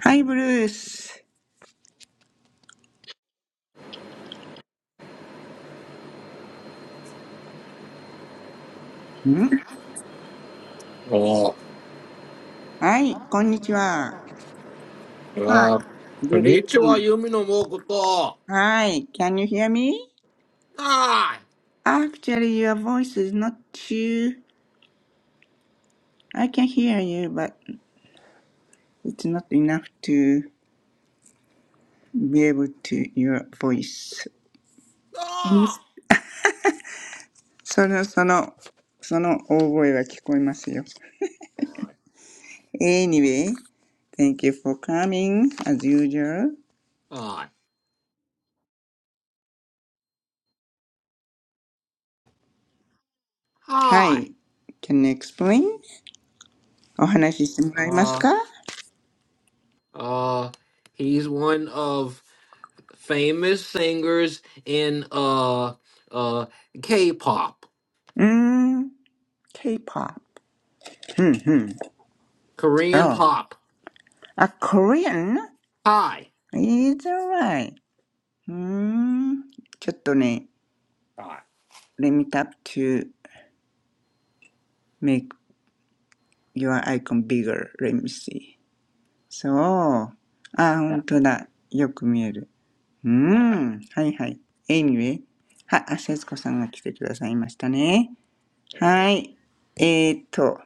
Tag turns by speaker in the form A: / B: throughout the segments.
A: はい、ブルース。ん
B: Oh,
A: はい、こんにちは。はい。
B: uh,
A: Good
B: konnichiwa,
A: evening.
B: Yumi no Mokoto.
A: Hi, can you hear me?
B: Hi.
A: Actually, your voice is not too... I can hear you, but it's not enough to be able to your voice. Can you...
B: Ah.
A: その、その、その大声は聞こえますよ。
B: Hi.
A: Anyway, thank you for coming, as usual.
B: Hi.
A: は
B: Hi.
A: い。Can you explain? お話ししてもらえます
B: Uh,
A: か
B: uh, he's one of famous singers in, uh, uh, K-pop,
A: うーん、K-pop。うんうん。そう。
B: Korean pop.
A: あ、Korean?
B: Hi.
A: いいじゃない。うーん。ちょっとね、
B: Hi.
A: let me tap to make your icon bigger. Let me see. そう。あ、本当だ。よく見える。うーん。はいはい。Anyway。はい、あ、せつこさんが来てくださいましたね。はい。えーっと、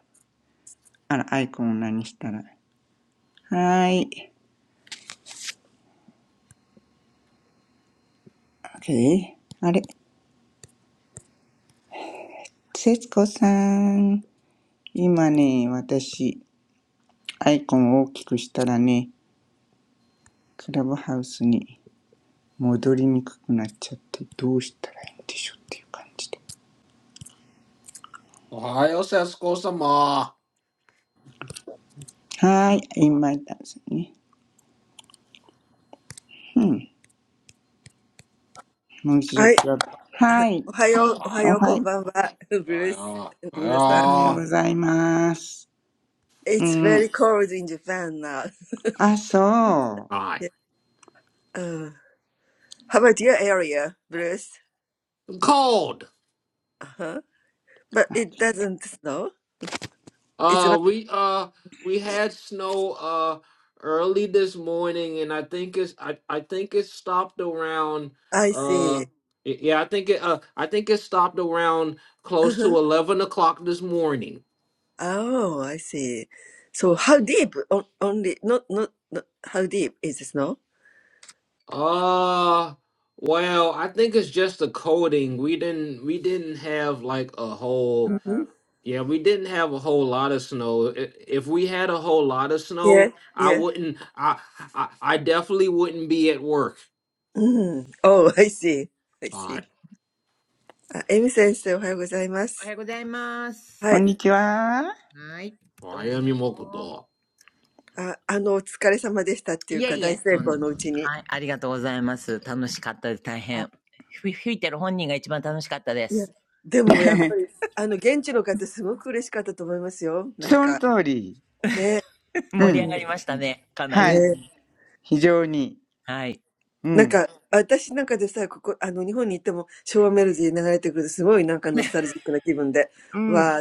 A: あら、アイコンを何したら。はい。OK。あれ、せつこさん。今ね、私、アイコンを大きくしたらね、クラブハウスに戻りにくくなっちゃって、どうしたらいいんでしょうっていう感じで。
B: Ohio Sesko-sama.
A: はーい、今いたんですね。うん、もう一度クラブ。はい、
B: Hi.
A: おはい、
B: Hi. uh,
A: おは
C: はい、はいおはよう、おはよう、こんばんは。ブルース、皆さん。It's
A: よう
B: Hi.
A: ご
B: uh,
A: ざいます。う ん、
C: very cold in Japan now.
A: あ、そう、
B: Hi.
C: yeah. uh, how about your area, Bruce?
B: Cold.
C: Uh-huh. But it doesn't snow. It's
B: Uh,
C: not.
B: we uh we had snow uh early this morning, and I think it's I I think it stopped around
C: I
B: uh
C: see.
B: y- yeah I think it uh I think it stopped around close
C: Uh-huh.
B: to eleven o'clock this morning.
C: Oh, I see. So
B: Alright.
C: how deep? O- only not not, not how deep is the snow?
B: Uh, well, I think it's just the coating. We didn't we didn't have like a whole
C: Mhm.
B: yeah we didn't have a whole lot of snow. I- If we had a whole lot of
C: Yeah,
B: snow, I
C: yeah.
B: wouldn't I I, I definitely wouldn't be at work.
C: Mm. Oh, I see. I see.
B: はい。I
C: Uh, Amy
D: おはよ
C: 先生、おはようございます。
D: うございま
A: こ
D: す。
A: んにちは。
D: はい、どう
B: am
D: も。
B: Yamakuto.
C: あ、あの、お疲れ様でしたっていうか、大成功のうちに。あ、いや、でもやっぱり、あの、現地の方すごく嬉しかったと思いますよ。なんか、ね、うん、ね。なんか、私なんかでさ、ここ、あの、日本に行っても昭和メロディー流れてくると、すごいなんかノスタルジックな気分で、わーって、ね、思いますものはい。うん、はい。はい。ね、素晴らしい。なんか、ピンクレディー踊られた方の衣装も踊りを、びっくりびっくり。
D: いえいえ、とんでもはい、ありがとうございます。楽しかったです。大変。ふ吹いてる本人が一番楽しかったです。
A: その通り。う
D: 盛り上
A: ん。
D: がりましたね。かな
A: は
D: り。
A: い。非常に。
D: はい。
A: うん。
D: うん。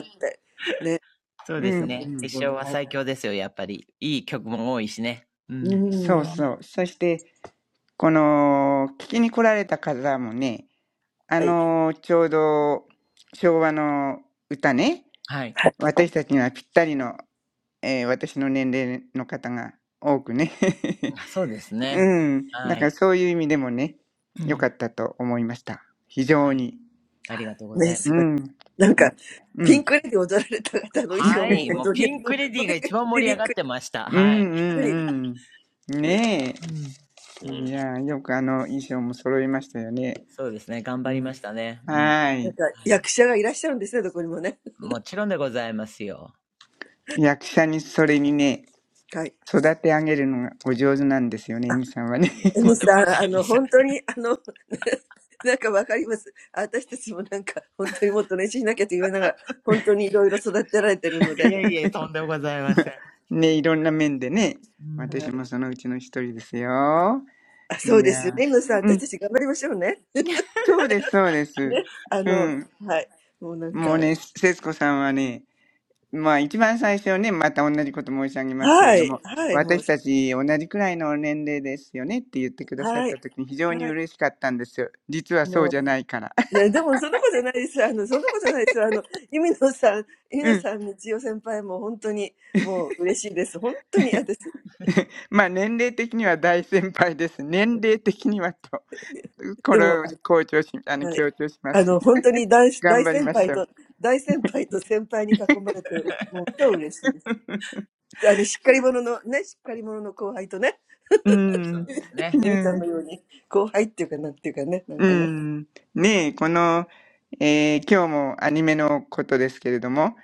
D: そう
A: う
D: です
A: ん。う
D: ね。決
A: ん。
D: 勝は最強ですよ、やっぱり。いい曲も多いしね。うん。
A: そう
B: Uh,
A: そう。そして、この、聞きに来られた方もね、あの、ちょうど昭和の歌ね、
D: はい。
A: 私たちにはぴったりの、えー私の年齢の方が多くね
D: あそうです ね。
A: うん。だ
D: は
A: から
D: い。
A: そういう意味でもね、
D: う
A: 良か
D: ん。
A: ったと思いました。非
D: は
A: 常
D: い。
A: に。
D: ありがとうございま
A: う
D: す。
A: ん。ま、うん。
D: はい。もうピンクレディーが一番盛り上がってました。
A: うんう
D: はい。
A: んうん。ね
D: うん。
A: え。い
B: mm.
A: や、よくあの衣装も揃いましたよね。
D: そうですね。頑張
A: う
D: りま
A: ん。
D: したね。うん。
A: はー
C: なんか役者がいらっしゃるんですね、どこにもね。はい。あ、エミさん、あの、本当に、あの、なんかわかります。私たちもなんか、本当にもっと練習しなきゃと言いながら、本当にいろいろ育てられてるので。はい。あ、そうですよね。皆さん、私たち頑張りましょうね。ね。あの、はい。もうなんか、はい。はい。もう、はい。はい。
A: い。
D: はい。もちろんでございますよ。
A: 役者にそれにね、育て上げるのがお上手なんですよね、エミさんはね。
D: いや、とんでもございません。いえ いえ、とんでもございません。
A: ね、いろんな面でね。
D: う
A: 私
D: ん。
A: もそのうちの一人ですよ。いやー。うん。そうです、そうです。うん。もうね、節子さんはね、まあ一番最初ね、また同じこと申し上げますけれども、私たち同じくらいの年齢ですよねって言ってくださった時に非常に嬉しかったんですよ。実はそうじゃないから。
C: Yeah, but that's not the case. No, that's not the case. No, Emino-san,
A: うん。
C: Emino-san, Mitsuo Senpai, I'm really, really happy. I'm really happy.
A: まあ年齢的には大先輩です。年齢的にはと。これ
C: But
A: を強調し、あ
C: I'm
A: の、
C: really
A: 強調します。
C: happy to be
A: 頑張り
C: surrounded
A: ましょう。
C: by senior and senior. I'm really happy. I'm
A: う
D: そ
A: ん。
D: うですね。
A: うん。うん。ねえ、この、えー今日もアニメのことですけれども、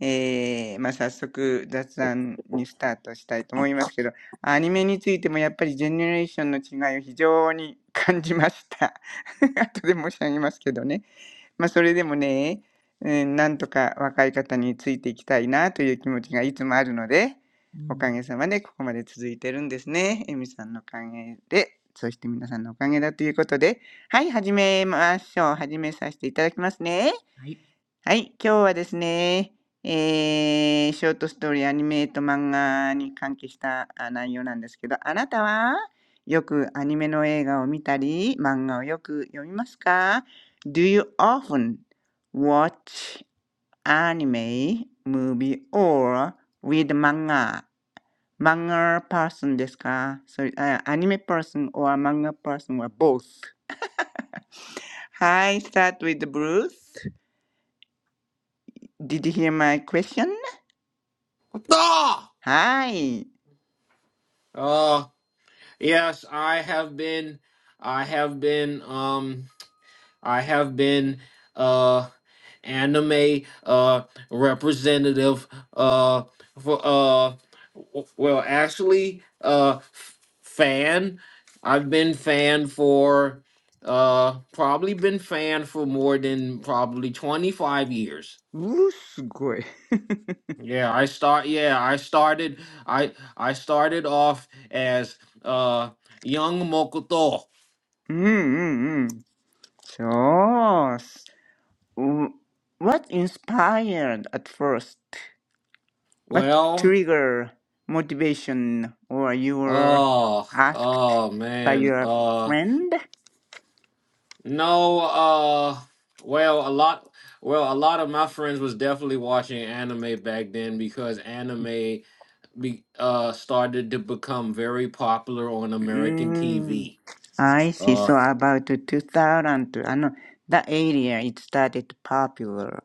A: えーまあ、早速雑談にスタートしたいと思いますけど、アニメについてもやっぱりジェネレーションの違いを非常に感じました。後で申し上げますけどね。まあ、それでもね、うん、なんとか若い方についていきたいなという気持ちがいつもあるので、
D: う
A: お
D: ん。
A: かげさまでここまで続いてるんですね。エミさんのおかげで、そして皆さんのおかげだということで、はい、始めましょう。始めさせていただきますね。
D: はい。
A: はい、今日はですね、ええ、ショートストーリー、アニメと漫画に関係した、内容なんですけど、あなたはよくアニメの映画を見たり、漫画をよく読みますか？Do you often watch anime, movie or read manga? Manga person ですかそれ、あ、アニメ person or manga person or both? Hi, start with Bruce. Did you hear my question?
B: Ah!
A: Hi.
B: Uh, yes, I have been, I have been, um, I have been, uh, anime, uh, representative, uh, for, uh, w- well, actually, uh, f- fan. I've been fan for, uh, probably been fan for more than probably 25 years. Yeah, I start yeah, I started I I started off as uh young Mokoto.
A: うー、すごい。うんうんうん。そうす。う What inspired at first? What
B: Well,
A: trigger motivation or you were
B: oh,
A: asked
B: oh
A: by
B: man.
A: your
B: Uh
A: friend?
B: no, uh well, a lot well, a lot of my friends was definitely watching anime back then because anime be, uh started to become very popular on American
A: Mm,
B: TV.
A: I see.
B: Uh
A: So about 2000, あの、that area it started popular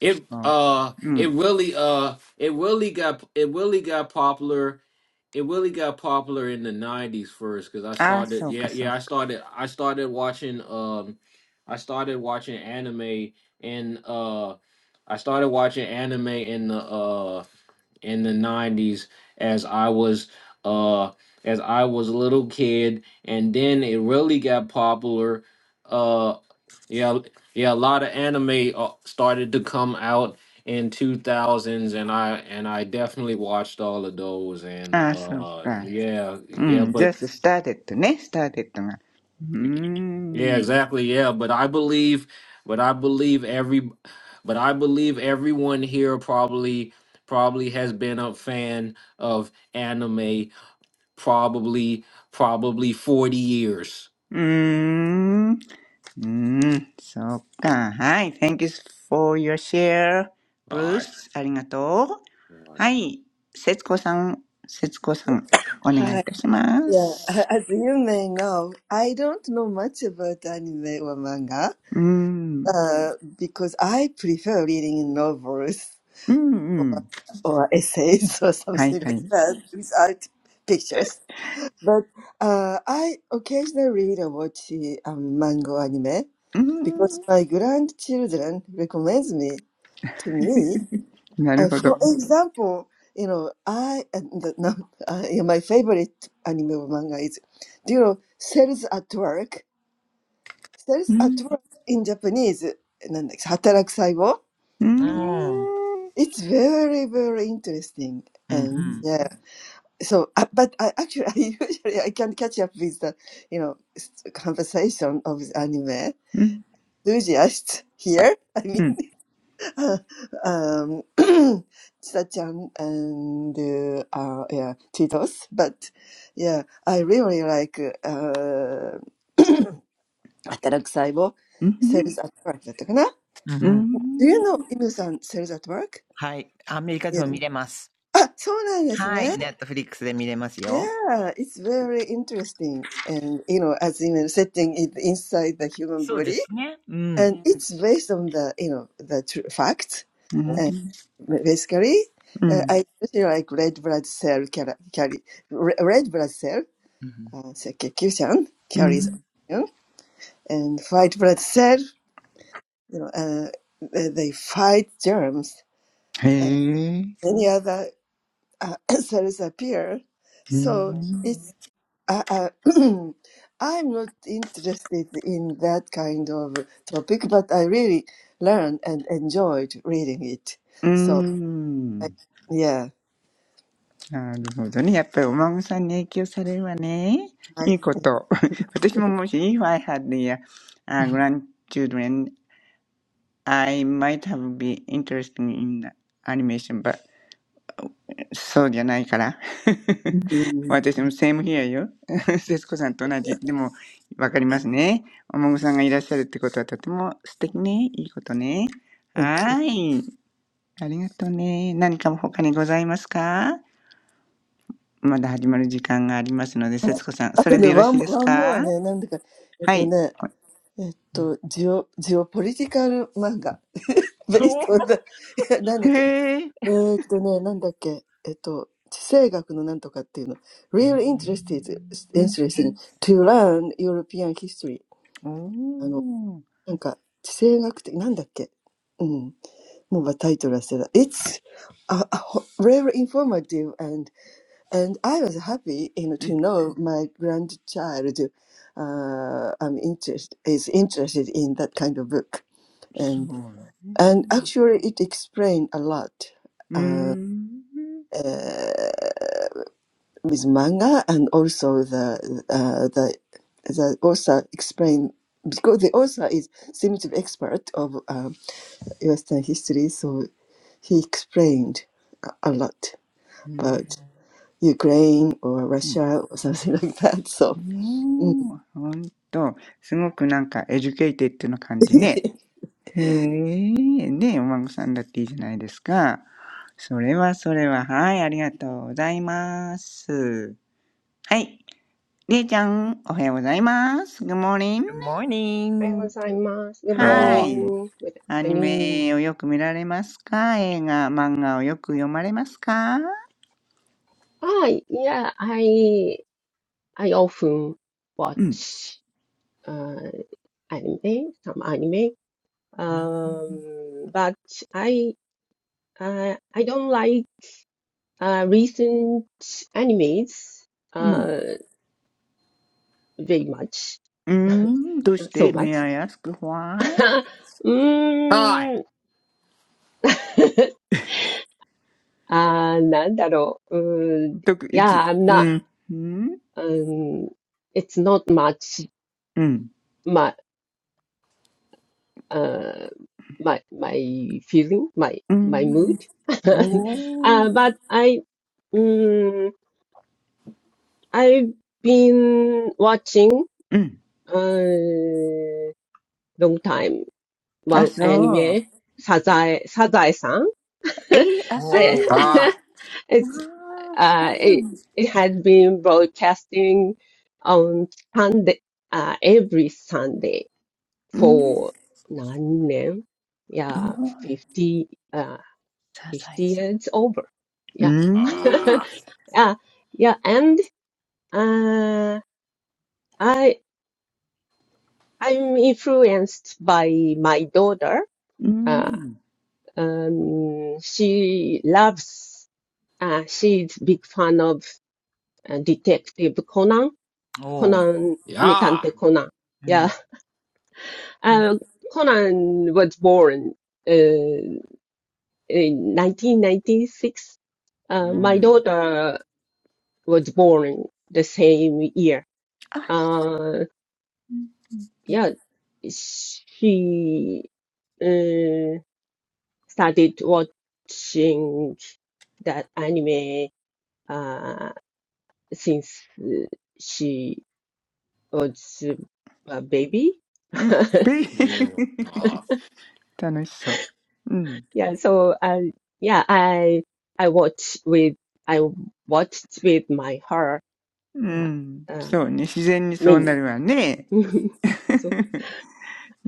B: it uh it really uh it really got it really got popular it really got popular in the 90s first because i started yeah yeah i
A: っていうことですね。そう。うん。ああ、そうかそうか。ああ、そうか。
B: started i started watching um i started watching anime and uh i started watching anime in the uh in the 90s as i was uh as i was a little kid and then it really got popular uh, yeah, yeah, a lot of anime uh, started to come out in 2000s and I and I definitely watched all of those and uh yeah,
A: う
B: yeah,
A: ん、
B: but
A: just started ね、started が、うん、
B: yeah, exactly, yeah, but I believe but I believe every but I believe everyone here probably probably has been a fan of anime probably probably 40 years.
A: うん、うん、そうか、はい、thank you for your share,
B: All right.
A: Bruce、ありがとう、
B: All right.
A: はい、雪子さん、雪子さん、お願いいたします、
C: really happy. I'm really happy.
A: うん、うん
C: uh, because I prefer reading novels
A: うん、
C: or essays or
A: はい
C: something
A: は
C: like
A: い、
C: that without pictures. But uh, I occasionally read or watch um, manga anime
A: うん、
C: because my grandchildren recommends me to me.
A: なる
C: Uh,
A: ほど、
C: for Mhm. example, you know, I and the- no, uh, yeah, my favorite anime or manga is, do you know, Cells at Work. Cells
A: うん、
C: at Work in Japanese, uh, なんだっけ働く細胞
A: う
D: うん。うん、
A: ん、
C: It's very, very interesting.
D: う
A: う
C: And
A: ん、
D: ん。
C: yeah, so, uh, but I actually, I usually, I can catch up with the, you know, s- conversation of the anime
A: うん、
C: enthusiasts here. I
A: う
C: mean,
A: ん
C: uh, um, Chan and, uh, uh, yeah, Titos. But yeah, I really like, uh, Atarak Saibo,
A: うん、
C: Sales at Work.
D: うん。
A: う
D: うん
C: Do you
A: ん、
C: know Inu-san, Sales at Work?
D: はい。アメリカでも
C: Yeah.
D: 見れます。はい。
C: あ、そうなんですね。
D: ネットフリックスで見れますよ。
C: Yeah, it's very interesting. And, you know, as in setting it inside the human
D: そうで
C: body,
D: すね。うん。
C: and it's based on the, you know, the tr- fact.
A: う
D: お、
A: ん、
C: And basically,
A: う
C: uh,
A: ん、
C: I especially like red blood cell carry, carry re- red blood cell,
D: うん。
C: uh, circulation
A: うん
C: carries oxygen, and white blood cell, you know, uh, they they fight germs
A: へ
C: and
A: え。
C: many other uh, cells appear.
A: う
C: So,
A: ん。
C: I, I, I'm not interested in that kind of topic, but I really learned and enjoyed reading it.
A: うー
C: So, I,
A: ん。
C: yeah,
A: なるほどね。やっぱりお孫さんに影響されるわね。
C: I,
A: いいこと。私ももし、if I had the、uh, grandchildren, I might have been interested in animation, but そうじゃないから。
C: Mhm.
A: 私も same here よ。節子さんと同じ。でも、わかりますね。お孫さんがいらっしゃるってことはとても素敵ね。いいことね。
C: thank you.
A: はーい。ありがとうね。何か他にございますか？まだ始まる時間がありますので、節子さん、それでよろしい
C: あとね、one,
A: です
C: one
A: か？
C: more
A: はい。
C: ね、なんだか、えっとね、えっと、geo,
A: お
D: うん。
C: geopolitical manga based
D: お
C: on the
A: へえ。
C: なんだっけ、えっとね、なんだっけ、えっと、地政学のなんとかっていうの、real interested,
A: うん。
C: interesting to learn European history
A: お
C: あの、
A: お。
C: なんか、地政学的、なんだっけ。うん。もうタイトル忘れた。It's a, a ho- very informative and, and I was happy you know,
A: う
C: to
A: ん。
C: know my grandchild uh, I'm interest, is interested in that kind of book.
A: そ
C: And,
A: うね。
C: and actually it explained a lot.
A: うー
C: Uh,
A: ん。
C: uh, with manga and also the uh, the the author explained because the author is seems to be expert of uh, Western history, so he explained a lot
A: うん。
C: about Ukraine or
A: うん。
C: Russia or something like that. So, mm.
A: おお、ほんと。すごくなんかエデュケイテッドな感じね。へえ。ねえ、お孫さんだっていいじゃないですか。それはそれは。はい、ありがとうございます。はい。りえちゃん、おはようございます。Good morning.
D: Good
E: Hi,
D: morning!
E: gozaimasu. Good
B: Uh,
E: morning.
A: Hi.
E: Good
A: アニ
E: afternoon.
A: メをよく見られますか映画、漫画をよく読まれますか
E: Ah, yeah, I I often
A: うん。
E: watch uh anime, some anime. Um, but I uh, I don't like uh recent animes
A: うん。
E: uh very much,
A: う ん。どうして
E: so
A: ?May
E: much.
A: I ask why?
B: hi.
E: うーん。あー、なんだろう。うーん。Yeah,
A: 特いつ
E: I'm
A: う
E: not,
A: ん。うん。
E: um, it's not much
A: うん。
E: my uh my my feeling my
A: う
E: my mood
A: ん。おー。
E: uh, but i mm, i've been watching
A: うん。
E: uh long time
A: あ、
E: one
A: そう。
E: anime sazae sazae-san
A: えー、あ、そう
E: I-
A: い
D: おー。
A: うも
B: Hi.
E: it's
A: の。ああ、そ
E: uh
A: うな
E: it,
A: んです。
E: it has been broadcasting on sunday uh every sunday
A: うん。
E: for 何年
A: お
E: yeah
A: ー、
E: 50 uh,
A: サザエ
E: 50
A: さ
E: years over.
A: ん。う
E: Yeah.
A: ん。
B: Ah.
E: yeah, yeah, and uh, I I'm influenced by my daughter.
A: うん。
E: Uh, um, she loves. Uh, she's big fan of uh, Detective Conan.
A: う
D: お
A: ん。
D: お
E: Conan,
B: Yeah.
E: Mitante Conan.
D: う
E: Yeah,
D: ん。
A: うん
E: uh, Conan was born uh, in 1996. Uh, my
B: Mm,
E: daughter was born the same year
A: あ、
E: Uh, yeah, she uh, started watching that anime uh, since uh, she was a baby.
A: うん。ペイ
B: mm, ah,
A: 楽しそう。うん。
E: Yeah, so I yeah, I I watch with I watched with my her.
A: う
E: Yeah,
A: ん。
E: uh,
A: そうね。自然にそうな
E: many.
A: るわね。
E: So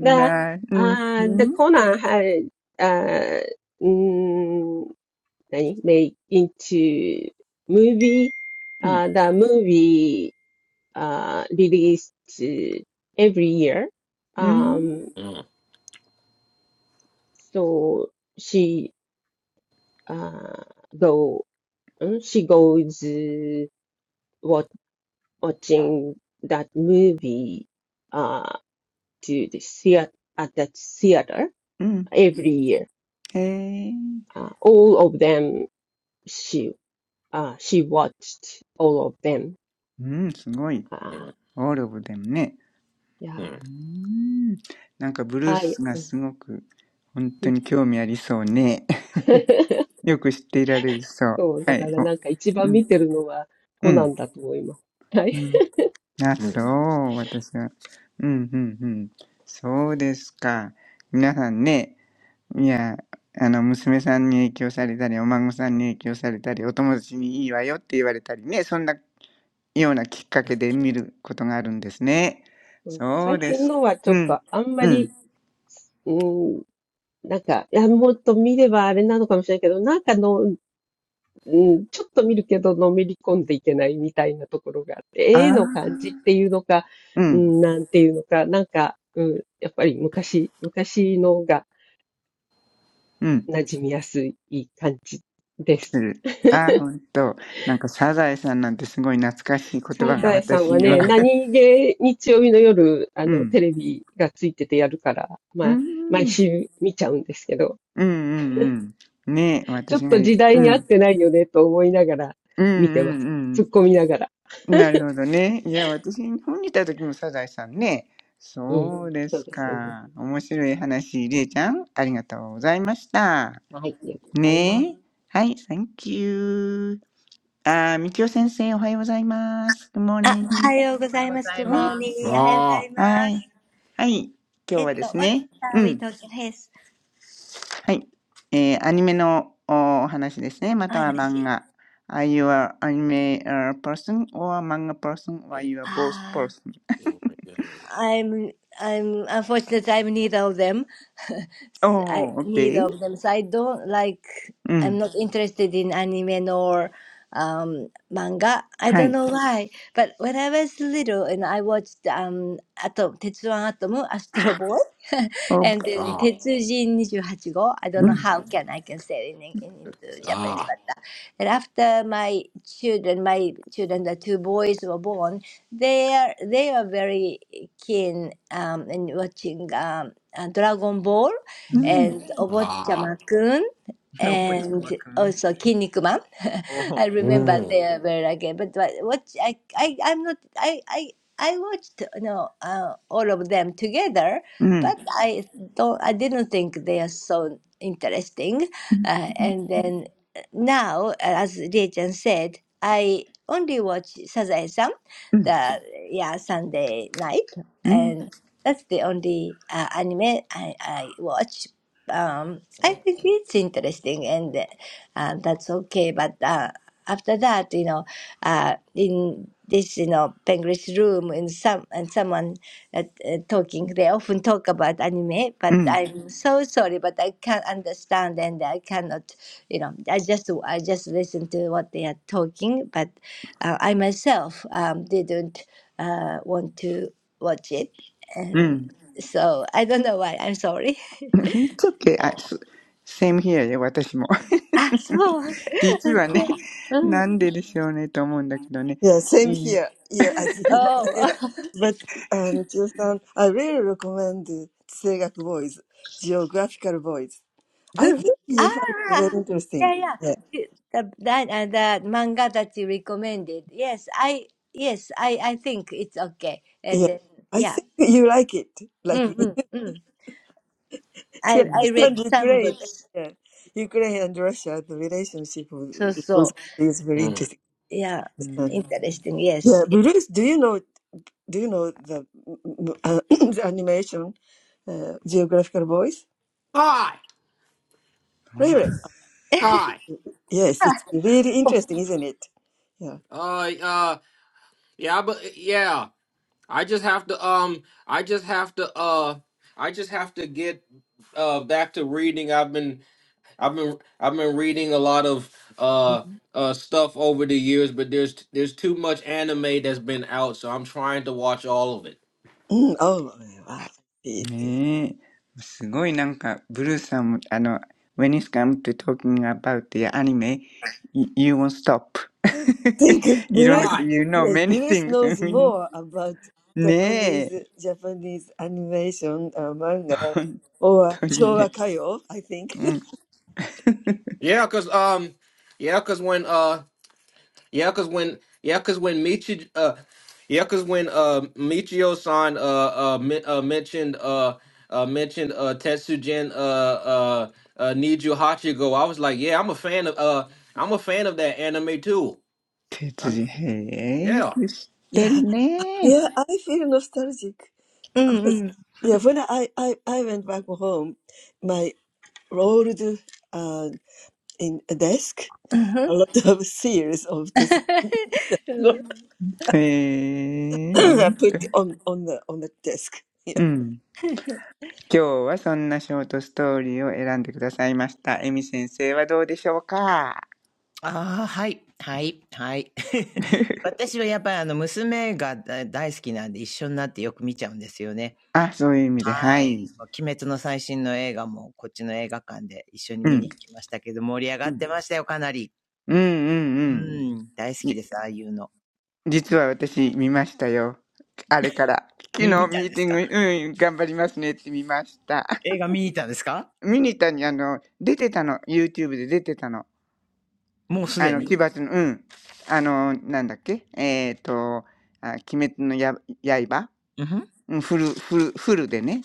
E: the
A: うん、う
E: uh, the
A: ん、
E: Conan had uh, mm, 何make into movie.
A: うん、
E: Uh, the movie uh, released every year.
A: うん、
E: Um,
B: mm,
E: so she uh, go mm, she goes uh, watching that movie uh, to the theater at that theater
A: うん、
E: every year.
A: へえ、
E: Uh, all of them she uh, she watched all of them.
A: うん、すごい。
E: Uh,
B: mm,
A: オールオブでもね。
E: yeah,
B: mm,
A: うん、なんかブルー
E: I.
A: スがすごく、本当に興味ありそうね。よく知っていられるそう。
E: そう、
A: は
E: だか
A: い。
E: ら
A: お、
E: なんか一番
A: うん
E: 見てるのは
A: う
E: コナ
A: ん、
E: ンだと思います。はい。
A: うん。あ、そう、私は。うん、うん、うん。そうですか。皆さんね、いや、あの、娘さんに影響されたり、お孫さんに影響されたり、お友達にいいわよって言われたりね、そんなようなきっかけで見ることがあるんですね。
E: そう
A: そう
E: 最
A: で
E: 近
A: す。
E: のはちょ
A: う
E: っ
A: ん、
E: とあんま
A: うん。
E: り、うん、なんか、いや、もっと見ればあれなのかもしれないけど、なんかの、うん、ちょっと見るけどのめり込んでいけないみたいなところがあっ
A: あ
E: て、絵
A: あ、
E: の感じっていうのか、
A: う
E: う
A: ん、
E: ん、なんていうのか、なんか、うん、やっぱり昔、昔のが
A: うん、
E: 馴染みやすい感じです。
A: する。ああ、ほんと。なんか、サザエさんなんてすごい懐かしい
E: サ
A: 言葉が
E: ザエさん
A: 私
B: mm,
E: は
A: には。
E: ね、
B: mm,
E: 何気日曜日の夜、あ
A: う
E: の、
A: ん。
E: テレビがついててやるから、
A: う
E: まあ、
A: ん。
E: 毎週見ちゃうんですけど、
A: うんうんうん。ね、
E: ちょ
A: 私
E: っ
A: が
E: と
A: いい。
E: 時代
A: う
E: に合っ
A: ん。
E: てないよねと思いながら
A: うんう
E: 見てます。突っ
A: ん
E: 込みながら。
A: うん。なるほどね。いや、私、日本にいた時もサザエさんね。
E: うん。
A: そうで
E: そ
A: す
E: うですよね。
A: か。面白い話、りえちゃん、ありがとうございました。
E: はい。ありがとうございます。
A: ねえ。はい、Thank you。あー、みきお先生、おはようございます。Good morning。
D: おはようござい
F: あ、おはようございます。Good
A: はい。
D: ま
F: morning.
D: す。
B: ah,
A: はい。
F: おはようございます。えっと、What
A: はい。今日はですね。う
F: are we
A: ん。
F: talking?
A: はい。えー、アニメのお話ですね。または漫画。Are you a anime uh, person or a manga person or are
B: eh,
A: you a both
F: お話。ああ。
A: person?
B: oh my God,
F: I'm I'm unfortunately I'm neither of them. I
A: o h
F: neither
A: OK。
F: of them. So I don't like
A: う
F: I'm
A: ん。
F: not interested in anime nor um manga. I
A: は
F: don't
A: い。
F: know why. But when I was little and I watched um Atom Tetsuan Atom Astro Boy
A: お
F: and then
B: ah,
F: Tetsujin 28 go. I
D: う
F: don't
A: う
F: know
A: ん。
D: ん。
F: how can I can say it in, in into Japanese
B: ah,
F: but uh, and after my children my children the two boys were born they are they are very keen um, in watching um, uh, Dragon Ball
D: う
A: う
D: ん。
A: ん。
F: and Mhm.
B: ah,
F: Obochama-kun
D: おもちゃ
F: and
D: ま
F: Mhm.
D: くん。
F: also Kinnikuman.
D: おお
F: I remember
B: mm,
F: they are Mhm. very again, but, but watch I I I'm not I I. I watched you know, uh, all of them together,
A: うん。
F: but Mhm. I don't. I didn't think they are so interesting.
A: うん。
F: Uh, and Mhm. then uh, now, as Rei-chan said, I only watch Sazae-san
A: うん。
F: the yeah Sunday night, and that's the only uh, anime I, I watch. Um, I think it's interesting, and uh, that's okay. But uh, after that, you know, uh, in this you know penguin's room, in some and someone uh, uh, talking, they often talk about anime.
A: う
F: But
A: ん。
F: I'm so sorry, but I can't understand, and I cannot you know i just i just listen to what they are talking but uh, I myself um, didn't uh, want to watch it,
A: う
F: and
A: ん。
F: so I don't know why. I'm sorry.
A: It's okay. あ、
B: ah,
A: す same here で私も。
F: Ah, so
A: 実
F: I
A: はね、
B: ah,
F: said, Mm.
A: なんででしょうねと思うんだけどね。
C: yeah, same
A: いいよ。
C: here. Yeah, I
F: oh,
C: but um, just um, I really recommend the Tsegak Boys, Geographical Boys. I think you find it very
F: ah, yeah,
C: interesting.
F: yeah.
C: Yeah,
F: The, the- that uh, that manga that you recommended. Yes, I yes I I think it's okay. And
C: yeah.
F: then,
C: I
F: yeah,
C: think you like it, like
F: mm,
C: me,
F: mm, mm.
C: to
A: う
F: I
A: ん。
F: I read
C: understand
F: some
C: Ukraine.
F: books.
C: Yeah. Ukraine and Russia, the relationship of
F: So
C: those
F: so
C: countries is very
B: mm.
C: interesting.
F: yeah,
A: う
C: Yes.
A: ん
F: interesting. Yes.
C: Yeah, we
F: yes.
C: really. Do you know? Do you know the, uh, the animation uh, geographical voice?
B: Hi,
A: そ
C: Really? Yeah.
B: hi.
C: Yes, it's really interesting, isn't it? Yeah.
B: Uh, uh, yeah, but yeah, I just have to, um, I just have to, uh, I just have to get, uh, back to reading. I've been I've been I've been reading a lot of uh
C: Mhm.
B: uh stuff over the years, but there's there's too much anime that's been out, so I'm trying to watch all of it.
C: Mm, oh, wow. I
A: ねえ、すごいなんか、ブルーさんも、あの、when it comes to talking about the anime, y- you won't stop.
C: think
A: いろん
B: All
A: な
C: Bruce,
A: こと、
B: right.
A: you know
C: yeah,
A: many
C: Bruce
A: things. I
C: knows
A: mean,
C: more about Japanese
A: ねえ、
C: Japanese animation uh, manga
A: 本
C: or
A: 当に
C: Showa
A: ね。
C: Kayo, I think.
A: う ん。
B: Yeah, cause um, yeah, cause when uh, yeah, cause when yeah, cause when Michi uh, yeah, cause when uh Michio-san uh uh, men- uh mentioned uh uh mentioned uh Tetsujin uh uh uh Niju Hachigo, I was like, yeah, I'm a fan of uh I'm a fan of that anime too.
A: 鉄
B: I'm
A: 人、へえ、よ
B: yeah.
A: く知って
C: yeah.
A: るね。
C: Yeah, I feel nostalgic
F: Mm, mm.
C: Yeah, when I, I, I went back home, my rolled uh, in a desk,
F: Mm-hmm.
C: a lot of series of this
A: へえ、ほ
C: I
A: んと。
C: put on, on the on the desk. Yeah.
A: うん。今日はそんなショートストーリーを選んでくださいました。エミ先生はどうでしょうか
D: ああ、はい、はい、はい。私はやっぱりあの、娘がだ大好きなんで一緒になってよく見ちゃうんですよね。
A: あ、そういう意味で、は
D: は
A: い。
D: い。もう鬼滅の最新の映画もこっちの映画館で一緒に
A: う
D: 見
A: ん。
D: に行きましたけど、盛り上がってましたよ、かなり。
A: うんうんう
D: う
A: ん。
D: ん、大好き
A: じ
D: です、ああいうの。
A: 実は私見ましたよ。あれから。昨
D: み、
A: 日
D: 見た
A: ミ
D: ん
A: ー
D: で
A: テ
D: す
A: ィン
D: か
A: グ、うん、頑張りますねって見ました。
D: 映画見に行ったんですか
A: ミニタにあの、出てたの。YouTube で出てたの。
D: もうす
A: あ
D: で
A: の、奇
D: に。
A: 抜の、うん。あの、なんだっけえっ、ー、と、あ鬼滅のや刃、
D: うんふん
A: うん、フル、フル、フルでね。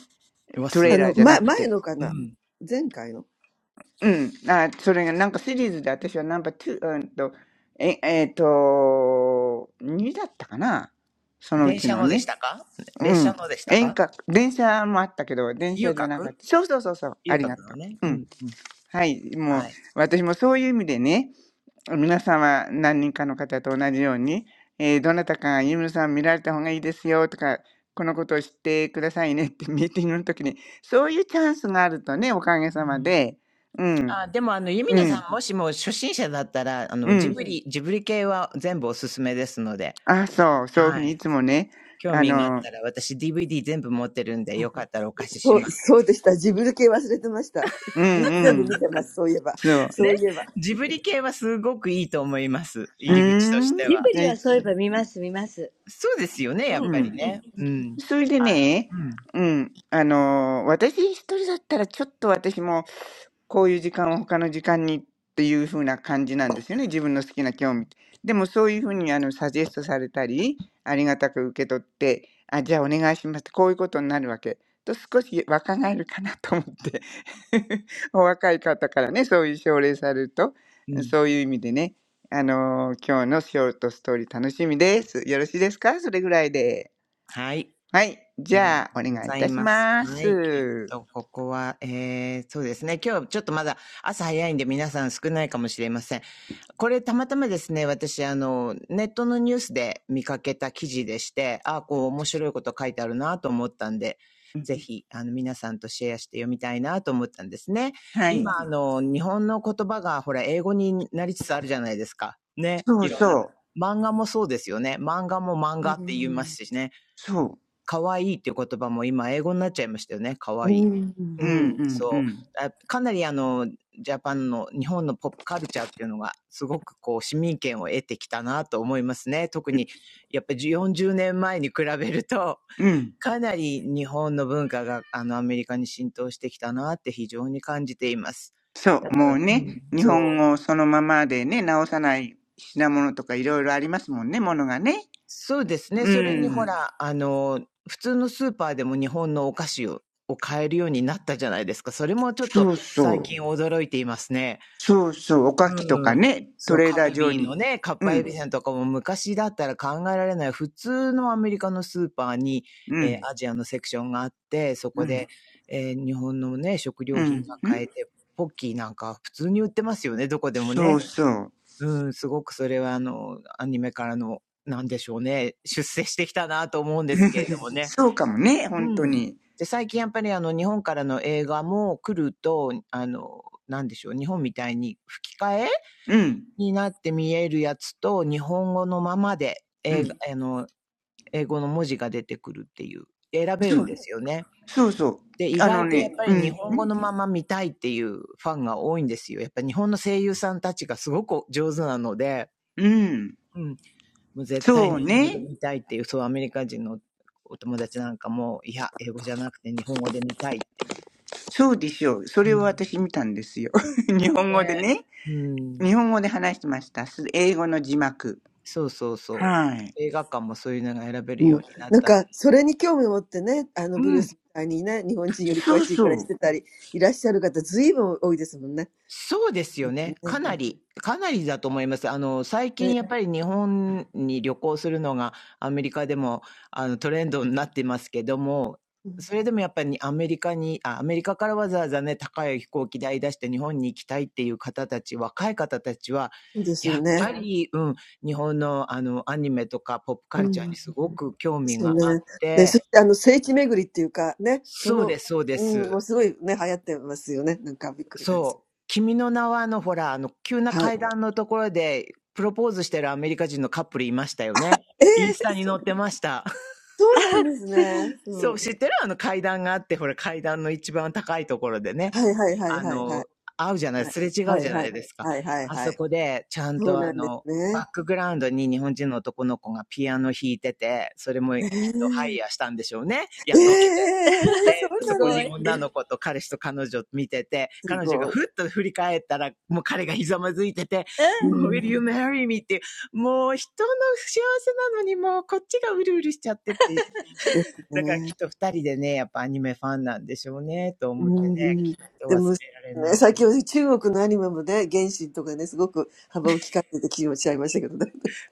D: うわ、
A: ト
D: す
A: レーラ
D: ご
A: ー
D: い
A: じ
D: で
A: ゃな
D: す
A: く
D: ね。
A: て。
D: うん。
A: うん。あ、それがなんかシリーズで私はナンバー2、うんと、え、えっ、と、2だったかなそのう
D: 電
A: ち
D: 車
A: の
D: ので
A: ね。
D: したか
A: う
D: 列車
A: ん。
D: のでした
A: 演
D: か
A: 歌、電車もあったけど、電
D: 遊
A: 車じゃなかっ
D: 郭
A: た。そうそうそうそう、あ
D: 遊
A: りが
D: 郭の
A: と
D: ね。
A: う。
D: う
A: うん。
D: ん、うん。
A: はい。もう、
D: はい。
A: 私もそういう意味でね、皆様、何人かの方と同じように、えーどなたかがユムさん見られた方がいいですよとか、このことを知ってくださいねってミーティングの時に、そういうチャンスがあるとね、おかげさまで、うん、
D: あ、でもあの、ユミ
A: う
D: ナさ
A: ん、
D: んもしも初心者だったら、あ
A: う
D: の、ジ
A: ん。
D: ブリ、ジブリ系は全部おすすめですので、
A: あ、そう、そういうふう
D: は
A: にい
D: い。
A: つもね、
D: 興
A: あ
D: 味があっ
A: の、
D: たら、私 DVD 全部持ってるんで、よかったらお貸しします。
A: うん、うん、そう。
D: ねジブリ系はすごくいいと思います。
A: う
D: 入り口と
A: ー
D: し
A: ん、
D: ては。
A: じゃあいつ、
D: そうですよね、やっ
A: う
D: ぱり
A: ん。
D: ね。うん。
A: それで
D: あの、
A: ね、うん、あの私一人だったらちょっと私もこういう時間を他の時間にっていう風な感じなんですよね。自分の好きな興味。でもそういう風にあのサジェストされたり、ありがたく受け取って、あ、じゃあお願いしますってこういうことになるわけ。と少し若返るかなと思って。お若い方からね、そういう奨励されると、
D: うん。うん。
A: そういう意味でね、あの今日のショートストーリー楽しみです。よろしいですかそれぐらいで。
D: はい。
A: はい。じ
D: ありがと
A: ゃあ、お
D: うご
A: 願いい
D: ざい
A: たし
D: ます。
A: ま
D: は
A: す。
D: い。きっと、ここは、えー、そうですね。今日ちょっとまだ朝早いんで皆さん少ないかもしれません。これたまたまですね、私、あの、ネットのニュースで見かけた記事でして、ああ、こう面白いこと書いてあるなと思ったんで、
A: うん、
D: ぜひ、あの、皆さんとシェアして読みたいなと思ったんですね。
A: はい。
D: 今、うんあの、日本の言葉が、ほら、英語になりつつあるじゃないですか。ね。
A: そう
D: いろんな。
A: そう。
D: 漫画もそうですよね。漫画も漫画って言いま
C: あの、ま、前のかな前回のそう、そうでした。自分系忘れてました。み全部見てます。そういえば。そういえば。うん。うん。もう、なんか、それに興味を持ってね、あの、ブルースみたいにね、日本人より詳しいくらいしてたり、いらっしゃる方、ずいぶん多いですもんね。
D: すしね。
A: そう。
D: 可愛いっていう言葉も今英語になっちゃいましたよね。可愛い。う
A: うん
D: ん、
A: うんう
D: そ
A: ん。
D: うあ。かなりあの、ジャパンの日本のポップカルチャーっていうのがすごくこう市民権を得てきたなと思いますね。特にやっぱり40年前に比べると
A: うん。
D: かなり日本の文化があのアメリカに浸透してきたなって非常に感じています。
A: そ
D: だ
A: う。
D: から、
A: も
D: う
A: う
D: ん、
A: ね、日
D: そ
A: 本
D: う。
A: 語そのままでね、直さない品物とかいろいろありますもんね、ものがね。
D: そうですね。
A: う
D: そうれにほん。
A: ん。
D: ら、あの、普通のスーパーでも日本のお菓子をを買えるようになったじゃないですか。それもちょっと
A: そう
D: 最
A: そう。
D: 近驚いていますね。
A: そうそう。おかきと
D: う
A: か
D: ん。
A: ね、ト
D: そう、
A: レー
D: カ
A: ダー
D: ル
A: 上
D: ビー
A: に。
D: のね、かっ
A: う
D: ぱえび
A: ん。
D: せんとかも昔だったら考えられない、普通のアメリカのスーパーに、
A: う
D: え
A: ん。
D: ーアジアのセクションがあって、そ
A: う
D: こで、
A: ん。
D: ええ、日本のね、食
A: う
D: 料品
A: ん。
D: が
A: うん
D: 買えて、ポッキーなんか普通に売ってますよね、どこでもね。
A: そうそう。
D: うん、すごくそれはあの、アニメからの、なんでしょうね、出世してきたなと思うんですけれ どもね。
A: そうかもね、
D: う
A: 本当
D: ん。
A: に。
D: で、最近やっぱりあの、日本からの映画も来ると、あの、なんでしょう、日本みたいに吹き替え
A: うん。
D: になって見えるやつと、日本語のままで、
A: う
D: 映画
A: ん。
D: あの、英語の文字が出てくるっていう、選べる
A: そ
D: ん
A: う
D: ですよね。
A: そうそう。
D: で、意
A: あの
D: 外とやっ
A: ね、
D: ぱ
A: う
D: り日
A: ん、
D: 本
A: う
D: 語
A: ん、
D: のまま見たいっていうファンが多いんですよ。やっぱり日本の声優さんたちがすごく上手なので、
A: うん、
D: うん。もう絶対
A: そう
D: 日本語で
A: ね。
D: 見たいっていう、そうアメリカ人のお友達なんかも、いや、英語じゃなくて日本語で見たいっていう。
A: そうでしょう。そ
D: う
A: れを私
D: ん。
A: 見たんですよ。日本語で
D: ね。
A: ね。
D: うん。
A: 日本語で話してました。す英語の字幕。
D: そうそうそ
A: はい。
D: う。映画館もそういうのが選べるようになった。うん。
A: そうそう。
D: そうですよね。かな
C: ね、そうですよね。
D: りかなりだと思います。あの、最近やっぱり日本に旅行するのがアメリカでも、あの、トレンドになってますけども、それでもやっぱりアメリカにあ、アメリカからわざわざね、高い飛行機代出して日本に行きたいっていう方たち、若い方たちは、やっぱり、うん、日本のあの、アニメとかポップカルチャーにすごく興味があってそうですそうです。そう。君の名は、あの、ほら、あの、急な階段のところで、プロポーズしてるアメリカ人のカップルいましたよね。インスタに載ってました。そう、知ってるあの階段があって、ほら、階段の一番高いところでね。あの、会うじゃない、すれ違うじゃないですか。あそこで、ちゃんとあの、バックグラウンドに日本人の男の子がピアノ弾いてて、それもきっとハイヤーしたんでしょうね。雇っで、そこに女の子と彼氏と彼女見てて、彼女がふっと振り返ったら、もう彼がひざまずいてて、Will you marry me? っていう、もう人の幸せなのにもうこっちがうるうるしちゃってっていう。だからきっと二人でね、やっぱアニメファンなんでしょうね、と思ってね、きっと忘れられない。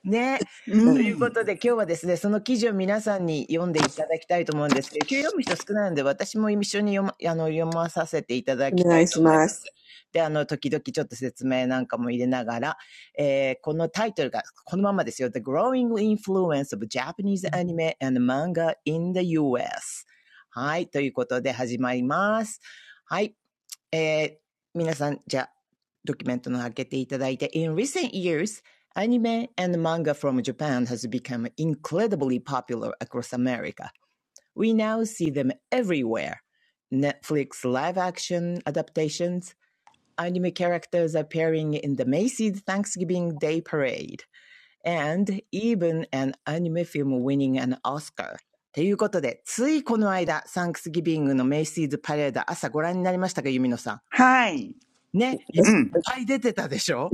D: ね。という
A: う
D: こ
A: ん。
D: とで、今日はですね、その記事を皆さんに読んでいただきたいと思うんですけど、今日読む人少ないので、私も一緒に読ま、あの、読まさせていただきたいと思います。で、あの、時々ちょっと説明なんかも入れながら、えー、このタイトルが、このままですよ。The Growing Influence of Japanese Anime and Manga in the US。はい、ということで始まります。はい。えー皆さん、じゃあ、ドキュメントの開けていただいて、In recent years, anime and manga from Japan has become incredibly popular across America. We now see them everywhere. Netflix live action adaptations, anime characters appearing in the Macy's Thanksgiving Day Parade, and even an anime film winning an Oscar. ということで、ついこの間、サンクスギビングのメイシーズパレード朝ご覧になりましたか、ユミノさん。
A: はい。
D: ね、いっ
A: うん。
D: ぱい出てたでし
C: うんうんでも、ね、最近は中国のアニメもね、原神とかね、すごく幅を利かせて気持ちゃいましたけどね。うんお願いします。私、うん、私も、私も見ました。いっぱいでびっくり。はい。あ、あ、じゃなくて、じゃライブじゃないです。あの、生徒とサンキスギビングの話題にしたときに、メッセージのそのパレードが出てきたので、一緒に
D: ょ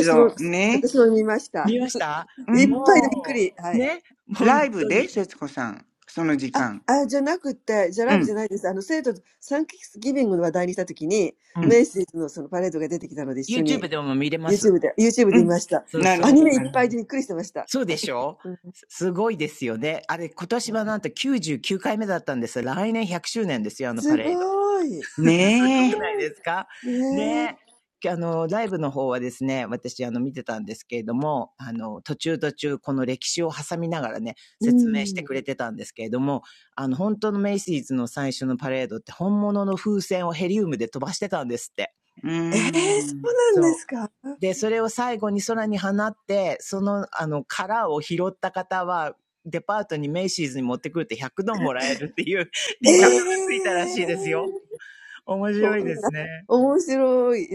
A: そう。ね。
D: 見ま した
A: うん。
D: もう、ね、本
A: ライブ
D: 当
A: で、
D: に。
A: 節子さん。その時間。うん。
D: う
A: う
D: ん。
A: ん。
D: YouTube でも見れます。
C: YouTube で、YouTube
A: うん。
D: そう
A: な
D: そ
A: るほ
D: う。
A: ど、なるほど。
D: そうでしょすすごいですよね。あれ、今年はなんと99回目だったんです。来年100周年ですよ、あのパレード。
C: で見ました。アニメいっぱいでびっくりしてました。はい。うんはい、すごい。ねえ。うん。
D: すごく
A: ね
D: ないですかね。あの、ライブの方はですね、私あの見てたんですけれども、あの、途中途中この歴史を挟みながらね、説明してくれてたんですけれども、あの、本当のメイシーズの最初のパレードって本物の風船をヘリウムで飛ばしてたんですって。
A: え。うー
C: えー、そうなんですかええー、そんな、面白い。うんはい。えー、そうそう、そんな、すごい、ちょっと。いや、うんね、ラブはね、そうなんだね。うんいやだ、来週付け出さなきゃ。すごいね。そうなんですね。ね、メメイシーズよく行ってたんです。行くたびに歩いて。はい、はい、近いのではい。はいえーうん
A: ん。
D: そう。で、それを最後に空に放って、その、あの、殻を拾った方は、デパートにメイシーズに持ってくると100ドンもらえるっていうリワードが
A: あ、
D: ついたらしいですよ。面白いですね。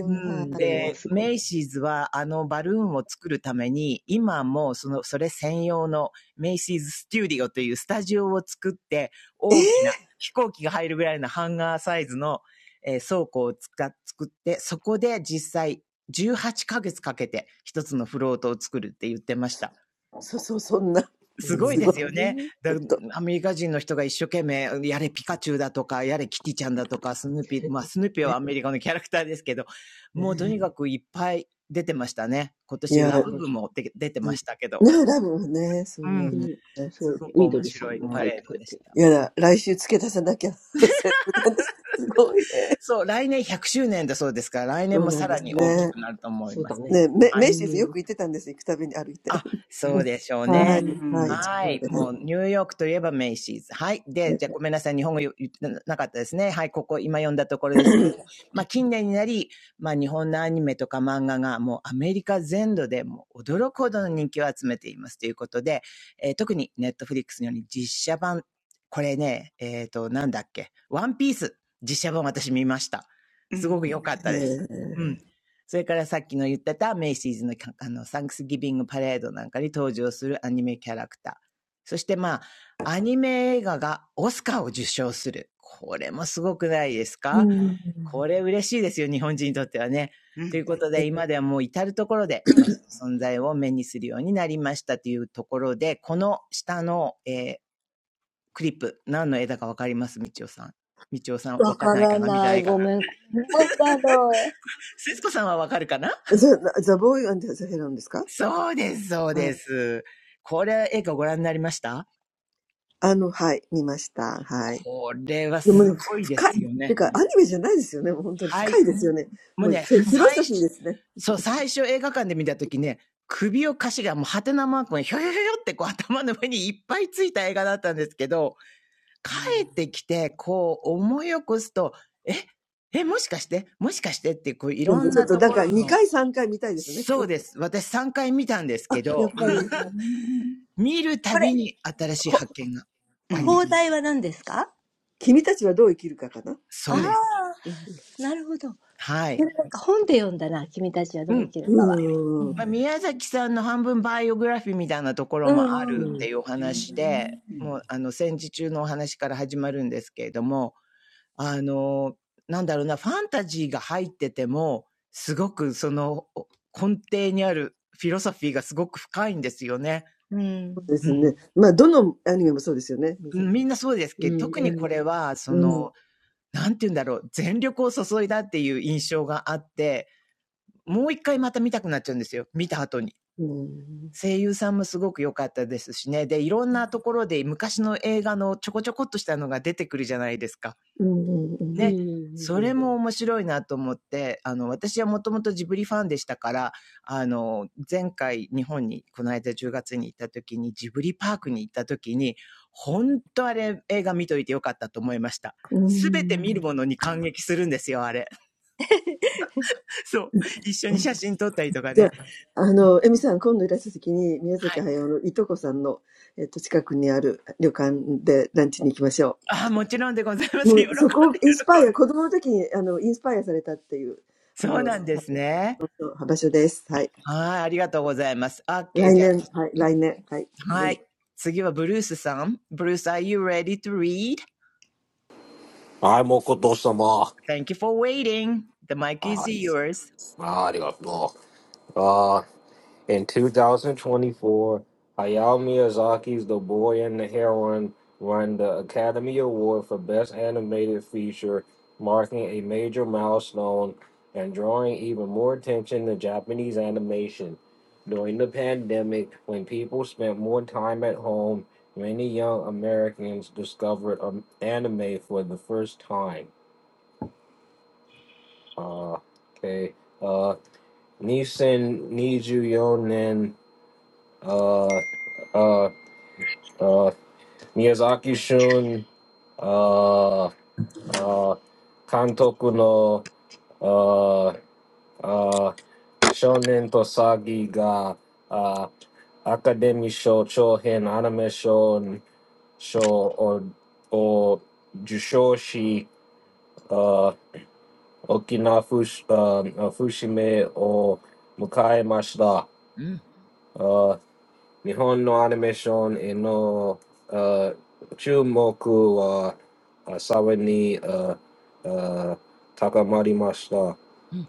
D: うん、
E: それは
D: で、
E: すご
D: メ
E: い。
D: イシーズはあのバルーンを作るために、今もその、それ専用のメイシーズステューディオというスタジオを作って、大きな飛行機が入るぐらいのハンガーサイズの、えー倉庫を使っ作って、そこで実際18ヶ月かげつかけて一つのフロートを作るって言ってました。
E: うー
D: すごいですよね。
E: ん。
D: だアメリカ人の人が一生懸命、やれピカチュウだとか、やれキティちゃんだとか、スヌーピー、まあスヌーピーはアメリカのキャラクターですけど、もうとにかくいっぱい出てましたね。今年ラブ部もで出てましたけど、
E: うん。そ
D: す
E: う
D: ご
E: ね。
D: く
E: みど
D: 面
E: りさ
D: 白
E: ん
D: い
E: も
D: パ
E: 書い
D: レー
E: てく
D: ド
E: れ
D: でし
E: てる
D: た。
E: ね。
D: そう、来年100周年だそうですから、来年もさらに大
E: う
D: き
E: ん、
D: くなると思い
E: そう
D: ま
E: だ
D: す。
E: ね。
D: はい。
E: うん。
D: あ、
A: う
D: そう
A: ん。
D: でしょう
A: う
E: う
A: ー
E: ん。
D: ね。
A: ん。
D: はい。もう、ニューヨークといえばメイシーズ。はい。で、じゃあごめんなさい。日本語言ってなかったですね。はい。ここ、今読んだところですけども。まあ、近年になり、まあ、日本のアニメとか漫画がもうアメリカ全土でもう驚くほどの人気を集めていますということで、えー特にネットフリックスのように実写版、これね、えっ、と、なんだっけ。ワンピース、実写版私見ました。
A: う
D: すご
A: ん。
D: く良かったです。うんそれからさっきの言ってたメイシーズのあのサンクスギビングパレードなんかに登場するアニメキャラクター。そしてまあ、アニメ映画がオスカーを受賞する。これもすごくないですか これ嬉しいですよ、日本人にとってはね。
A: う
D: という
A: ん。
D: ことで、今ではもう至るところで、まあ、存在を目にするようになりましたというところで、この下の、えークリップ、何の絵だかわかりますみちおさん。みちおさん、わかんないかな見てないかな節子さんはわかるかな
C: The, the boy and the hero
D: そうです、そうです。これ、映画ご覧になりましたこれはすごいですよね。はい。もうね、最初、そう、最初映画館で見たときね、首をかしがもうハテナマークにひょひょひょひょってこう頭の上にいっぱいついた映画だったんですけど、
A: うん
D: 帰ってきてこう思い起こすと、え、え、もしかしてもしかしてっていうこういろんなところの、そうです。私3回見たんですけど、
A: う ーん。
D: 見るたびに新しい発見が
A: う
D: あり
A: ん。
D: ました。そ
A: う
D: うで
A: ん。
D: す。
E: うん。
D: はい。うん。まあ、宮崎さんの半分バイオグラフィーみたいなところもあるっていうお
A: うん。う
D: 話で、
A: ん。
D: もう、あの、戦時中のお話から始まるんですけれども、あの、なんだろうな、ファンタジーが入ってても、すごくその根底にあるフィロソフィーがすごく深いんですよね。うん。うん、みんなそうです
E: う
D: けど、
E: ん。
D: 特
E: う
D: にこ
E: ん。
D: れは、その、なんて言うんだろう、全力を注いだっていう印象があって、もう一回また見たくなっちゃうんですよ。見た後に。声優さんもすごく良かったですしね。で、いろんなところで昔の映画のちょこちょこっとしたのが出てくるじゃないですか。
E: うん。うん。う
D: ね。
E: ん。
D: それ
E: う
D: も面白いなと思って、あの、私はもともとジブリファンでしたから、あの、前回日本に、この間10月に行った時に、ジブリパークに行った時に、本当あれ映画見といてよかったと思いました。すべて見るものに感激するんですよ、あれ。そう。一緒に写真撮ったりとかね。はい。ああ、もちろんでございます。喜んでそうなんです
C: じゃあ、あの、エミさん、今度いらした時に、宮崎駿のいとこさんの、えっと、近くにある旅館でランチに行きましょう。もう、そこ、インスパイア、子供の時に、あの、インスパイアされたっていう、あの、はい、場所です。はい。来年、はい、来年、はい、ごめん。いやいやいやいや、ワンパン。Yeah,
D: ね。はい、ありがとうございます。OK、じゃあ、はい。次はブルースさん。ブルース、are you ready to read?Thank
B: I'm Okotoma.
D: you for waiting. The mic is
B: Ah,
D: yours.
B: ah, you know, ah. In 2024, Hayao Miyazaki's The Boy and the Heron won the Academy Award for Best Animated Feature, marking a major milestone and drawing even more attention to Japanese animation. During the pandemic, when people spent more time at home, many young Americans discovered um, anime for the first time. Uh, okay. Uh, Nissan Niju Yonen. Uh, uh, Miyazaki Shun, uh, uh, Kantoku no uh, uh, Shonen Tosagi ga uh, Akademi Sho Chohen Anime Shon Sho o, o Jushoshi uh, Okinawa Fush, um, uh, Fushime o Mukae Mashita.
D: うんうん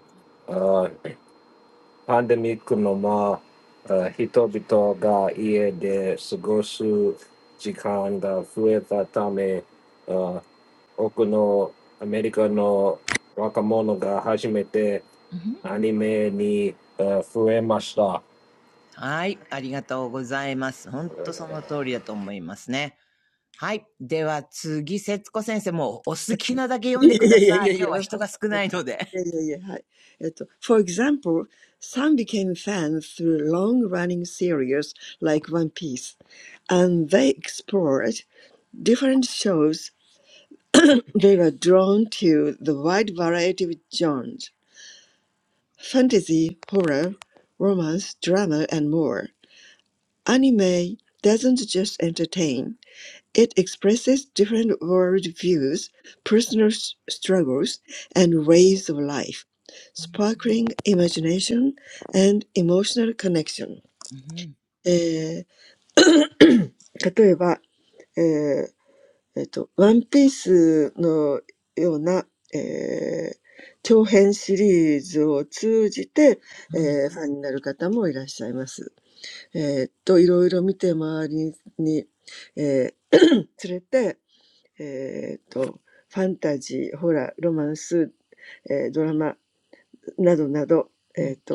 D: うん
B: あ日本のアニメーションへのあ注目はあさらにああ高まりました。あパンデミックのまあ、人々が家で過ごす時間が増えたため、あ多くのアメリカの若者が初めてアニメにあ触れました。
D: はい、ありがとうございます。本当その通りだと思いますね。はい。では次、節子先生、もうお好きなだけ読んでください。今日は人が少ないので。
C: yeah, yeah. Hi. It- For example, some became fans through long-running series like One Piece, and they explored different shows. They were drawn to the wide variety of genres fantasy, horror, romance, drama, and more. Anime doesn't just entertain, it expresses different world views, personal s- struggles, and ways of life, sparkling imagination and emotional connection.
D: うんうん
C: えー、例えば、えっと、ワンピースのような、えー長編シリーズを通じて、えーファンになる方もいらっしゃいます。えーっと、いろいろ見て周りに、えー連れて、えーっと、ファンタジー、ホラー、ロマンス、えードラマなどなど、えーっと、幅広いジャンルに、えー引き付けられました。えーっと、あ、アニメ自体
D: うんうんう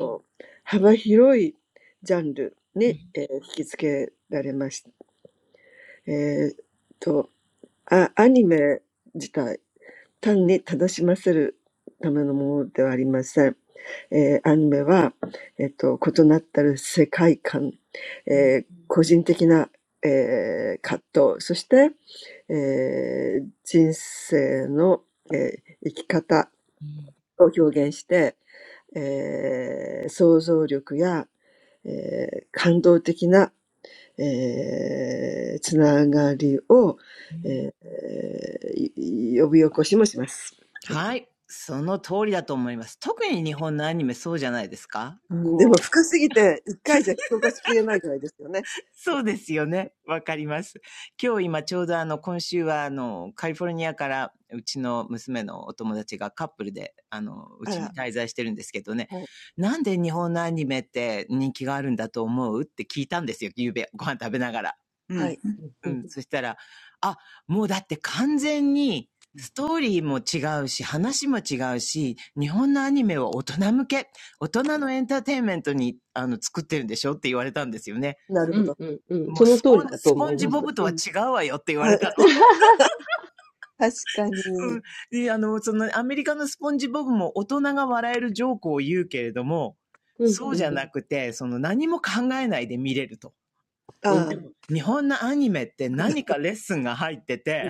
C: 単に楽しませるためのものではありません。えーアニメは、えっと、異なったる世界観、えー個人的な、えー葛藤、そして、えー人生の、えー生き方を表現して、えー想像力や、えー感動的な、えーつながりを、えーい呼び起こしもします。はい
D: んうんはい、その通りだと思います。特に日本のアニメそうじゃないですか？
C: うん、でも深すぎて、一回じゃ消化しきれないぐらいですよね。あら、はい。はい。なるほど。うん。あ、た確かに。ああ、うん、うん、うん。なるほどね。そうですね。ニューヨークにもありますね。はい。あ、そうですね。うんうん、あの、バンザンノーブル、言うことはメールに出てきましたよね。なんか、なんですよね。で、でりえちゃん、私たちはそのうち行こうね、とか、今回のとこのね、
D: こうそうですよね。わかります。今日今ちょうどあの今週はあのカリフォルニアからうちの娘のお友達がカップルであのうちに滞在してるんですけどね、なんで日本のアニメって人気があるんだと思うって聞いたんですよ、昨夜ご飯食べながら。
A: うん。うん。うん。うん。
E: ん。
D: う
E: うん
D: ん。そしたら、あ、もうだって完全に、ストーリーも違うし、話も違うし、日本のアニメは大人向け、大人のエンターテインメントに、あの、作ってるんでしょって言われたんですよね。
E: うんうんうん。
D: も
E: そ
D: う
E: の
D: ス
E: 通
D: ポ
E: り
D: ン、
E: だと
D: スポ
E: 思
D: ン
E: い
D: ジ
E: ま
D: ボ
E: す。
D: ブと
E: う
D: は
E: ん。
D: 違うわよって言われたの。うん。で、あの、そのアメリカのスポンジボブも大人が笑えるジョークを言うけれども、
E: うん
D: そう
E: う
D: じゃ
E: ん
D: なくて、その何も考えないで見れると。
E: う
D: で
E: ん。
D: も、日本のアニメって何かレッスンが入ってて、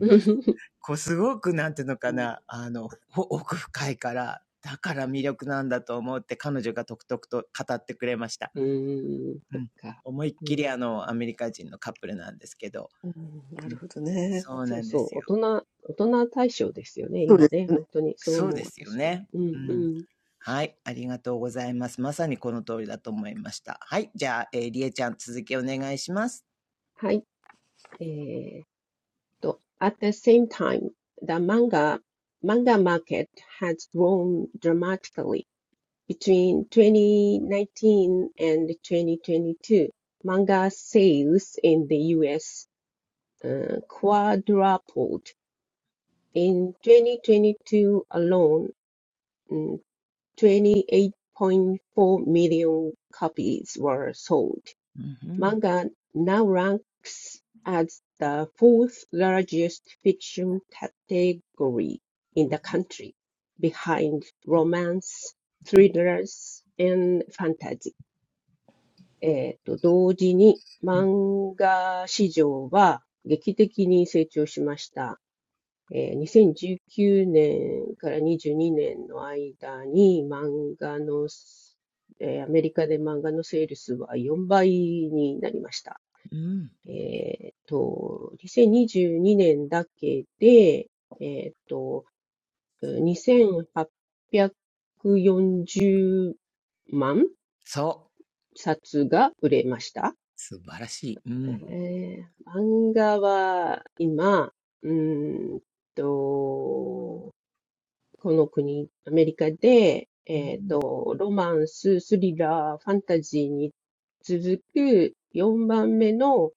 D: こうすごくなんていうのかな、あの、奥深いから、だから魅力なんだと思って彼女がとくとくと語ってくれました。
E: うんうん
D: う
E: そっ
D: ん。
E: か。
D: 思いっ
E: う
D: きり
E: ん。
D: あの、アメリカ人のカップルなんですけど、うん。そう
E: そ
D: な
E: う
D: んで
E: そ
D: す
E: う。
D: よ。
E: 大人、大人対象ですよね、今ね。本当に。そう
D: そう
E: 思
D: で
E: う、
D: すよ
E: 私も。
D: ね。
E: う
D: う
E: んう
D: ん。
E: ん。
D: はい。ありがとうございます。まさにこの通りだと思いました。はい。じゃあ、えー、りえちゃん、続きお願いします。
E: はい。えーっと、at the same time, the manga, manga market has grown dramatically between 2019 and 2022. Manga sales in the US uh, quadrupled in 2022 alone. mm, 28.4 million copies were sold.
D: うん、うん、
E: Manga now ranks as the fourth largest fiction category in
D: う
E: the
D: ん、
E: country, behind romance, thrillers, and fantasy.
D: うん。
E: えーと、同時に漫画市場は劇的に成長しました。えー2019年から22年の間に漫画のえーアメリカで漫画のセールスは4倍になりました。
D: うん。
E: えっと、2022年だけで、えっと、2840万
D: そう。
E: 冊が売れました。
D: 素晴らしい。うん。
E: ええ、漫画は今、うーんと、この国、アメリカで、
D: うん。
E: とロマンス、スリラー、ファンタジーに続く4番目の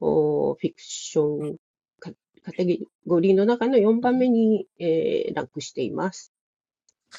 E: おフィクションカカテゴリーの中の4番目に、えーランクしています。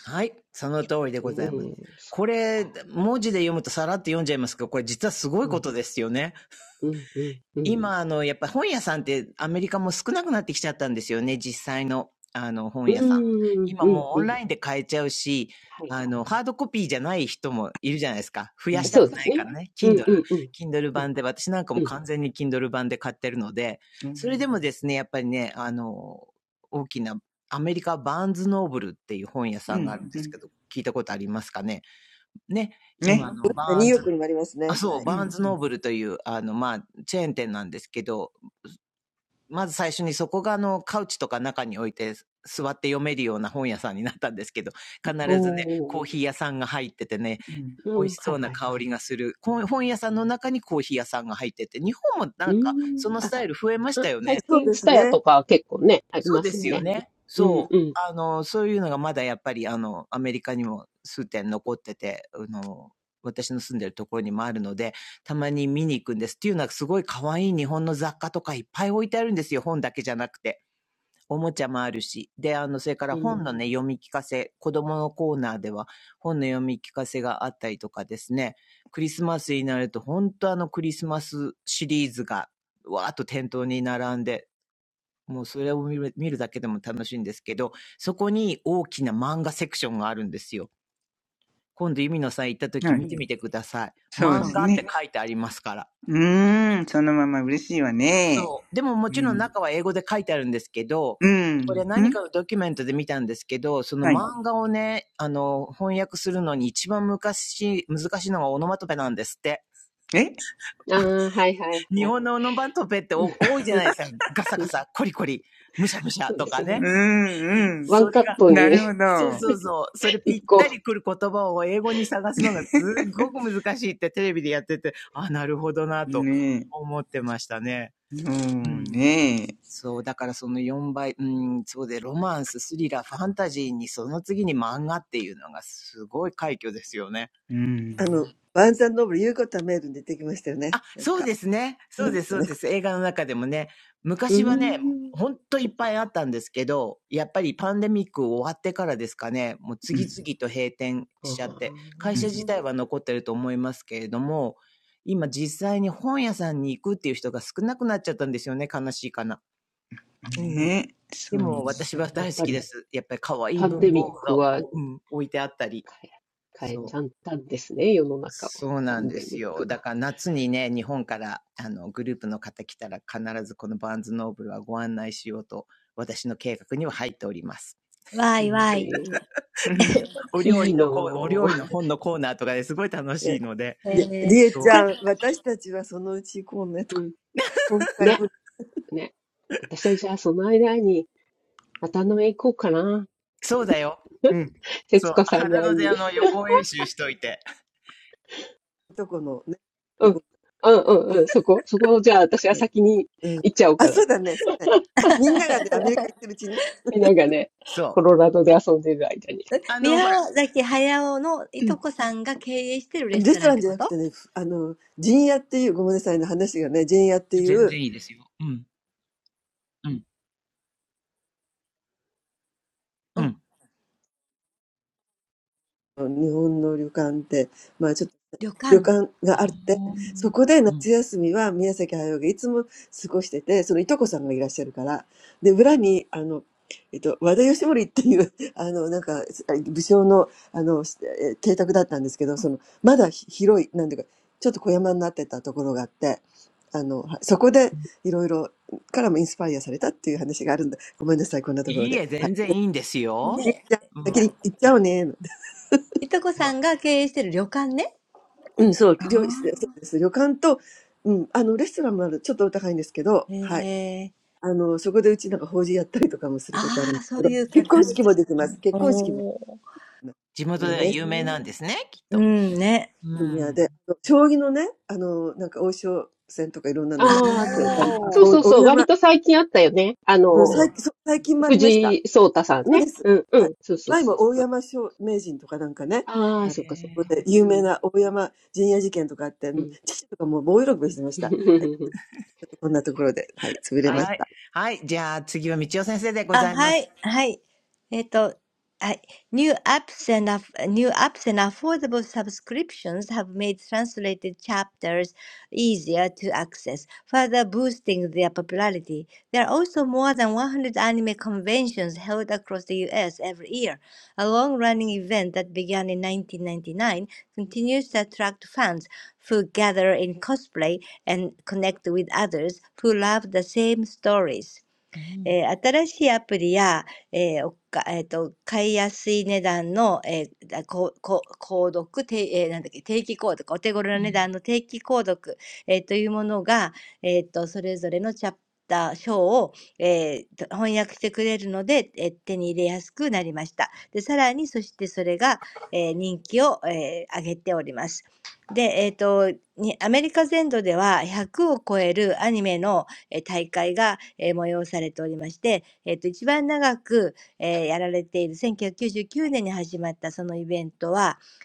D: はい。その通りで
E: う
D: ご
E: ん、
D: ざいます。
E: そ
D: こ
E: うなん
D: れ、
E: だ。
D: 文字で読むとさらっと読んじゃいますけど、これ実はすごい
E: う
D: こ
E: ん、
D: とですよね。
E: うん、うん、うん、
D: 今、あの、やっぱ本屋さんってアメリカも少なくなってきちゃったんですよね、実際の、あの、本
E: う
D: 屋さん。
E: ん、
D: 今
E: うん、
D: もうオ
E: う
D: ン
E: ん
D: ラインで買えちゃうし、
E: はい、
D: あ
E: は
D: の、ハードコピーじゃない人もいるじゃないですか。増や
E: い。
D: した
E: そう
D: く
E: で
D: な
E: す
D: い
E: ね。
D: からね。
E: うん、
D: Kindle、
E: うん、うん、
D: Kindle
E: うん、
D: 版で、私なんか
E: うん。
D: も完全に Kindle 版で買ってるので、それでもですね、やっぱりね、あの、大きなアメリカバーンズノーブルっていう本屋さ
A: う
D: んがあ
A: ん。
D: るんで
A: う
D: す
A: ん
D: けど、聞いたことありますかね。ね、今あ
A: ね。
D: のバーンズ、あ、そう、
A: うん。
D: バーンズ
A: う
D: ノー
A: ん。
D: ブルという、あの、まあ、チェーン店なんですけど、まず最初にそこがあの、カウチとか中に置いて座って読めるような本屋さんになったんですけど、
E: お
D: 必ずね、コー
E: お、
D: ヒー屋さんが入っててね、
A: うん。
E: う
D: 美味し
E: ん、は
D: そ
E: い
D: うな
E: はい
D: 香
E: はい。
D: りがする。本屋さんの中にコーヒー屋さんが入ってて、日本も
E: う
D: な
E: ー
D: んか
E: ん。
D: そのスタイル増えまし
E: あ、
D: たよ
E: 最
D: ね。
E: 近、ツタヤとか結構ね、あり
D: そう
E: ま
D: で
E: すよ
D: すよ
E: ね。
D: ね。
E: うん
D: そ
E: う
D: う。
E: ん
D: あの、そういうのがまだやっぱりあの、アメリカにも数点残ってて、あの、私の住んでるところにもあるので、たまに見に行くんです。っていうのはすごい可愛い日本の雑貨とかいっぱい置いてあるんですよ。本だけじゃなくて。おもちゃもあるし、で、あの、それか
E: う
D: ら本
E: ん。
D: のね、読み聞かせ、子供のコーナーでは本の読み聞かせがあったりとかですね、クリスマスになると、本当あのクリスマスシリーズが、わーっと店頭に並んで、もうそれを見る見るだけでも楽しいんですけど、そこに大きな漫画セクションがあるんですよ。今度、ゆみのさん行った時
A: はい。
D: 見てみてください。
A: そうで
D: 漫
A: す
D: 画って
A: ね。
D: ね書いてありますから。
A: うーん。そのまま嬉しいわね。
D: そう。でもも
A: う
D: ちろん
A: ん。
D: 中は英語で書いてあるんですけど、
A: う
D: これ
A: ん。う
D: 何
A: ん。
D: かのドキュメントで見たんですけど、その
A: はい。
D: 漫画をね、あの、翻訳するのに一番昔、難しいのがオノマトペなんですって。
A: え
E: ああ、はいはい
D: 日
E: はい。
D: 本のオノマトペって
E: うん
D: 多いじゃ
E: う
D: ない
E: ん
D: ですか。ガサ
E: う
D: ガ
E: ん。
D: サ、コリコリ、むしゃむしゃ
E: そうで
D: とか
E: す
A: う
E: ね。
D: ね。
A: んうん。
E: ワン
D: それ
E: カッ
D: が、
E: ト
A: な
E: に
A: るほ
D: そう
A: ど。
D: そうそう。それ ぴ
E: 一
D: った
E: 個。
D: りくる言葉を英語に探すのがすっごく難しいってテレビでやってて、あ、なるほどなと
A: ね
D: 思ってましたね。
A: え。そ
D: う
A: う
D: ん
A: ねえ。
D: そう、だからその4倍、うん、そうで、ロマンス、スリラー、ファンタジーに、その次に漫画っていうのがすごい快挙ですよね。
A: うん。
D: あ、そうですね。そうです、そうです。映画の中でもね、
E: うー
D: 昔はね、
E: ん。
D: ほんとい
E: そ
D: っ
E: っ
D: ぱ
E: か。
D: いあったんですけど、やっぱりパンデミック終わってからですかね、もう
A: う
D: 次
A: ん。
D: 々と閉店
E: あ
D: しちゃって、会
A: うん。
D: 社自
E: あ。
D: 体は残ってると思いますけれども、今実際に本屋さんに行くっていう人が少なくなっちゃったんですよね、悲しいかな。うん。
A: ねえ。
D: で
A: そう
D: も
A: です。
D: 私は
E: やっ
D: 大好
E: ぱ
D: きで
E: り
D: す。やっぱり可愛い
E: パン
D: 文
E: デミ
D: 房
E: ッ
D: 具
E: ク
D: が、
E: は
D: うん、置いてあったり。
E: 変え、変えち
D: そう。
E: ゃったんですね、世の中を。
D: そう
E: パ
D: なん
E: ン
D: で
E: デ
D: す
E: ミッ
D: よ。
E: ク
D: だ
E: が。
D: から夏にね、日本から、あの、グループの方来たら必ずこのバーンズノーブルはご案内しようと、私の計画には入っております。
E: ええ
A: うん。
D: お料
E: い
D: 理
E: い
D: のコー、お
E: の
D: 料理の本のコーナーとかですごい楽しいので。そう。
E: うん。ね、ね。私はじゃあその間に渡辺行こうかな。
D: そうだよ。うん。そ
E: 節
D: う。
E: 子さんに
D: 肌
E: 会
D: の
E: い
D: であ
E: に。
D: の、予行演習しといて。
E: うん。うんうんうん。そこ、そこをじゃあ私は先に行っちゃおうかな。みんながね、コ
D: そう。
E: ロラドで遊んでる間に。
D: あの、ほら。うん。全
C: うん。あ、そうだね。そうだねみんながね、アメリカ行ってるうちに、レストランじゃなくてね、ふあの、陣屋っていう、ごめんなさいの話がね、陣屋っていう、
D: 然いいですよ。うん。うん。うん。
C: 日本の旅館って、まあちょっと旅館があって、そこで夏休みは宮崎駿がいつも過ごしてて、そのいとこさんがいらっしゃるから、で、裏に、あの、えっと、和田義盛っていう、
F: うんジブリはそういえば見ます、見ます。うんうん。すごい。すごい。わからない。ごめん。なんだろう。これ、ほ、放題は何ですかああ、なるほど。なんか本で読んだな。君たちはどう生きるかは。うんうん。うん。わいわい。えー、これ、宮崎駿のいとこさんが経営してるレストランってことうん。旅館。
D: うん いいえ、全然いい
C: あの、なんか、武将の、あの、え邸宅だったんですけど、その、まだひ広い、なんていうか、ちょっと小山になってたところがあって、あの、はそこでいろいろからもインスパイアされたっていう話があるんだ。ごめんなさい、こんなところで。はい。でりんちゃん、先に行っちゃおうね。
D: んですよ。うん。まあ、
F: で、いや、いとこさんが経営してる旅館ね。
C: うん、そう、りょそうです。旅館と、うん、あの、レストランもある、ちょっとお高いんですけど、はい。あの、そこでうちなんか法事やったりとかもすることあるんですけど、結婚式もできます。結婚式も、ところです。ジュニアで、あの将棋のね、あの、なんか王将戦とかいろんなのもあり、あ、お大山、うん、最近、そう最近もありました。
D: 地元
E: え
D: では有名な
E: え。
D: んですね、きっと。うん。
E: ああ、そう、あ、そうそうそ
D: おー。
E: う、割と最近あったよね。あ
D: うん。
E: の、藤井聡太
C: そうです。はい。前も大山商名人とかなんかね、あの、ここで有名な大山陣屋事件とかあって、もう、父とかもう棒喜びしてました。はい。ちょっとこんなところで、はい、潰れました。なんか感受性が豊かなんでしょうかね。なね。ねででも音楽で坂本龍一
E: さんね。うんうん。そうそうそうそう。ああ、そっかそっ
D: へえ、
E: か。うん、うん。はい。
D: はい。
C: 音楽。そりゃ、そりゃすごい。ぼ、盆踊りで見たことないです。盆踊りの時に。へーはい。はい。
D: はい。じゃあ次は道夫先生でございます。
F: あ、はい、はい。えっと、はい。New apps and aff- new apps and affordable subscriptions have made translated chapters easier to access, further boosting their popularity. There are also more than 100 anime conventions held across the US every year. A long-running event that began in 1999 continues to attract fans who gather in cosplay and connect with others who love the same stories.
D: う
F: えー新しいアプリや、えーおかえーと、買いやすい値段の、えー、だこうこう購読、てえーなんだっけ、定期購読、お手頃な値段の定期購読、えーというものが、えーと、それぞれのチャプター、章を、えーと翻訳してくれるので、えー手に入れやすくなりました。で、さらに、そしてそれが、えー人気を、えー上げております。で、えっと、にアメリカ全土では100を超えるアニメの
D: ん。うん。
F: えー大会が、えー催されておりまして、えっと一番長く、えーやられている1999年に始まったそのイベントは、えっとファンを魅了し続けており、えーそこでは、えーコスプレイをしたファンたちが、えーその同じストーリーが好きな他の方たちと、えーつながることができます。そしたらみんなコスチュームは鬼滅鬼滅の刃のコスチュームを着るんですね。うーん。えー、あ、ちさちゃん行きそう。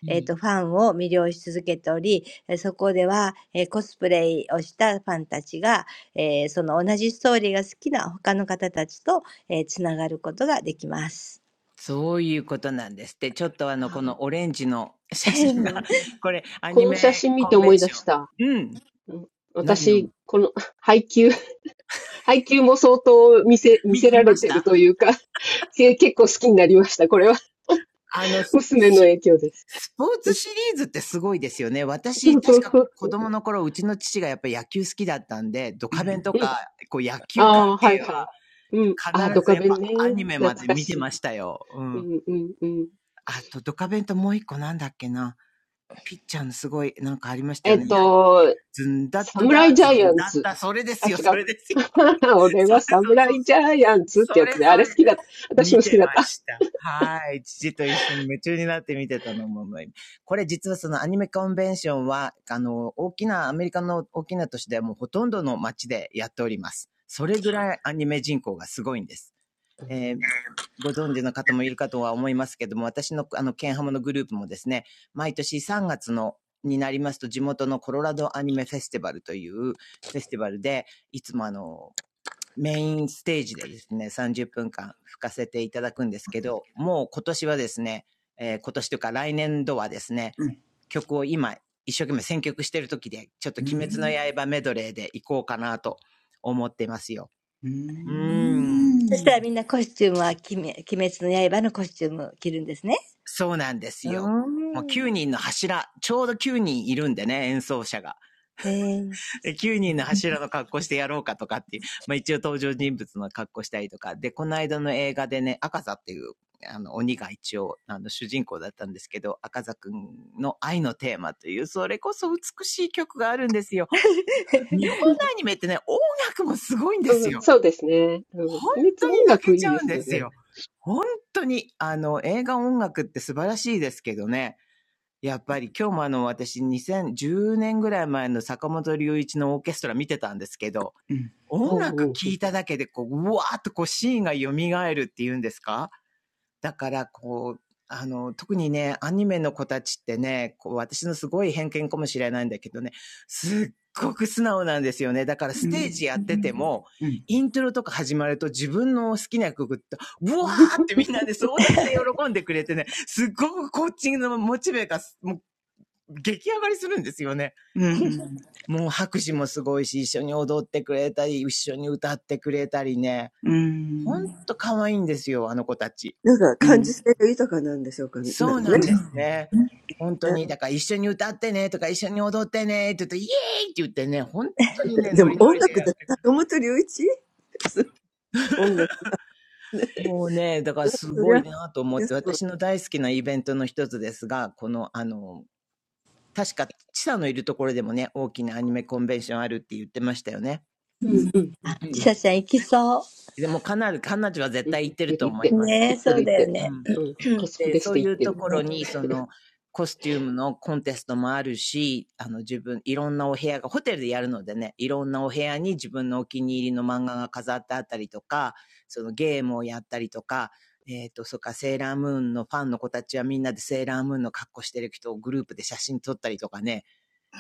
D: うん。そういうことなんですって。ちょっとあの、こ
E: あ
D: のオレンジの写真
E: ーう
D: が、
E: ん。
D: これ、ア
E: こ
D: ニ
E: の写
D: メ
E: 真見
D: コ
E: て
D: ンベ
E: 思
D: ン
E: い出
D: ショ
E: し
D: ン。
E: た。
D: うん。
E: うん。
D: 何を
E: 私、
D: 見、
E: この 配給、配給も相当見せ、見
D: み
E: せ
D: 見
E: られ
D: まし
E: てる
D: た
E: というか、け結構好きになりました。これは
D: あの、ス
E: 娘の
D: ス
E: 影響です。
D: ポー
E: う
D: ツ
E: ん
D: シリーズってすごいですよね。
E: そ
D: 私、
E: うそ
D: 確
E: う
D: か
E: そうそ
D: 子
E: う。
D: 供の頃、うちの父がやっぱり野球好きだったんで、ドカベンと
E: うん。
D: か、こう野球関
E: ああ、は
D: 係
E: いはい。
D: は
E: うん。ああ、ド
D: 必ず
E: カ
D: やっ
E: ベン
D: ぱア
E: ね。
D: ニメま
E: 懐
D: で
E: か
D: 見
E: し
D: て
E: い。
D: ましたよ。う
E: う
D: ん。
E: んうんうん。
D: あと、ドカベンともう一個なんだっけな。ピッチャーのすごい、なんかありましたよ
E: えっ
D: ね。
E: と、
D: ズンダッ
E: サ
D: ト
E: ム
D: ダ、
E: ライジャイ
D: ズン
E: アン
D: ダッ
E: ツ。
D: タ、それで
E: あ、
D: すよ、
E: 違
D: そ
E: う。
D: れですよ。
E: 俺
D: そ
E: は
D: れ、
E: サ
D: そうそ
E: ム
D: う
E: ラ
D: そう。
E: イジャイアンツっ
D: そ
E: てや
D: れ
E: つで、あ
D: そ
E: れ好
D: れ。
E: きだった。私
D: 見
E: も好き
D: て
E: だっ
D: ま
E: た。
D: した。はい。父と一緒に夢中になって見てたのも、これ実はそのアニメコンベンションは、あの、大きな、アメリカの大きな都市ではもうほとんどの街でやっております。それぐらいアニメ人口がすごいんです。
E: う
D: えーご存知の方もいるかとは思いますけども、私のあの、ケンハムのグループもですね、毎年3月のになりますと地元のコロラドアニメフェスティバルというフェスティバルで、いつもあの、メインステージでですね、30分間吹かせていただくんですけど、もう今年はですね、えー今年というか来年度はですね、
A: うん。
D: 曲を今一生懸命選曲してる時で、ちょっと
A: う
D: 鬼滅の
A: ん。
D: 刃メドレーで行こうかなと思ってますよ。
A: うー
D: うーん。
E: ん
A: ん。
D: そうなんですよ。もう9人の柱、ちょうど9人いるんでね、演奏者が。9人の柱の格好してやろうかとかっていう、まあ一応登場人物の格好したりとか、で、この間の映画でね、赤座っていう、あの、鬼が一応、あの、主人公だったんですけど、赤座くんの愛のテーマという、それこそ美しい曲があるんですよ。日本の
E: う
D: アニメってね、音楽もすごいんで
E: ん
D: すよ。
E: そうですね。うん。
D: 本
E: 秘密
D: 当に
E: 音
D: 泣け
E: 楽
D: ち
E: い
D: ゃ
E: いで
D: うん
E: す
D: で
E: よ
D: す
E: ね。
D: よ。本当に、あの、映画音楽って素晴らしいですけどね。やっぱり今日もあの私2010年ぐらい前の坂本龍一のオーケストラ見てたんですけど、
A: うん。
E: う
D: 音
E: ん
D: 楽
E: うんうん。
D: 聴いただけでこう、うわーっとこうシーンが蘇るっていうんですかだからこう、あの、特にね、アニメの子たちってね、こう私のすごい偏見かもしれないんだけどね、すっごく素直なんですよね。だから
A: うん。う
D: ステージやって
A: ん。
D: ても、
A: うん。
D: イントロとか始まると自分の好きな曲って、ブワーってみんなで、ね、総出しで喜んでくれてね、すっごくこっちのモチベがもう激上がりするんですよね。
A: うん。うん。
D: もう拍手もすごいし、一緒に踊ってくれたり、一緒に歌ってくれたりね。
A: うん。う
D: ほ
A: ん。
D: んと可愛いんですよ、あの子たち。
A: そう
D: そうなんですね。
A: ね。
D: 本当に、だから一緒に歌ってねとか一緒に踊ってねって言うと、イエーイって言ってね、本当にね、ノリノリでやって。もうね、だからすごいなと思って、私の大好きなイベントの一つですが、この、あの、確か、チサのいるところでもね、大きなアニメコンベンションあるって言ってましたよね。
E: うんうん
A: う
E: うん
D: うん。
E: うん。うん
D: でもかなり、彼女は絶
E: うんうんいっ
D: 対行ってる
E: て
D: と
E: るいっ
D: 思
F: ねえ、そうだよね。ね、うん、なるほど。今年のね、あの、松戸の盆踊りが、あ、こ去年かね、あ、あったんで、あ、今年だ、今年あったんですね。で、そうで、その盆踊りに来てる若者たちがやっぱりね、この、何、アニメ、アニメの、あの、コスプレがほとんどなの、あの、踊ってる子たちが。びっくり。
E: て
D: い
E: る。
D: ます。
E: いってるいってる。
D: うん。
E: うん。コスプ
D: で、
E: レし
D: そ
E: て
D: う
E: い
D: い
E: っ
D: う
E: て
D: と
E: る。
D: ころに、その、コスチュームのコンテストもあるし、あの自分、いろんなお部屋が、ホテルでやるのでね、いろんなお部屋に自分のお気に入りの漫画が飾ってあったりとか、そのゲームをやったりとか、えっ、と、そっか、セーラームーンのファンの子たちはみんなでセーラームーンの格好してる人をグループで写真撮ったりとかね、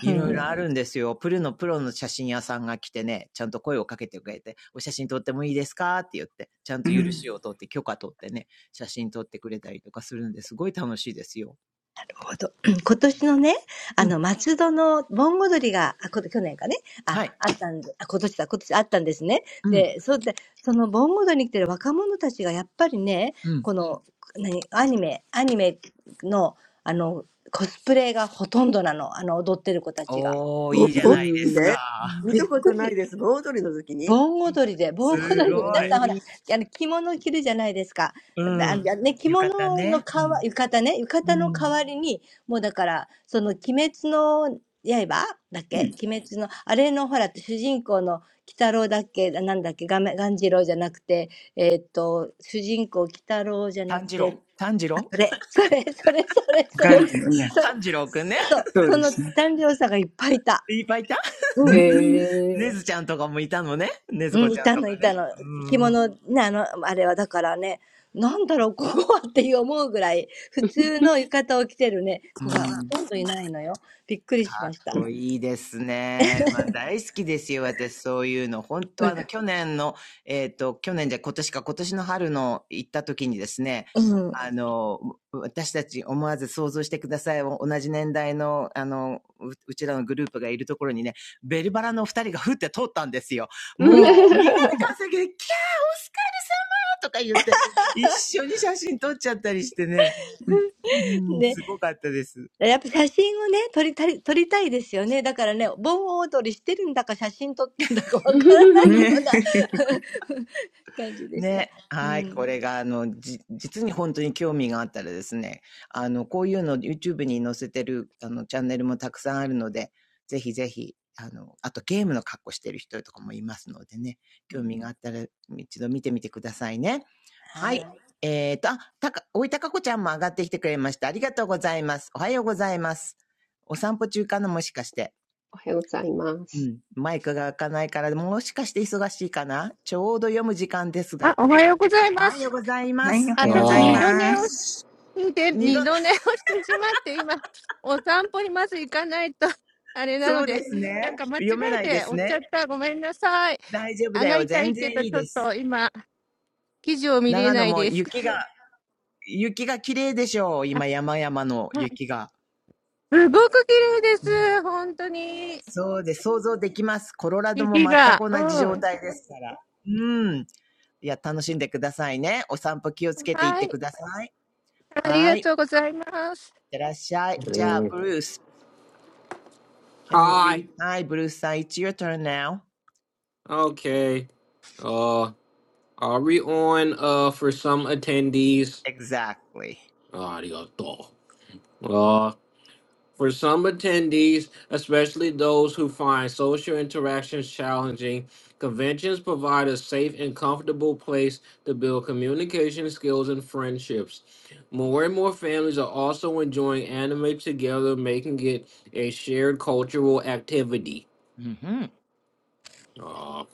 D: いろいろあるんですよ。プルのプロの写真屋さんが来てね、ちゃんと声をかけてくれて、お写真撮ってもいいですかって言って、ちゃん
A: ん。うん。う
D: と許し
A: ん。
D: を取って許可取ってね、写真撮ってくれたりとかするんですごい楽しいですよ。うん。はい。うん。うん。おー、いいじゃ
E: うん
D: な
A: う
D: い
E: う
D: です
E: んうん
D: か。
F: 盆踊りで、盆踊りで、皆さんほら、あの、着物を着るじゃないですか。だあのね、着物の代わ、浴衣ね、浴衣の代わりに、もうだから、その、鬼滅の刃だっけ鬼滅の、あれのほら、主人公の鬼太郎だっけなんだっけがめ、鴈治郎じゃなくて、えーっと、主人公鬼太郎じゃなくて、あ、それ、それ、それ、それ、それ、その、そう、その、男女差がいっぱいいた。
D: すごい。うん。浴衣ね。うん。うん。
A: ん。
D: 炭治郎炭治郎
A: 感 じよね。
D: 炭治郎くんね。
A: そうですね。
D: いっぱいいた
A: う
E: へ
A: ん。
E: え
D: ねずちゃんとかもいたのね。
F: うん、いたのいたの。着物ね、あの、あれはだからね、なんだろう、ここはっていう思うぐらい、普通の浴衣を着てるね、子がほとんどいないのよ。びっくりしました。うん、うん、うん。で、やっぱ写真をね、撮りたい、撮りたいですよね。だからね、盆踊りしてるんだか写真撮ってんだかわからないような
D: ねずこちゃんとかね。うん。うん。かっ
A: う
D: こ
A: ん。
D: いいですね。まあ、大好きですよ、私、そういうの。本当あの、去年の、えっ、と、去年じゃ今年か、今年の春の行った時にですね、あの、私たち思わず想像してください。同じ年代の、あの、ううちらのグループがいるところにね、ベルバラのお二人がふって通ったんですよ。もう、みんなで歓声で、キャー、オスカル様とか言って、一緒に写真撮っちゃったりしてね。
A: うん。
D: うん、すごかったです。
A: ね。
D: ね、はい。こ
F: 感じでした。うん。うんはい。はい。じゃあ最後のパートを、エミ先生に、エミさん残して読みます。
D: れが、あの、じ実に本当に興味があったらですね、あの、こういうの YouTube に載せてる、あの、チャンネルもたくさんあるので、ぜひぜひ、あの、あとゲームの格好してる人とかもいますのでね、興味があったら一度見てみてくださいね。はい。はい。えーと、あ、たか、おいたかこちゃんも上がってきてくれました。ありがとうございます。おはようございます。お散歩中かなもしかして。う
E: おはようございます。うんうん、はい。Uh,
D: ん。マイクが開かないから、もしかして忙しいかなちょうど読む時間です
G: あ、おはようございます。あ、ちょっと二度寝をして二度寝をしてしまって、今、お散歩にまず行かないと、あれなので、なんか間違えて押しちゃった。ごめんなさい。上がりたいけど、ちょっと今、記事を見れないです。あ、あすごく綺麗です。本当に。雪が。うん。はい。ありがとうございます。
D: が。おはようございま
A: はい、お
D: す。
A: はようござい
B: Ah.
A: ます。
D: 二度、そうですね。読めないですね。大丈夫だよ。全然いいです。長野も雪が、雪が綺麗でしょう。今、山々の雪が。ね、そうで、想像できます。コロラドも全く同じ状態ですから。うん。いや、楽しんでくださいね。お散歩気をつけていってください。はい。いってらっしゃい。じゃあ、
B: mm.
D: ブルース。Can you
B: Hi.
D: read? はい、ブルースさん、It's your turn now.
B: Okay. Uh, are we on uh for some attendees?
D: Exactly.
B: Arigato. Uh, for some attendees, especially those who find social interactions challenging, conventions provide a safe and comfortable place to build communication skills and friendships. More and more families are also enjoying anime together, making it a shared cultural activity.
D: うん、うん。
B: Ah,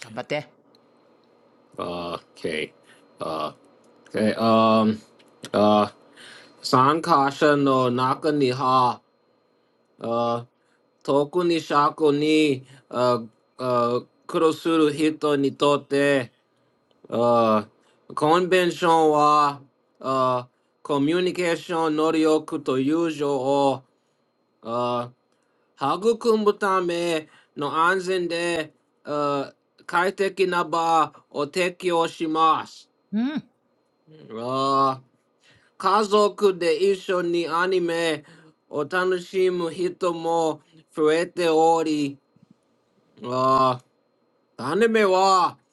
D: 頑張って。
B: Uh, Okay. Uh, okay. Um. Uh. Sankasha no nakaniha. Uh. Toku ni shaku ni. Uh. Uh. Kurosuru hito ni tote. Uh. Convention wa. Uh. Communication norioku to o. Uh. Hagukumu tame no anzen de. Uh. 快適な場を提供します。
D: うん。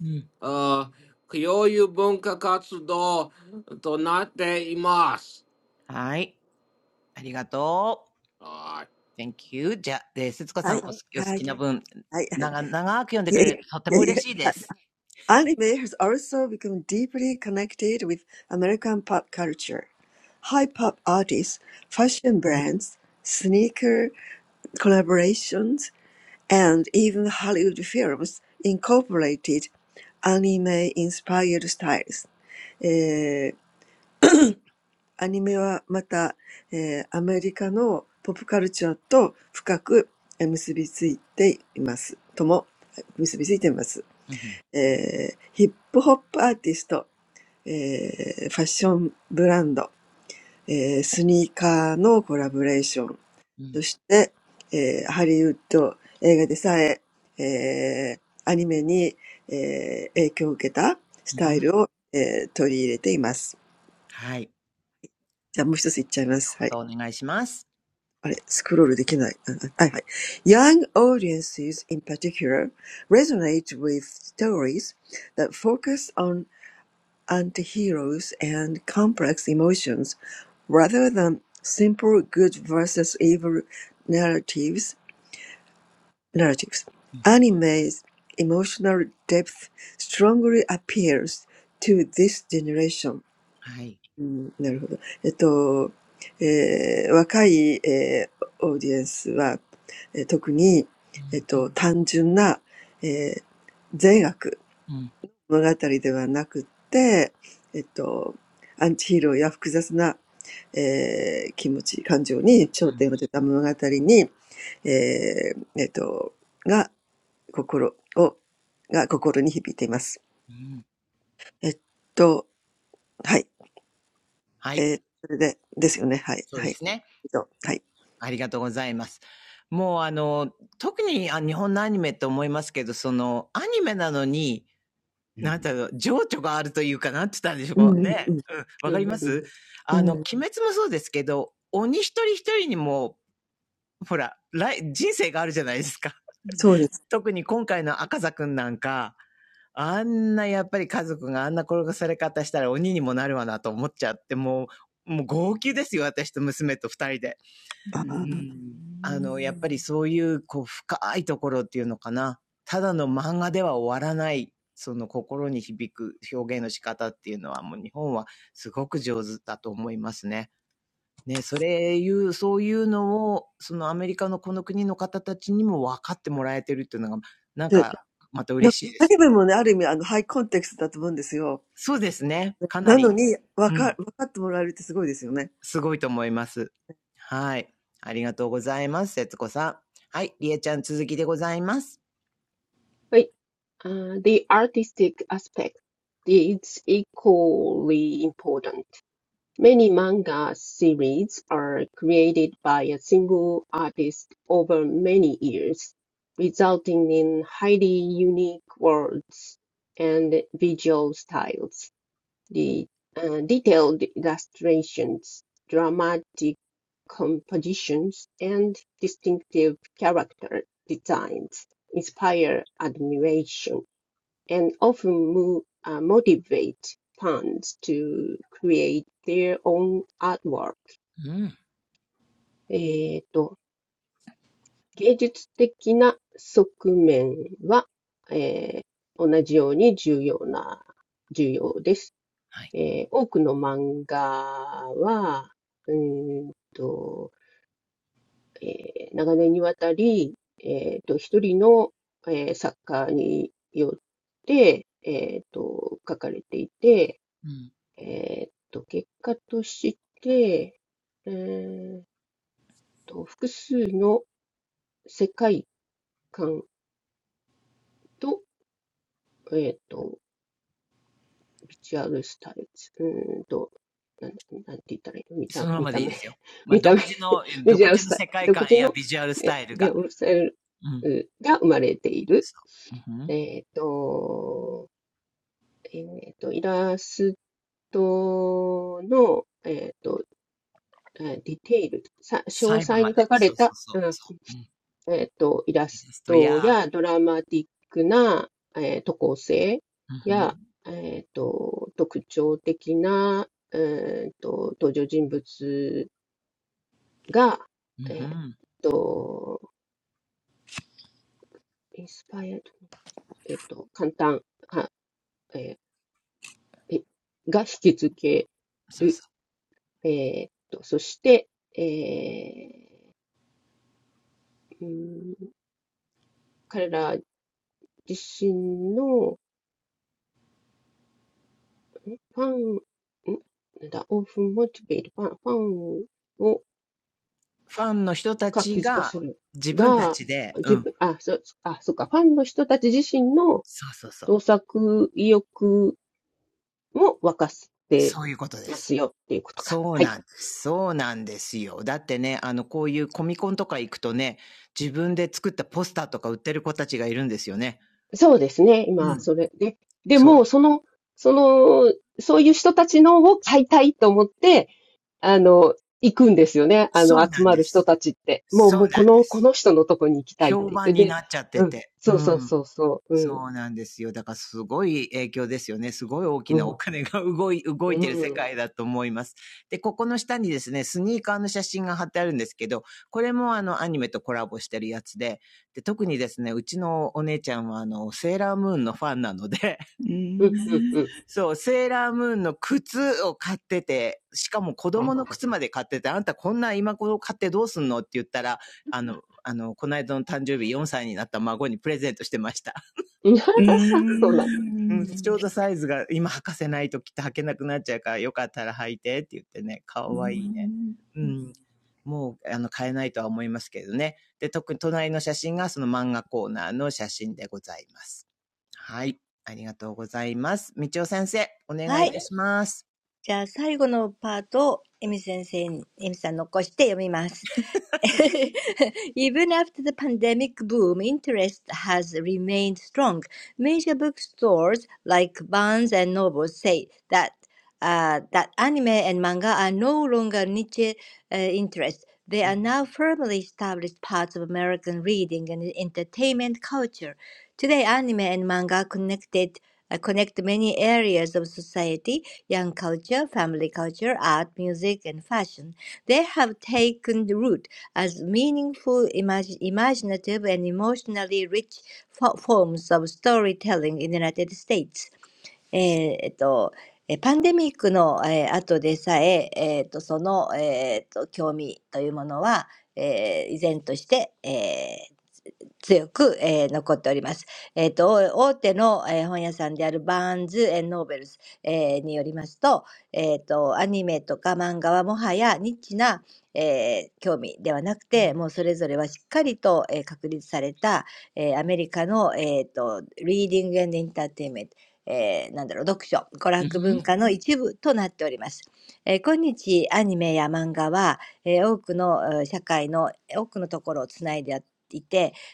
D: うん はい。ありがとう。Thank you. じゃあ、で、節子さん、おはい好きお好きな文、
C: I, I,
D: 長、長く読ん でく
C: yeah,
D: れるととて
C: yeah,
D: も嬉しい
C: yeah.
D: です。
C: Anime has also become deeply connected with American pop culture. High pop artists, fashion brands, sneaker collaborations, and even Hollywood films incorporated anime-inspired styles. えー、アニメはまた、えー、アメリカのポップカルチャーと深くえー結びついています。ともえー結びついています。
D: うんん、
C: Hip-hop artists, fashion brands, sneakers—collaboration.
D: うん、
C: And Hollywood, movies, anime—have been influenced
D: うん
C: by this
D: はい。こ
C: style.
D: とお願いします。
C: Young audiences, in particular, resonate with stories that focus on. antiheroes and complex emotions rather than simple good versus evil narratives narratives.
D: うんん、
C: Anime's emotional depth strongly appeals to this generation.
D: はい。うん、
C: うんなるほど。えっと、えー、若い、えー、オーディエンスは、えー、特に、えっと、単純な、えー、善悪
D: うん、うん、
C: 物語ではなくって、えっと、アンチヒーローや複雑な、えー、気持ち、感情に焦点を当てた物語に、えー、えっと、が心を、が心に響いています。えっと、はい。えー、それで、ですよね。はい。はい。えっと、はい。うんうんうん。うん。そうです。ああ。で、なんかアニメもね、ある意味、あの、ハイコンテクストだと思うんですよ。なのに、わか、わかってもらえるってすごいですよね。ええ
D: うん。はい。そうですね。ありがとうございます。もうあの、特にあ日本のアニメと思いますけど、その、アニメなのに、
A: う
D: な
A: ん。
D: んだろう、情緒があるというか、なんて言ったんでしょうね。うん。わかりますあの、鬼滅もそうですけど、鬼一人一人にも、ほら、来、人生があるじゃないですか。
A: うん。
D: 特に今回の赤座くんなんか、あんなやっぱり家族があんな転がされ方したら鬼にもなるわなと思っちゃって、もう、もう号泣ですよ、私と娘と二人で。
A: う
D: う
A: ん。
D: ん。あの、やっぱりそういう、こう、深いところっていうのかな。ただの漫画では終わらない、その心に響く表現の仕方っていうのは、もう日本はすごく上手だと思いますね。ね、それいう、そういうのを、そのアメリカのこの国の方たちにも分かってもらえてるっていうのが、なんか、また嬉しいですよね。そうですね。かなり、うん、すごいと思います。はい。ありがとうございます、節子さん。はい、りえちゃん続きでございます。
E: the artistic aspect is equally important. Many manga series are created by a single artist over many years, resulting in highly unique worlds and visual styles. the uh, detailed illustrations, dramatic compositions, and distinctive character designs inspire admiration and often move, uh, motivate fans to create their own artwork.
D: うん。
E: えーと、芸術的な側面は、えー同じように重要な、重要です。えー多くの漫画は、うーんと、えー長年にわたり、えーと、一人の、えー作家によって、えーと、書かれていて、
D: うん。
E: えーと、結果として、えーと、複数の世界観と、えーと、ビジュアルスタイル、うーんと、なんて言ったらいいの見
D: そ
E: た、
D: のま
E: 見
D: まで
E: た
D: いい
E: 目、
D: ですよ。まあ、
E: 見た目
D: 独自の、
E: メジ
D: 独
E: ャー
D: 自
E: ス
D: の
E: タイル、
D: 世界
E: 独
D: 観
E: 自
D: や
E: の
D: ビジュアルス
E: え
D: タイル
E: ネ
D: が。
E: オスタイ
D: うん。
E: ルが生まれている。
D: そう。うんふん。
E: えっ、と、えっ、と、イラストの、えっ、と、ディテール、さ詳
D: 細部
E: 細
D: ま
E: に
D: で。
E: 書かれ
D: そうそ
E: た、
D: うそう。
E: うん
D: そう。うん。
E: えっ、と、イラ
D: イ
E: ス
D: ラストや、
E: トやドラマティックな、えー、と構成
D: うんふ
E: や、
D: ん。
E: えっ、と、特徴的な、えっ、と、登場人物が、
D: うんふ
E: えっ、
D: ん。
E: と、インスパイアえっと、簡単、はえーが引き付け
D: そう
E: る。
D: そう。
E: えーっと、そして、えー、うん彼ら自身のファン、んなんだ、オープンモチベート、ファン、ファンを
D: ファンの人た
E: 活
D: ち
E: 気づか
D: が
E: せる
D: 自分た
E: が、
D: ちで、う
E: 自
D: ん。
E: 分、あ、そ、あ、そっか、ファンの人たち自身の
D: そうそうそう。
E: 創作意欲も沸かせて
D: そういうことで
E: ま
D: す。
E: すよっていうことか。
D: そう
E: はい。
D: なんです。そうなんですよ。だってね、あの、こういうコミコンとか行くとね、自分で作ったポスターとか売ってる子たちがいるんですよね。
E: そうですね。
D: う
E: 今、
D: ん。
E: それで、で
D: そう。
E: も、その、その、そういう人たちのを買いたいと思って、あの、行くんですよね。あ
D: そ
E: の、
D: うな
E: 集
D: ん
E: ま
D: で
E: る人
D: す。
E: たちって。もう、
D: そ
E: も
D: う
E: う、
D: な
E: こ
D: んで
E: の、こ
D: す。
E: の人のとこに行きたいって
D: 評
E: 言っ
D: 判
E: て。
D: に
E: で、
D: なっちゃって
E: うん。
D: て。う
E: そうそう
D: ん。
E: そうそう。う
D: そ
E: ん。
D: うなんですよ。だからすごい影響ですよね。すごい大き
E: う
D: なお
E: ん。
D: 金が動い、動い
E: う
D: てる世
E: ん。
D: 界だと思います。で、ここの下にですね、スニーカーの写真が貼ってあるんですけど、これもあのアニメとコラボしてるやつで、で、特にですね、うちのお姉ちゃんはあの、セーラームーンのファンなので、
A: う
E: うん。うん。う
A: ん。
E: ん。
D: そう、セーラームーンの靴を買ってて、しかも子
E: は
D: 供
E: い
D: の
E: は
D: 靴まで買ってて、あんたこんな今頃買ってどうすんのって言ったら、あの、あの、この間の誕生日4歳になった孫にプレゼントしてました。
E: い。
A: う
E: そうなん。
D: うん、ちょう
A: ん。
D: どサイズが今履かせないときっと履けなくなっちゃうから、よかったら履いてって言ってね、かわいいね。うん。もう、あの、買えないとは思いますけどね。で、特に隣の写真がその漫画コーナーの写真でございます。はい。ありがとうございます。道ち先生、お願いいたします。はい
F: Even after the pandemic boom, interest has remained strong. Major bookstores like Barnes and Noble say that uh, that anime and manga are no longer niche uh, interests. They are now firmly established parts of American reading and entertainment culture. Today, anime and manga connected uh, connect many areas of society: young culture, family culture, art, music, and fashion they have taken root as meaningful, imag- imaginative, and emotionally rich fo- forms of storytelling in the United States. えーえっと、えーパンデミックの、えー後でさええーっとその、えーっと興味というものは、えー依然として、強く、えー残っております。えーと大大手の、えー本屋さんであるバーンズ・エンノーベルス、えーによりますと,、えー、とアニメとか漫画はもはやニッチな、えー興味ではなくてもうそれぞれはしっかりと、えー確立された、えーアメリカの、えー、とリーディング・エンド・エンターテインメントえーなんだろう読書娯楽文化の一部となっております、えー今日アニメや漫画は、えー多くのえー社会の多くのところをつないでいてそれは、えっと、若者の文化、えーかみえーと、家族の文化、芸術、音楽、そしてファッションなど、えーいろいろな、えー分野を、えー結びつけております。えーそれらは、えーと、みんな今一緒だえーとっても意味深く、えー想像力豊かで、そして感情的にあ豊かなえー形として、えーアメリカの、えーと物語、えーごめんなさい、アメリカで物語を、えー伝える手段として、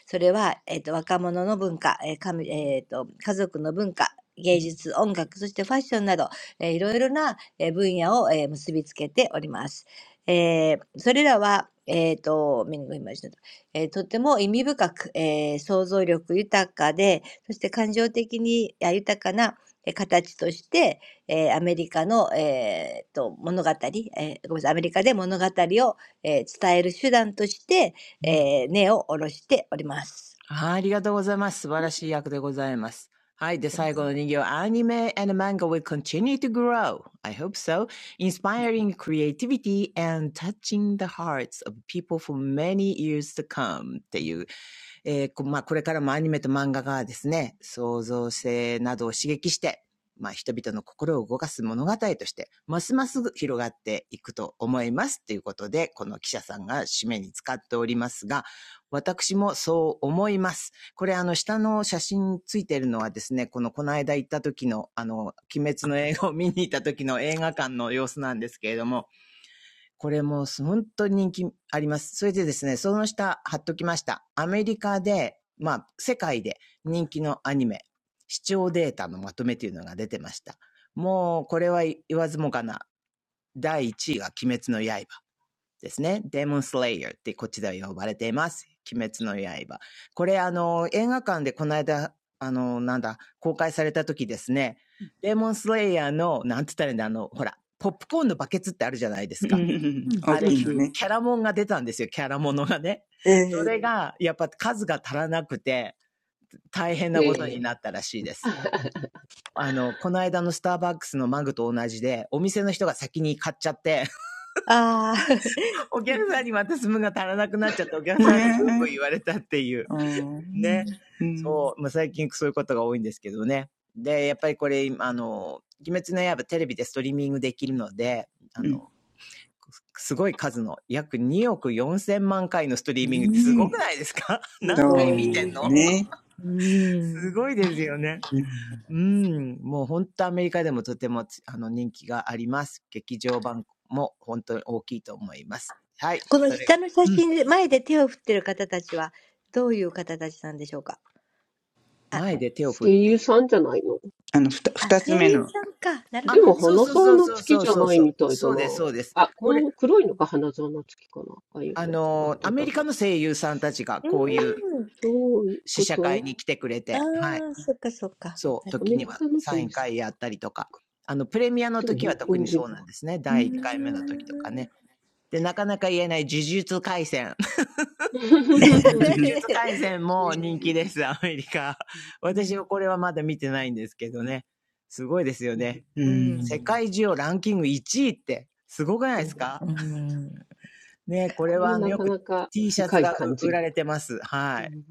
D: うんふん、うん、うん、うん。あ、ありがとうございます。素晴らしい役でございます。はい。で、最後の2行。Anime
F: えー根を下ろしております。
D: and manga will continue to grow. I hope so. Inspiring creativity and touching the hearts of people for many years to come. っていうえーこまあ、これからもアニメと漫画がですね、創造性などを刺激して、まあ、人々の心を動かす物語として、ますます広がっていくと思います。ということで、この記者さんが締めに使っておりますが、私もそう思います。これあの下の写真ついてるのはですね、このこの間行った時のあの、鬼滅の映画を見に行った時の映画館の様子なんですけれども、これも本当に人気あります。それでですね、その下貼っときました。アメリカで、まあ、世界で人気のアニメ、視聴データのまとめというのが出てました。もう、これは言わずもがな。第1位が鬼滅の刃ですね。デモンスレイヤーってこっちでは呼ばれています。鬼滅の刃。これ、あの、映画館でこの間、あの、なんだ、公開された時ですね、デモンスレイヤーの、なんて言ったらいいんだ、あの、ほら、ポップコーンのバケツってあるじゃないです
A: う
D: か。
A: ん。
F: うん。
A: 大
D: あ
E: う
D: れ、
A: きい
E: ん。
D: キ
E: う
A: の
E: ん。
A: ね。
D: ャラモンが出たんですよ、キャラものがね。それが、やっぱ数が足らなくて、大変なこと
E: え
D: に
E: え。
D: なったらしいです。あの、この間のスターバックスのマグと同じで、お店の人が先に買っちゃって、お客さんにまたスムが足らなくなっちゃって、お客
A: ね
D: さんにブーブ
A: え。
D: ー言われたっていう。
A: ああ。う
D: ね。
A: ん。
D: そう。まあ、最近そういうことが多いんですけどね。で、やっぱりこれ、あの、鬼滅の刃テレビでストリーミングできるので、あ
A: うん。
D: の、すごい数の約2億4千万回のストリ
A: う
D: ーミングってすごく
A: ん、
D: ないですか
A: そ
D: 何回見てん
A: う
D: の
A: ね。
D: すごいですよね。
A: うん、
D: うん、もう本当アメリカでもとてもあの人気があります。劇場版も本当に大きいと思います。はい、それ。うん、前で手を振
E: 声
D: って
E: 優
D: い
E: さ
D: る。
E: んじゃないの
A: あの、ふた、二つ目の。
D: あ、
E: でも、
D: そう
E: 花
D: そう
E: 沢
D: そう
E: 菜
D: そう
E: 付き
D: そう
E: じゃ
D: そう
E: ない
D: そ
E: み
D: う。
E: たいだ
D: そ
E: な。
D: うです、そうです。
E: あ、こ
D: これ、
E: の黒いのが花沢菜付きかな。ああいう
D: あ
E: タイプ。あ、
D: の
E: ど
D: ア
E: う
D: メ
E: だろ
D: リ
E: う。
D: カの声優さんたちがこうい
E: あ、
D: う
E: そういう
D: 試
E: こ
D: 写会
E: と。
D: に来てくれて、はい。そう、
E: ア
D: 時
E: メ
D: に
E: リ
D: は
E: カの
D: サ
E: 声
D: 回
E: 優さん。
D: やったりとか、あの、プレミアの
E: でも、
D: 時は
E: 日
D: 特
E: 本
D: に
E: 人
D: そ
E: っ
D: うな
E: ぽい。
D: んですね。第1回目の時とかね。で、なかなか言えない呪術回戦。呪 術回戦も人気です、アメリカ。
E: う
D: 私はこれはまだ見てないんですけどね。すごいですよ
E: ん
D: ね。
A: うん、う
D: 世
A: ん、
D: 界中をランキング1位って、すごくない
E: う
D: です
E: ん
D: かね、これ
E: これ
D: は
E: も
D: あの、
E: な
D: よ
E: か
D: く
E: なか
D: T シャツ
E: 深い
D: が
E: 感じ
D: 売ら
E: が。
D: れてます。は
E: う
D: い。
E: ん。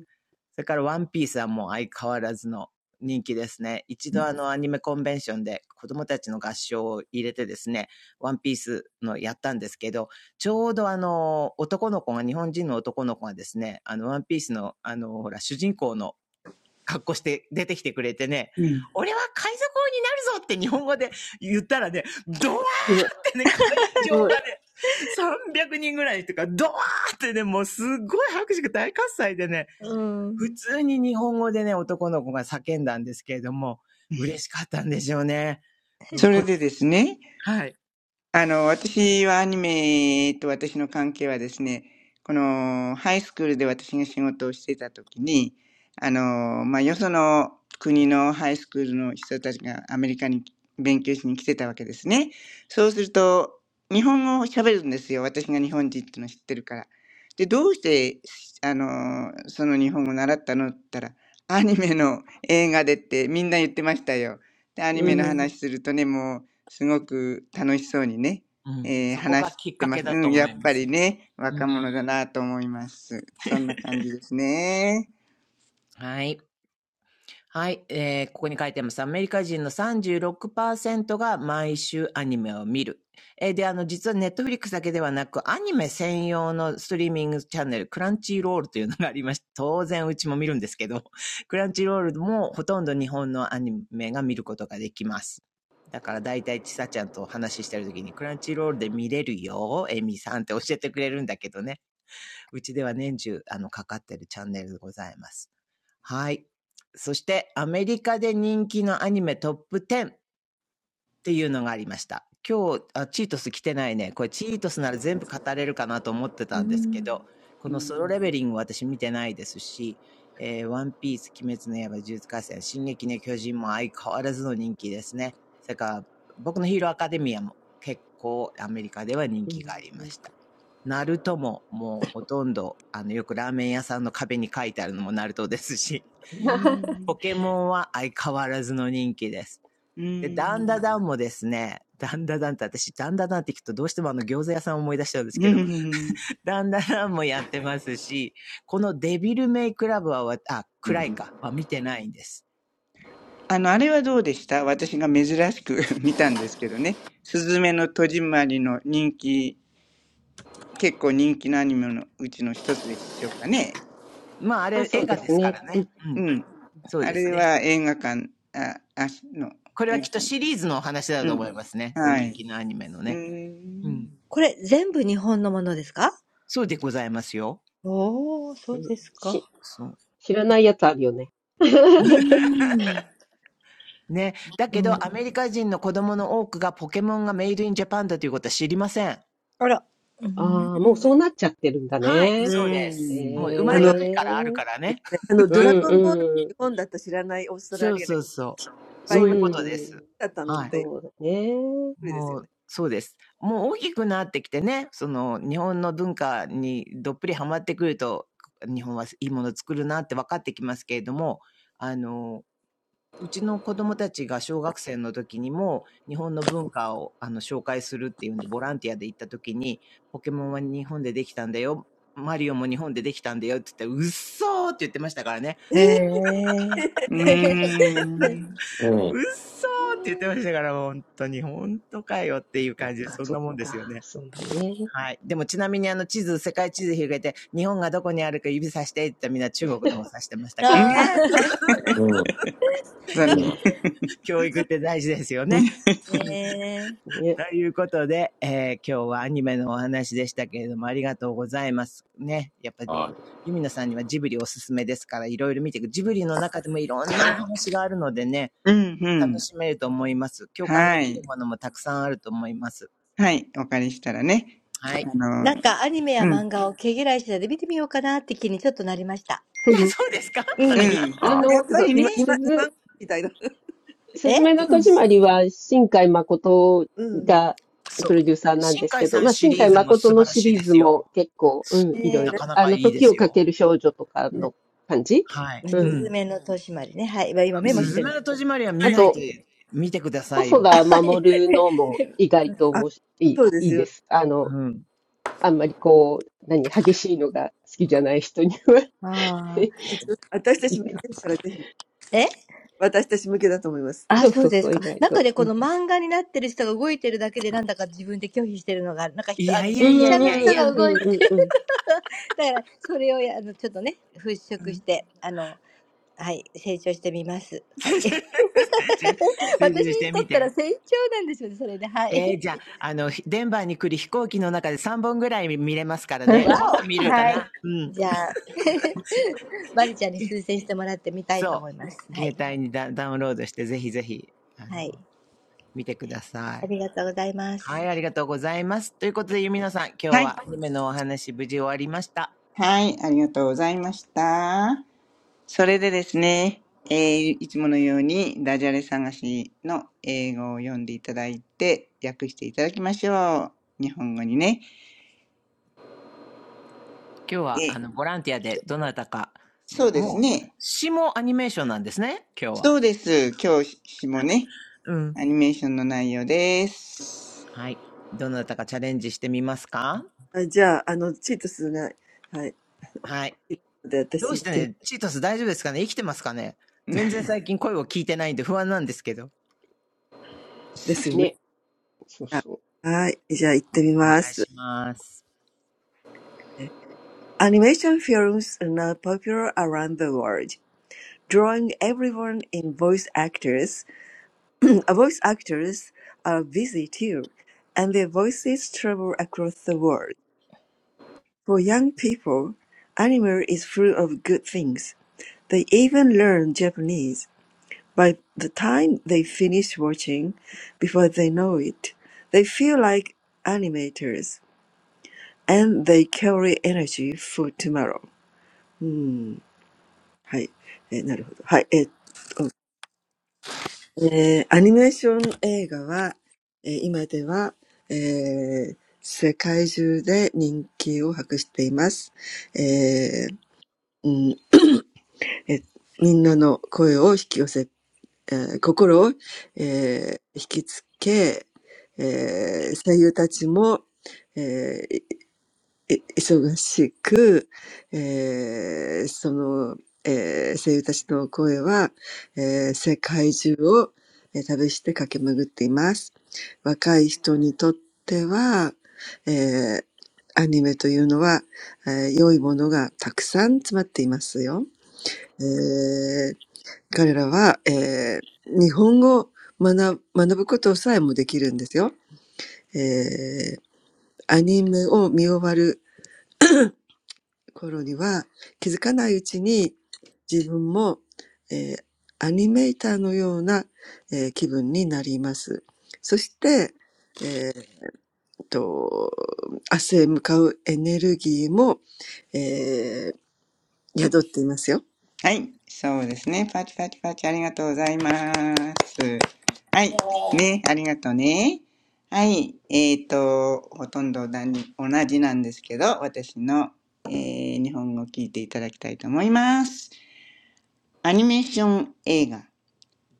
D: それからワンピースはもう相変わらずの人気ですね。一度あのアニメコンベンションで子供たちの合唱を入れてですね、ワンピースのやったんですけど、ちょうどあの男の子が、日本人の男の子がですね、あのワンピースのあのほら主人公の格好して出てきてくれてね、
A: うん。
D: 俺は海賊王になるぞって日本語で言ったらね、ドワーってね、会
C: あの、あのですね、あの、ドラゴンボール日本だと知らないオーストラリアのいっぱいいましただったのってびっくりですよね。ええー、日曜さんちょっと今、今、今みたいな。うん。ね。ね。うん。あ、そうですよね。日曜さん、私たち向けですから、ぜひ、私たち向けだと思います。あ、あじゃあ、あの、チートスが、はい、いるので、私行って
D: 場がね、300人ぐらいとか、ドワーってね、もうすっごい拍手が大喝采でね、普通に日本語でね、男の子が叫んだんですけれども、嬉しかったんでしょうね。
A: そ
D: こ
A: れ
D: れ
A: でですね、
D: はい。
A: あの、私はアニメと私の関係はですね、この、ハイスクールで私が仕事をしていた時に、あの、まあ、よその国のハイスクールの人たちがアメリカに勉強しに来てたわけですね。そうすると、日本語を喋るんですよ。私が日本人っていうのを知ってるから。で、どうして、あの、その日本語を習ったのって言ったら、アニメの映画でってみんな言ってましたよ。で、アニ
E: う
A: メの
E: ん。
A: 話するとね、もう、すごく楽しそうにね、
D: うん。
A: えー
D: そこ
A: 話
D: が
A: し
D: きっ
A: て
D: か
A: ま
D: け
A: す。
D: だ
A: う
D: と
A: ん、
D: 思
A: や
D: い
A: っ
D: ま
A: ぱり
D: す。
A: ね、
D: う
A: 若
D: ん。
A: 者だなと思います。そんな感じですね。
D: はい。はい、えー、ここに書いてます。アメリカ人の36%が毎週アニメを見る。えー、で、あの、実はネットフリックスだけではなく、アニメ専用のストリーミングチャンネル、クランチーロールというのがありまして、当然うちも見るんですけど、クランチーロールもほとんど日本のアニメが見ることができます。だからだいたいちさちゃんとお話ししてるときに、クランチーロールで見れるよ、エミさんって教えてくれるんだけどね。うちでは年中、あの、かかってるチャンネルでございます。はい。そして、アメリカで人気のアニメトップ10っていうのがありました。今日、あ、チートス来てないね。これチートスなら全部語れるかなと思ってたんですけど、こ
A: う
D: のソロ
A: ん。
D: レベリング私見てないですし、えー、ワンピース、鬼滅の刃、呪術廻戦、進撃の巨人も相変わらずの人気ですね。それから、僕のヒーローアカデミアも結構アメリカでは人
E: う
D: 気があ
E: ん。
D: り
E: う
D: ま
E: ん
D: した。ナルトももうほとんど、あの、よくラーメン屋さんの壁に書いてあるのもナルトですし、
A: う
D: ポ
A: ん。
D: ケモンは相変わらずの人気です。
A: う
D: で、ダンダ
A: ん。
D: ダンもですね、ダンダダンって私、ダンダダンって聞くとどうしてもあの餃子屋さんを思い出しちゃうんです
A: う
D: けど、
A: ん
D: ダンダダンもやってますし、このデビルメイクラブはあ、クラインか、は見てないんです。
A: あの、あれはどうでした私が珍しく 見たんですけどね。すずめの戸締まりの人気、結構人気のアニメのうちの一つでしょうかね。
D: まあ、あ
E: あ、
D: れ
E: そ
D: 映
E: うで
D: 画で
E: す
D: すか
E: ね。
D: ら
E: うん。
D: ね。う
A: う
D: ん。
A: ん。
E: うん。
D: そう
A: あ
D: です
A: れ
D: ね。
A: は映画館、あ、あの
D: これ
A: 映
D: はき
A: 画
D: っと
A: 館
D: シ
A: です。
D: リーズのお話だ
A: う
D: と
A: ん。
D: 思いますね。これ
A: は
D: 人
A: い。
D: 気のアニメの
A: う
D: ね。
A: ー
D: うん。
A: ん。
D: そうでございますよ。
E: し
D: そ
E: 知らないやつあるよね。
F: ああ、すごいね。うん。この下の写真で、前で手を振ってる方たちは、どういう方たちなんでしょうかあ、あ、声優さんか。なるほどね。うん。ああ、そっかそっか。なるうん。うん。うん。うんうんこれ全部日本のものですかおー、そうですか。うん。
D: う。ね。だけど、
F: うん
D: アメリカ人の子供の多くがポケモンがメイドインジャパンだということは知りません。
E: ああ、もうそうなっちゃってるんだ
D: はい、
A: う
E: ね。
D: そうで
A: ー
E: へ
D: す。
A: ん。
D: もう生まれた時からある
E: え。
D: からね。
E: うんうん。
D: そうそうそう。
E: う
D: そういうことで
E: ん。
D: す。はい。
E: そうだね。
D: もう、そうです。もう大きくなってきてね、その日本の文化にどっぷりハマってくると、日本はいいもの作るなって分かってきますけれども、あの、うちの子供たちが小学生の時にも日本の文化をあの紹介するっていうんでボランティアで行った時にポケモンは日本でできたんだよ。マリオも日本でできたんだよって言って、うっそーって言ってましたからね。
F: あら。うん、
A: うーん。
D: うっそーって言ってましたから、本当に、本当かよっていう
E: そっ
D: 感じで、
E: か
D: そん
E: そ
D: な
E: っ
D: もんですよ
E: か。
D: ね。
E: そうだね。
D: はい。でもちなみにあの地図、世界地図広げて、日本がどこにあるか指さしてって言ったらみんな中国の方指してましたから ね。
F: へえ。
A: ね。残念。
D: 教育って大事ですよね。
E: うん、ね。
D: ということで、えー今日はアニメのお話でしたけれども、ありがとうございます。ね。やっぱ、りユミノさんにはジブリおすすめですから、いろいろ見ていく。ジブリの中でもいろんなお話があるのでね、
A: うん、う
D: 楽
A: ん。
D: しめると思います。共感で
A: は
D: き
A: い。
D: るものもたくさんあると思います。
A: はい。お借りしたらね。
D: はい。
A: あの、うん。うん。
D: いや、そうですか
E: あ
A: や
E: の、
A: っぱりね。
E: すず、すずめの
A: そ
E: 戸
A: う
E: 締
A: そ
E: ま
A: う。
E: りは、新海誠が
D: そう。
E: プロデューサーなん
D: 新
E: です
D: 海
E: けど、
D: さん
E: まあ、
D: シ
E: 新
D: リ
E: 海
D: ーズも
E: 誠
D: 素
E: の
D: 晴ら
E: シ
D: しい
E: リ
D: で
E: ーズ
D: すよ。
E: も結構、うん、いろい
D: な
E: ろ。
D: かな
E: あ
D: か
E: の、
D: いいで
E: 時
D: す
E: をか
D: よ。
E: ける少女とかの感じ
D: はい。
E: う
D: う
E: ん。
D: ん。
A: う
D: す
E: う
A: ん。
E: ん
D: ずめの戸締まりは見
E: あ
D: ないと、
E: と、
D: 見てください
E: 細
D: よ。
E: 田守のも意外と面白い、いいいいです。あの、
D: うん。
E: あんまりこう、何、激しいのが好きじゃない人には いいかもしれない。そうそうそう、意外と。うん。
D: いやい
E: う
D: やいや
E: ん
D: いやいや。
E: うんうんうんうんうん。
D: うん。
F: ああ、ねえ。なんかアニメや漫画を毛嫌いしてたので見てみようかなって気にちょっとなりました。うん。えねえ。すずめの戸締まりね。はい。まあ今メモしてるんです。あ、はい。ああ。えあ、そうですか。なんかね、この漫画になってる人が動いてるだけでなんだか自分で拒否してるのがある。なんか人、あの、実写の人が動いてる。だから、それをや、あの、ちょっとね、払拭して、あの、
D: 成熟してみて。えー、じゃあ、あの、デンバーに来る飛行機の中で3本ぐらい見れますからね。もっと見れるかな。うん。そう。携
F: はい、成長してみます。はい。私にとったら成長なんでしょうね、それで。はい。わお。はい。じゃあ、マリちゃんに推薦してもらってみたいと思います。はい。はい。ありがとうございます。はい。じゃあ、りえちゃん、A
D: 帯にダダウンロードして、ぜひぜひ、あの、見てください。はい、ありがとうございます。ということで、ゆみのさん、今日
A: はい。
D: はアニメのお話無事終わりました。
A: はい。ありがとうございました。それでですね、えー、いつものようにダジャレ探しの英語を読んでいただいて、訳していただきましょう。日本語にね。
D: 今日は、
A: え、
D: あの、ボランティアでどなたか、
A: そうです
D: もう、
A: ね。
D: 詩もアニメーションなんですね、今日
A: そ
D: は。
A: うです。教師もね。
D: うん。
A: アニメーションの内容です。
D: はい。どなたかチャレンジしてみますかはい。どうしてね、チートス大丈夫ですかね生きてますかね 全然最近声を聞いてないんで不安なんですけど。
E: ね。そうそう。
D: お願いし
C: ですよね。じゃあ、はい。じゃあ行ってみます。Animation
D: ます。
C: films are now popular around the world, drawing everyone in voice actors. voice actors are busy too, and their voices travel across the world. For young people, anime is full of good things. They even learn Japanese. By the time they finish watching, before they know it, they feel like animators. And they carry energy for tomorrow. Hmm. Hi. Eh. I know. Hi. Eh. Oh. Animation. The movie is now popular all over the world. Hmm. Eh. Everyone's voice is drawn. Eh. Heart. Eh. Attracted. Eh. Actors. え忙しく、えーその、えー声優たちの声は、えー世界中を、えー旅して駆け巡っています。若い人にとっては、えーアニメというのは、えー良いものがたくさん詰まっていますよ。えー彼らは、えー日本語を学ぶ学ぶことさえもできるんですよ。えーアニメを見終わる頃には気づかないうちに自分も、えーアニメーターのような、えー気分になります。そして、えー、と明日へ向かうエネルギーも、えー宿っていますよ。
A: はい。そうですね。パチパチパチありがとうございます。はい。ね。ありがとうね。はい。えっ、ー、と、ほとんど同じなんですけど、私の、えー日本語を聞いていただきたいと思います。アニメーション映画。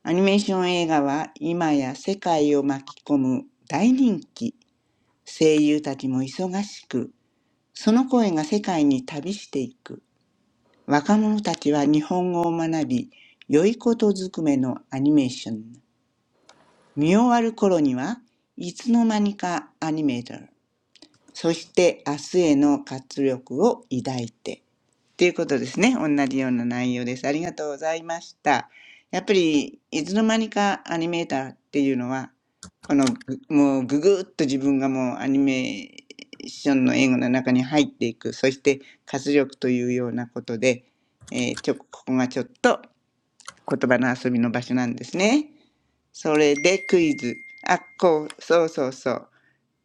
A: アニメーション映画は今や世界を巻き込む大人気。声優たちも忙しく、その声が世界に旅していく。若者たちは日本語を学び、良いことずくめのアニメーション。見終わる頃には、いつの間にかアニメーター。そして明日への活力を抱いて。っていうことですね。同じような内容です。ありがとうございました。やっぱり、いつの間にかアニメーターっていうのは、このぐ、もうぐぐっと自分がもうアニメーションの映画の中に入っていく。そして活力というようなことで、えーちょ、ここがちょっと言葉の遊びの場所なんですね。それでクイズ。あ、こう、そうそうそう。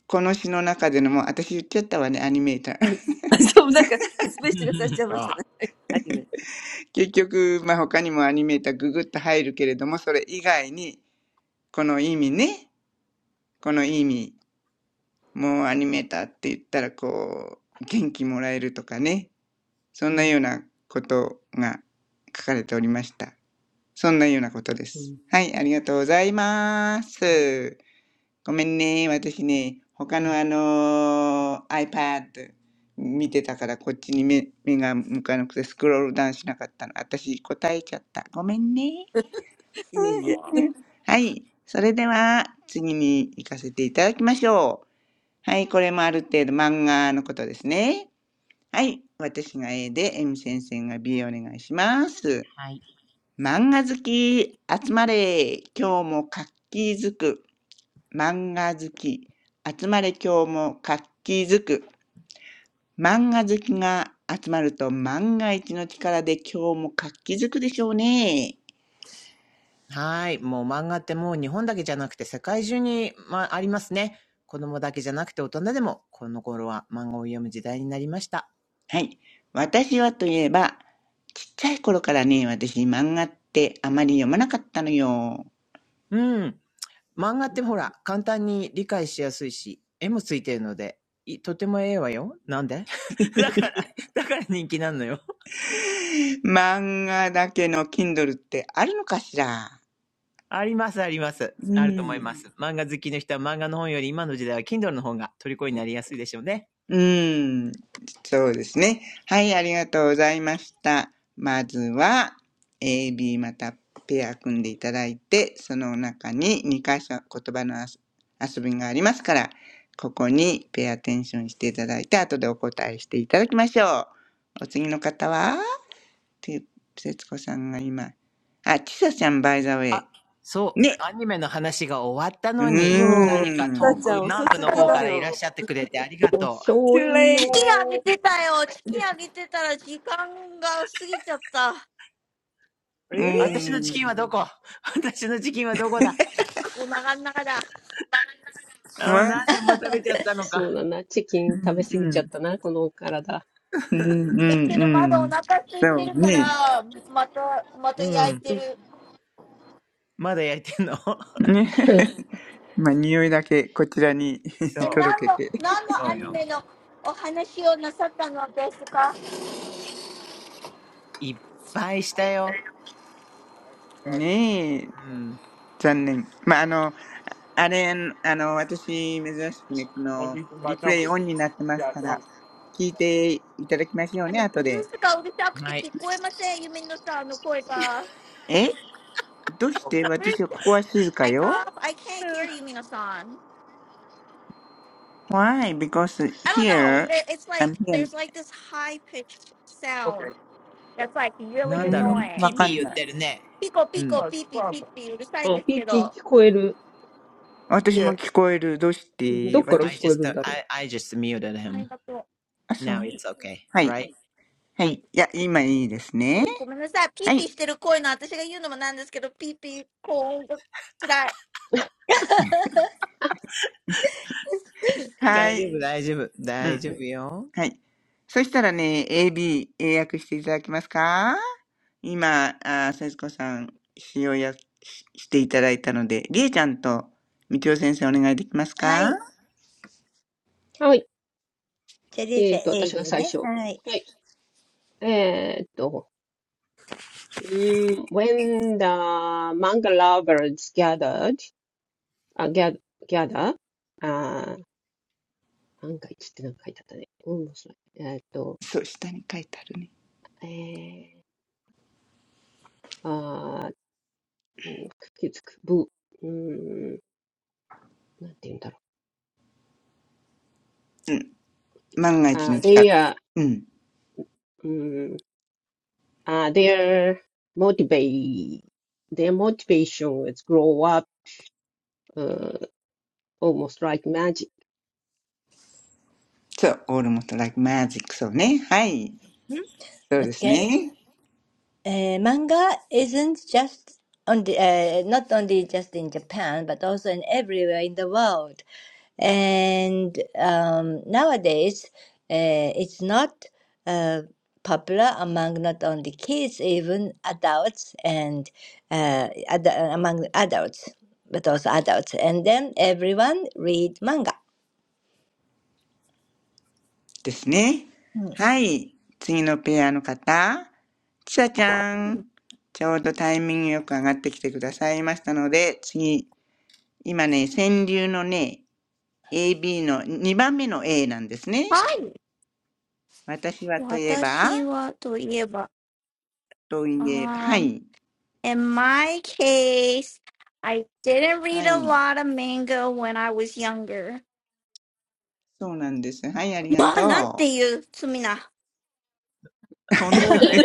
A: この詩の中でのも、私言っちゃったわね、アニメーター。
C: はい。そう、なんか、説明してくださっちゃいましたね。
A: 結局、まあ他にもアニメーターググッと入るけれども、それ以外に、この意味ね、この意味、もうアニメーターって言ったら、こう、元気もらえるとかね、そんなようなことが書かれておりました。そんなようなことで
E: う
A: す。
E: ん
A: はい、ありがとうございま
D: はい。
A: す。ごめんね、私ね、他のあのー iPad 見てたからこっちに目目が向かなくてスクロールダウンしなかったの。私答えちゃった。ごめんね。うんはい。それでは次に行かせていただきましょう。はい。これもある程度漫画のことですね。はい。私が A で、エミ先生が B お願いします。
D: はい。
A: 漫画好き集まれ。今日も活気づく。漫画好き、集まれ今日も活気づく。漫画好きが集まると万が一の力で今日も活気づくでしょうね。
D: はい。もう漫画ってもう日本だけじゃなくて世界中に、まあ、ありますね。子供だけじゃなくて大人でも、この頃は漫画を読む時代になりました。
A: はい。私はといえば、ちっちゃい頃からね、私漫画ってあまり読まなかったのよ。
D: うん。漫画ってほら、簡単に理解しやすいし、絵もついてるので、いとてもええわよ。なんで だから、だから人気なのよ。
A: 漫画だけの Kindle ってあるのかしら
D: あります、あります。
A: う
D: あると思
A: ん。
D: います。漫画好きの人は漫画の本より今の時代は Kindle の方が虜になりやすいでしょうね。
A: うーん、そうですね。はい、ありがとうございました。まずは、A、B またペア組んでいただいて、その中に2箇所言葉の遊遊びがありますから、ここにペアアテンションしていただいて、後でお答えしていただきましょう。お次の方はて、節子さんが今。あ、ちさちゃん、バイザウェ
D: あ、
A: イ。
D: そう、
A: ね。
D: アニメの話が終わった
A: う
D: のに、何か
A: ー
D: 遠
A: ん。
D: く南部の方
H: チキンあげてたよ。チキンあげてたら時間が過ぎちゃった。お腹の中だ。え、けどまだお腹空いてるから、また、また焼いてる。え、何の、何のアニメのお話をなさったのですか
D: からいらっしゃってくれてありが
E: お
D: とう。
E: 醤油
C: late.
E: よ。
A: うーん。う
C: Really?
D: 私のチキンは
A: ん。
D: どこ 私のチキンはどこだあーなんでもう食べちゃったのか。
E: そうだな。チキン食べ過ぎ
A: う
E: ち
A: ん。
E: ゃったな、この体。
A: うんうんうん。そうね。
D: うん。
E: うん。
D: まだ焼いてんの
A: ね。まあ、匂いだけこちらに
D: そ う、
A: 届けて。
D: そうよ。いっぱいしたよ。
A: ねえ、
D: うん。
A: 残念。まあ、あの、あれ、あの、私、珍しくね、この、リプレイオンになってますから、聞いていただきましょうね、後で。
D: はい。
H: あの、ブルースがうるさくて聞こえません、ユミノさんの声が。Where's
A: えどうして私は、ここは静か
H: my
A: よ
H: God? I can't hear Yumino san.
A: ?Why? Because
H: I don't know.
A: here,
H: There- It's
A: I'm
H: like
A: here.
H: there's like this high pitched sound
B: Yeah.
H: that's like
A: うー
H: really
D: なんだろう。
A: ん、
D: ピ
A: わ
D: ーピ
A: か
H: annoying.
A: ん
D: ー言っ
A: な
D: て
A: い。
D: るね。
H: Pico,
D: うん。
H: pico,
B: Uh, no problem.
E: あ、ピーピー聞こえる。
A: 私
B: Yeah.
A: も聞こえる。どうし
E: ど
A: て
E: っから
D: I
E: 聞
A: 私、
E: こえ
D: just,
E: るんだろ
D: I, I just muted him.
A: あ、そう。
D: Now it's okay,
A: はい。
D: right?
A: はい。いや、今いいですね。はい。
H: ピコピコピーピーピーピーうるさいんですけど。ありがとう。うんごめんなさい。ピーピーしてる声の私が言うのもなんですけど、ピーピー、高音が辛い。はい。私はといえば、
A: は
D: 大
A: い。
D: 丈夫、大丈夫。
A: う
D: 大
A: ん。
D: 丈夫よ。
A: はい。そしたらね、AB、英訳していただけますか今、あー、節子さん、使用や、ししていただいたので、りえちゃんと、みちお先生お願いできますか
E: う。はい。えっと、私が最初。は
F: でね。はい。
E: い。えっと、Mm, when the manga lovers gathered, uh, gather, gather,
A: そう、下に書いてあるね。
E: あー、なんか一ってなんか書いてあったね。うん、面白い。えーっと、えー、あー、うんくっつく、ぶ、うん、なんて言うんだろう。あー、they
A: うん。万が一の力。
E: are,
A: うん。
E: うん、あー、their motivate, their motivation is grow up, うん almost like magic.
A: そう、オールモストライクマジック、そうね。はい。そうです ね。
F: Uh, manga isn't just only uh, not only just in Japan but also in everywhere in the world. And um, nowadays, uh, it's not uh, popular among not only kids, even adults and uh, ad among adults, but also adults. And then everyone read manga.
A: ですね。はい。次のペアの方。ちさちゃん。ちょうどタイミングよく上がってきてくださいましたので、次、今ね、川柳のね、AB の2番目の A なんですね。私はといえば、といえば、はい。
H: In my case, I didn't
A: は
H: read a
A: い。
H: lot of manga when I was younger.
A: そうなんです。はい、ありが
H: What about
A: と
H: you, Sumina?
A: う。
D: 本当 よね。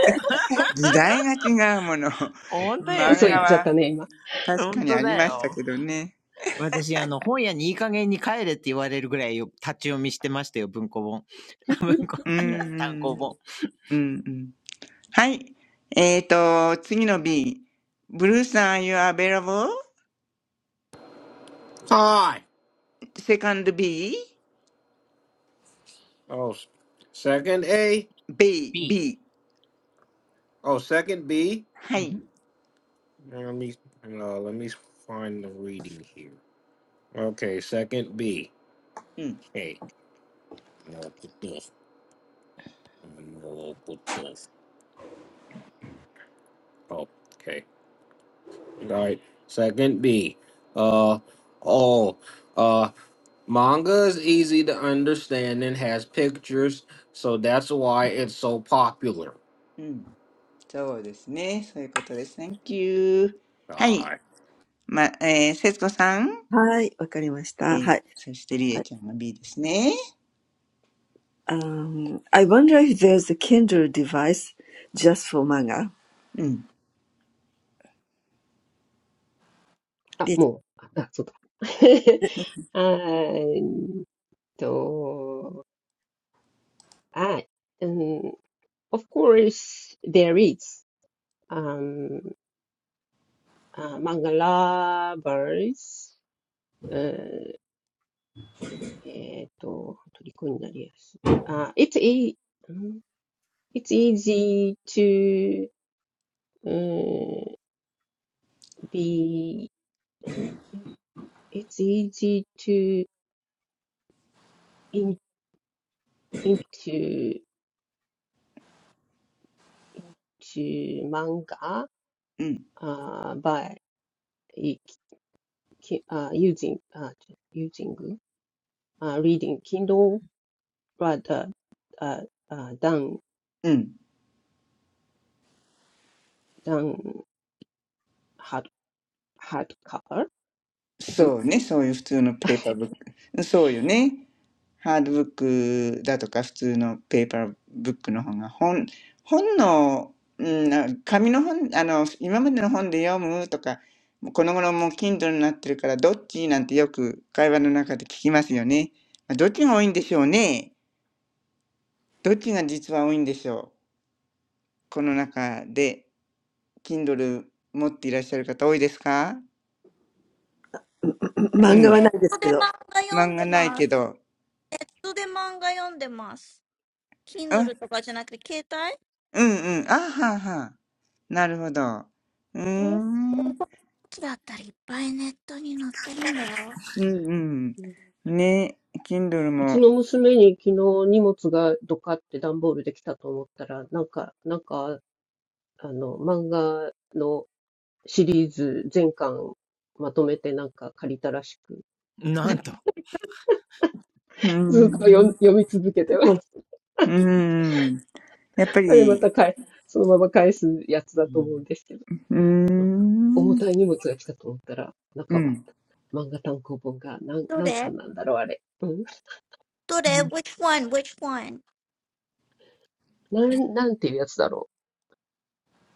A: 時代が違うもの。
D: 本当よ
A: 漫画
D: ね。
A: は
E: 嘘言っちゃったね、今。
A: 確
D: 本
A: かに
D: 当
A: あり
D: だ
A: ました
D: よ。
A: けどね。
D: 私、あの、本屋にいい加減に帰れって言われるぐらいよ立ち読みしてましたよ、文庫本。文庫、
A: うんう
D: 単行
A: ん。
D: 本。
A: うんうんはい。えっ、と、次の B。ブルーさん、are you available?Second
B: Hi.
A: B?
B: Oh, s- second A.
A: B、
D: B。
A: B。
B: Oh, second B.
A: はい。
B: Now Let me uh, let me find the reading here. Okay, second B.
A: うん、
B: Hey, no, put this. No, put this. Oh, okay. All right. Second B. Uh, oh, uh, manga is easy to understand and has pictures, so that's why it's so popular.
A: うん。そうですね。そういうことです。Thank you. はい。
B: Uh,
A: ま、えー、節子さん。えー、
C: はい、わかりました。はい。
A: そしてりえちゃんが B ですね。
C: Um, I wonder if there's a Kindle device just for manga.
A: うん、
C: で、
E: あ、もう、あ、そうだ。And uh, I, um, of course, there is um, uh, Mangala verse. Uh, えっと、虜になりやすい。Uh, it's, e it's easy to uh, be, it's easy to into into manga
A: うん、
E: uh, by ki- uh, using uh, using uh, reading Kindle rather uh, uh, than
A: うん。
E: than hard hardcover book.
A: そうね。そういう普通のペーパーブック。そうよね。ハードブックだとか普通のペーパーブックの方が本、本の、うん、な紙の本、あの、今までの本で読むとか、もうこの頃もう Kindle になってるからどっちなんてよく会話の中で聞きますよね。まあどっちが多いんでしょうね。どっちが実は多いんでしょう。この中で Kindle 持っていらっしゃる方多いですかうん。
H: I read manga
A: 漫画ない
H: online. I
A: けど。
H: read manga online. Kindle
A: あ、
H: or something else?
A: うんうん。あはあはあ。なるほど。うーん。うん
E: うん
A: うん。ね、Kindle
E: うち
A: も。
E: の娘に昨日荷物がドカって段ボールで来たと思ったら、なんか、なんか、あの、漫画のシリーズ全巻まとめてなんか借りたらしく、
D: なんと、
A: うー
E: ずっと読
A: ん。う
E: 読み続けてます。
A: ーん。やっぱ
E: あれま
A: り、
E: た返、そのまま返すやつ
D: う
E: だと思うん
D: ん。
E: ですけど、
A: うーん。
E: 重たい荷物が来たと思ったら、
A: う
E: 中は
A: ん。
E: 漫画単行本が何何巻なんだろう、あれ。うん。
H: Which one? Which one?
E: なん、なんていうやつだろう。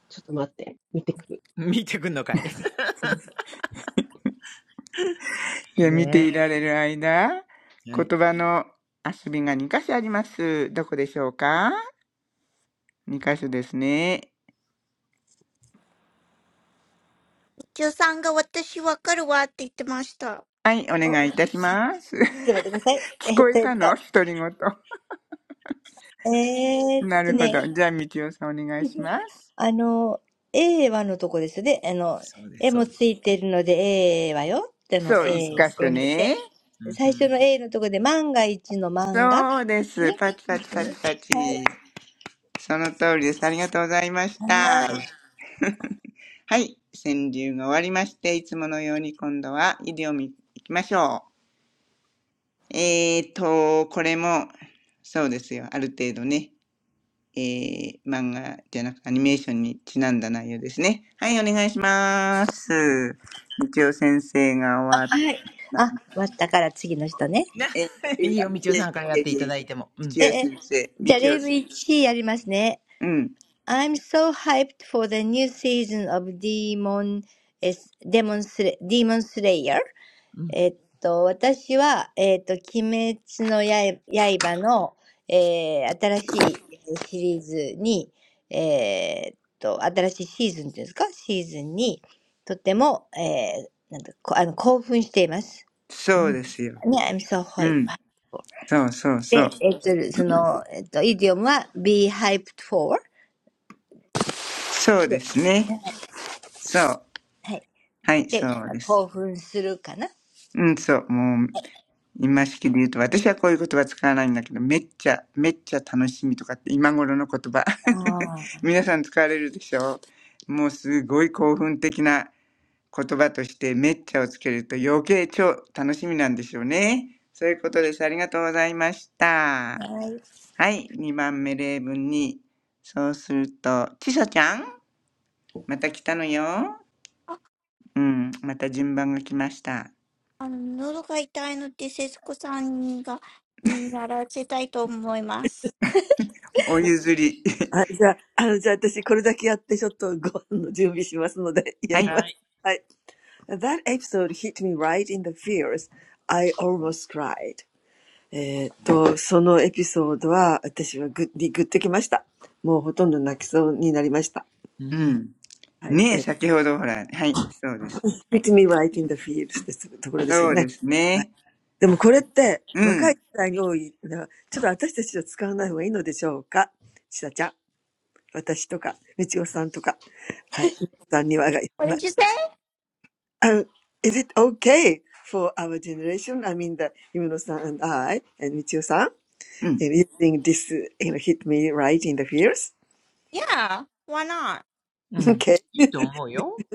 E: ちょっと待って、見てくる。
D: 見てくんのかい。
E: うん、
A: いや、見てい
D: ね
A: られる間、
D: えはい。
A: 言葉の遊びが2箇所あります。どこでしょうか ?2 箇所ですね。
H: Mr. Kim said he understands. My head hurts.
A: はい、お願いいたします。聞こえたの
F: うん。うん。お、ちょっと待ってください。えっと、えっと、えーっとね。
A: 独り言。なるほど。じゃあ、みちおさんお願いします。
F: あの、A
D: そうです、そうです。
F: はのとこですよね。あの、絵もついてるので A はよっての
A: そう、1
D: そうそう
F: A
A: 箇
D: そ
A: 所
D: う。
A: ね。
D: うん、
F: っていうので、最初の A
A: そうです。パチパチパチパチ。その通りです。ありがとうございました。はい。川柳が終わりまして、いつものように今度はイディオム行きましょう。えーと、これも、そうですよ。ある程度ね、えー、漫画じゃなくアニメーションにちなんだ内容ですね。はい、お願いします。日曜先生が終わったんで。
F: のとこで万が一の漫画ね。うんはい。はい。あ、終わったから次の人ね。え、え、じゃあ例文1やりますね。I'm
A: え、い
D: い
A: や、いや
D: いよ、みちおさ
A: い
D: んからや
A: や
D: っ
A: い
D: てい
A: や
D: た
A: いや
D: だいても。う
A: 日
D: ん。
A: 曜先生、日曜先生。うん、
F: so hyped for the new season of Demon, is Demon, Sl- Demon Slayer.
D: うん。
F: えっと、私は、えっと、鬼滅の刃刃の、えー新しいシリーズに、えーっと、新しいシーズンっていうんですか、シーズンに、とても、えーなんだ、こ、あの、興奮しています。ね、I'm
A: そうですよ。
F: so
A: う
F: hyped.
A: ん、そうそうそう。
F: で、えっと、その、えっと、イディオムは hyped for
A: そう ですね。そう。はい、そうです。うん、そう。もう、今式で言うと、私はこういう言葉使わないんだけど、めっちゃ、めっちゃ楽しみとかって今頃の言葉。皆さん使われるでしょうもうすごい興奮的な言葉として、めっちゃをつけると余計超楽しみなんでしょうね。そういうことです。ありがとうございました。はい、2番目例文に。そうすると、ちさちゃんまた来たのよ。うん、また順番が来ました。
H: I want to talk to Mr. Kim.
A: お譲り。はい。
D: はい。
C: That episode hit me right in the feels. I almost cried. えーっと、そのエピソードは私はグッにグッときました。もうほとんど泣きそうになりました。はい。えー
D: う
A: う
D: ん。
A: ん。ねえ、先ほどほら、はい、そうですよ。はい。
C: hit me right in the feels
A: そう
C: ですところですよね。
A: ですね。うん。
C: でもこれって若い世代に多いのは、ちょっと私たちは使わない方がいいのでしょうかちさちゃん、私とか、みちおさんとか、はい、さんにはがいらない。Um,
H: What did you say?
C: is it okay for our generation? I mean, the ゆのさん and I, and みちおさん
A: うん。
C: in using this, you know, hit me right in the fears?
H: Yeah, why not?
D: う ん。
C: okay.
D: いいと思うよ。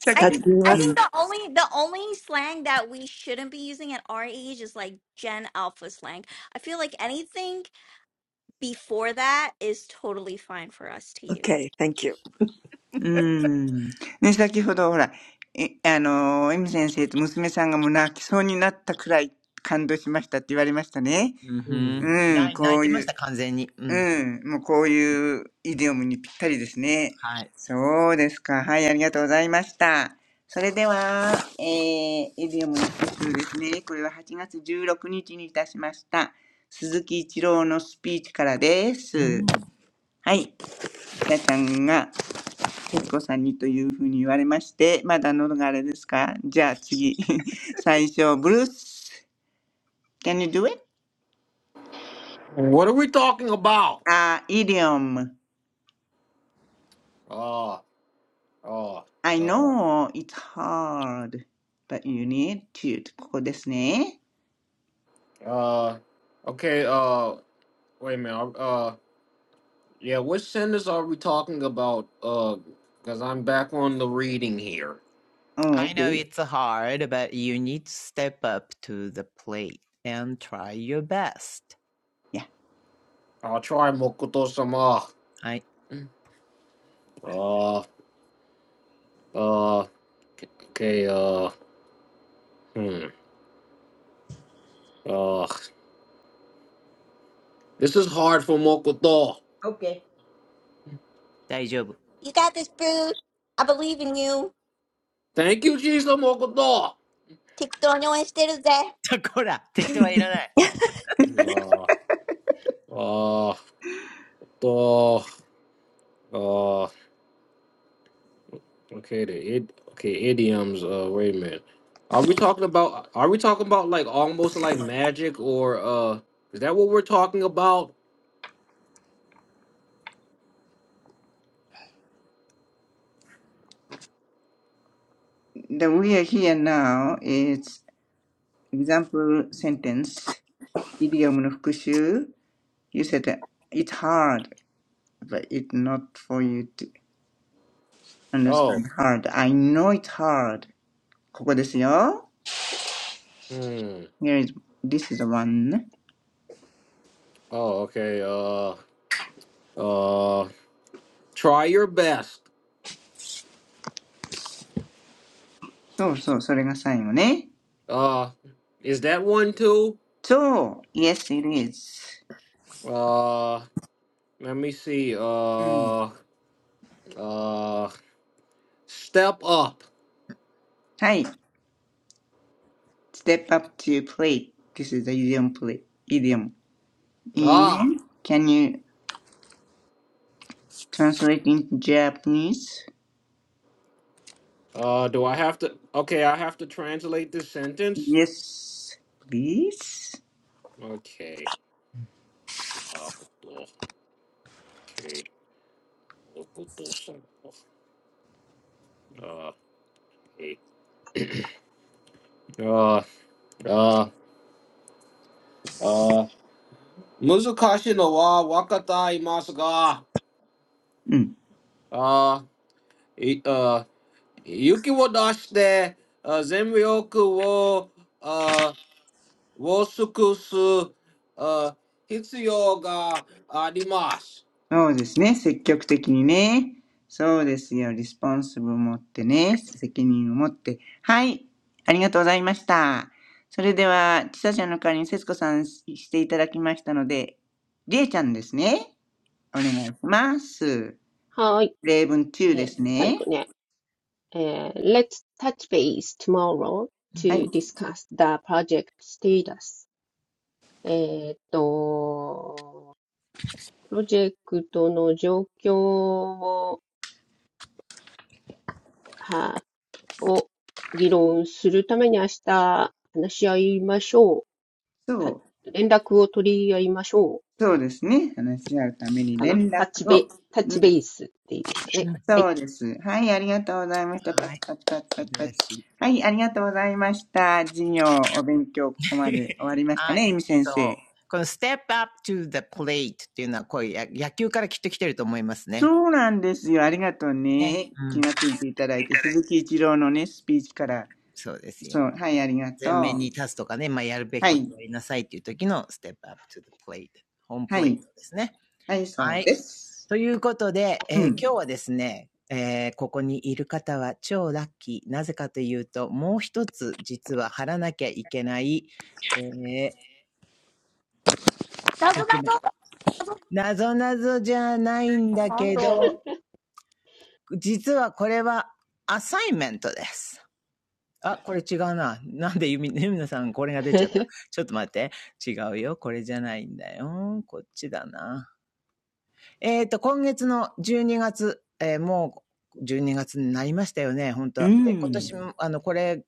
A: さっ
H: I
A: き、う
H: think I
A: ん。
H: think
A: う
H: the only the only slang that we shouldn't be using at our age is like Gen Alpha slang. I feel like anything before that is totally fine for us to use.
C: thank you.
A: ん。ね、先ほどほら、え、あのー、エミ先生と娘さんがもう泣きそうになったくらい感動しましたって言われましたね。
D: うん、う
C: うん。
D: ん
A: うん、
D: 泣い
A: こう
D: てま
A: いう。
D: した、完全に。う
A: う
D: ん。
A: ん、もうこういうイディオムにぴったりですね。
D: はい。
A: そうですか。はい、ありがとうございました。それでは、えー、イディオムの一つですね。これは8月16日にちにいたしました。鈴木一郎のスピーチからで
D: う
A: す。
D: ん。
A: はい。ひなちゃんが、徹子さんにというふうに言われまして、まだ喉があれですかじゃあ次。最初、ブルース、can you do it?
B: what are we talking about?
A: あ、イディオム。
B: Uh, uh,
A: I
B: uh,
A: know it's hard, but you need to. ここですね。
B: uh, okay, uh, wait a minute. uh, Yeah, which sinners are we talking about? Uh, because I'm back on the reading here.
A: Oh,
D: I know
A: okay.
D: it's hard, but you need to step up to the plate and try your best.
A: Yeah.
B: I'll try Mokoto sama.
D: はい、
B: Uh, uh, okay, uh, hmm, uh, this is hard for Mokoto.
D: OK。大丈夫。
H: You got this, boo. I believe in you.
B: Thank you, Jesus Mokoto.
H: Take the no instead of that.
D: こら、適当はいらない。
B: Uh, uh, to, uh, okay, the id, okay, idioms. Uh, wait a minute. Are we talking about? Are we talking about like almost like magic or uh? Is that what we're talking about?
A: The we are here now is example sentence. イディオムの復習。You said that it's hard, but it's not for you to
B: Oh,
A: understand hard. I know it's hard. ここですよ。
B: hmm.
A: Here is, this is the one.
B: Oh, okay. Uh, uh, try your best.
A: そうそう、それが最後ね。
B: Uh, is that one too?
A: そう、yes, it is.
B: Uh, let me see.
A: うん。
B: Uh, uh, step up.
A: はい。Step up to plate. This is the idiom play. Idiom.
B: Ah.
A: In. Can you translate into Japanese?
B: Uh, do I have to? Okay, I have to translate this sentence.
A: Yes, please.
B: Okay. Uh, okay. Uh, okay. uh, uh, uh, Muzukashi no wa wakata imasu ga.
A: うん。
B: Uh, e- uh, Yuki wo dashite, uh, zenryoku wo uh, wo sukusu uh, hitsuyo ga arimasu.
A: そうですね。積極的にね。そうですよ。リスポンスブを持ってね。責任を持って。はい。ありがとうございました。それでは、ちさちゃんの代わりに節子さんしていただきましたので、りえちゃんですね。お願いします。
E: はーい。
A: 例文
E: え
A: 2で
E: ー
A: す
E: 最後
A: ね。
E: ね。えー Let's touch base tomorrow
A: はい。
E: to discuss the project status. えーっと、プロジェクトの状況を、は、を議論するために明日話し合いましょう。た、
A: So,
E: 連絡を取り合いましょう。
A: そうですね。話し合うために
E: かな
A: 連絡
E: タッチベ、
A: を。
E: タッ
A: う
E: チベ
A: ん、
E: ースでいいですかね。
D: うん
E: は
A: そ
E: い。
A: うです。はい、ありがとうございました。パ
D: は
A: チ
D: い、
A: パチパチパ
D: 素
A: チ
D: 晴
A: パ
D: ら
A: チ。
D: しい。
A: はい、ありがとうございました。授業、お勉強、ここまで 終わりました
D: はい、
A: ね、えみ先
D: そ
A: 生。
D: う。この step up to the plate っていうのは、こういう野球からきっと来てると思いますね。
A: そうなんですよ。ありがとう
D: ね。
A: ね。
D: う
A: 気
D: ん。
A: がついていただいて、鈴木一郎のね、スピーチから。
D: そうです
A: そう、
D: よ。
A: はい、ありがと
D: 前面に
A: う。
D: 立つとかね、まあ、やるべき
A: は
D: こと
A: い、
D: やりなさいっていう時の step up to the plate。ホーム
A: は
D: プレ
A: い、
D: ートですね。
A: はい、そ
D: は
A: う
D: い。
A: です。
D: ということで、
A: う
D: えー
A: ん、
D: 今日はですね、えーここにいる方は超ラッキー。なぜかというと、もう一つ実は貼らなきゃいけない、えードキュメント。なぞなぞじゃないんだけど、実はこれはアサイメントです。あ、これ違うな。なんでゆみ、ゆみなさんこれが出ちゃった。ちょっと待って。違うよ。これじゃないんだよ。こっちだな。えっと、今月の12月、えーもう12月にがつになりましたよね、本当
A: う
D: はで、今
A: ん、
D: 年も、あの、これ、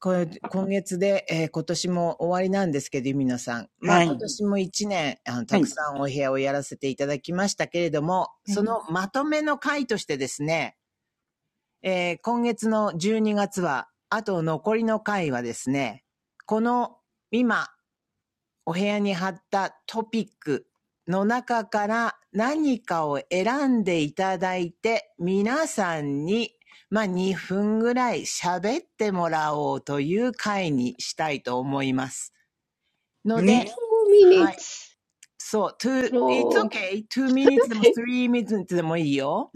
D: これ今月で、えー今年も終わりなんですけど、ゆみのさん。まあ、
A: は
D: 今
A: い、
D: 年も1年、あの、
A: は
D: たく
A: い、
D: さんお部屋をやらせていただきましたけれども、
A: は
D: そ
A: い。
D: のまとめの回としてですね、えー今月の12月は、あと残りの回はですね、この今お部屋に貼ったトピックの中から何かを選んでいただいて、皆さんに、まあ、2分ぐらい喋ってもらおうという回にしたいと思います。ので、
A: ね。
E: 2
D: はい。
E: minutes
D: そう、two,
E: long.
D: it's okay. two minutes でも three minutes でもいいよ。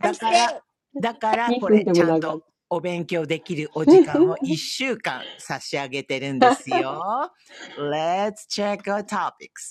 H: I'm
D: から、
H: sick.
D: だから
E: 2
D: こ
E: 分
D: れ
E: で
D: ち
E: も
D: ゃん
E: 長
D: と
E: い。
D: お勉強できるお時間を1週間差し上げてるんで すよ。Let's check our topics.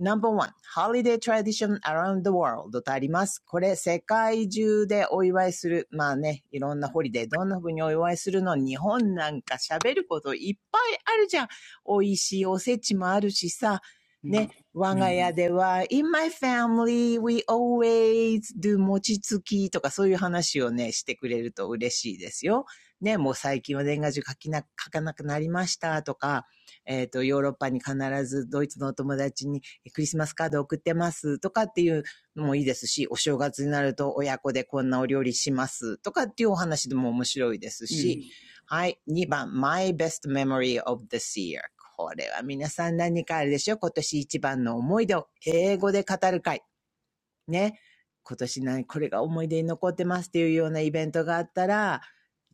D: ナンバーワン one, holiday tradition around the world とあります。これ、世界中でお祝いする。まあね、いろんなホリデー、どんな風にお祝いするの日本なんか喋ることいっぱいあるじゃん。美味しいおせちもあるしさ。
A: うん、
D: ね、我
A: う
D: が
A: ん、
D: 家では、in my family, we always do 餅つきとかそういう話をね、してくれると嬉しいですよ。ね、もう最近は年賀状書きな、書かなくなりましたとか、えっ、と、ヨーロッパに必ずドイツのお友達にクリスマスカード送ってますとかっていうのもいいですし、お正月になると親子でこんなお料理しますとかっていうお話でも面白いです
A: う
D: し、はい。2番、my best memory of this year。これは皆さん何かあるでしょう今年一番の思い出を英語で語る会。ね、今年何、これが思い出に残ってますっていうようなイベントがあったら、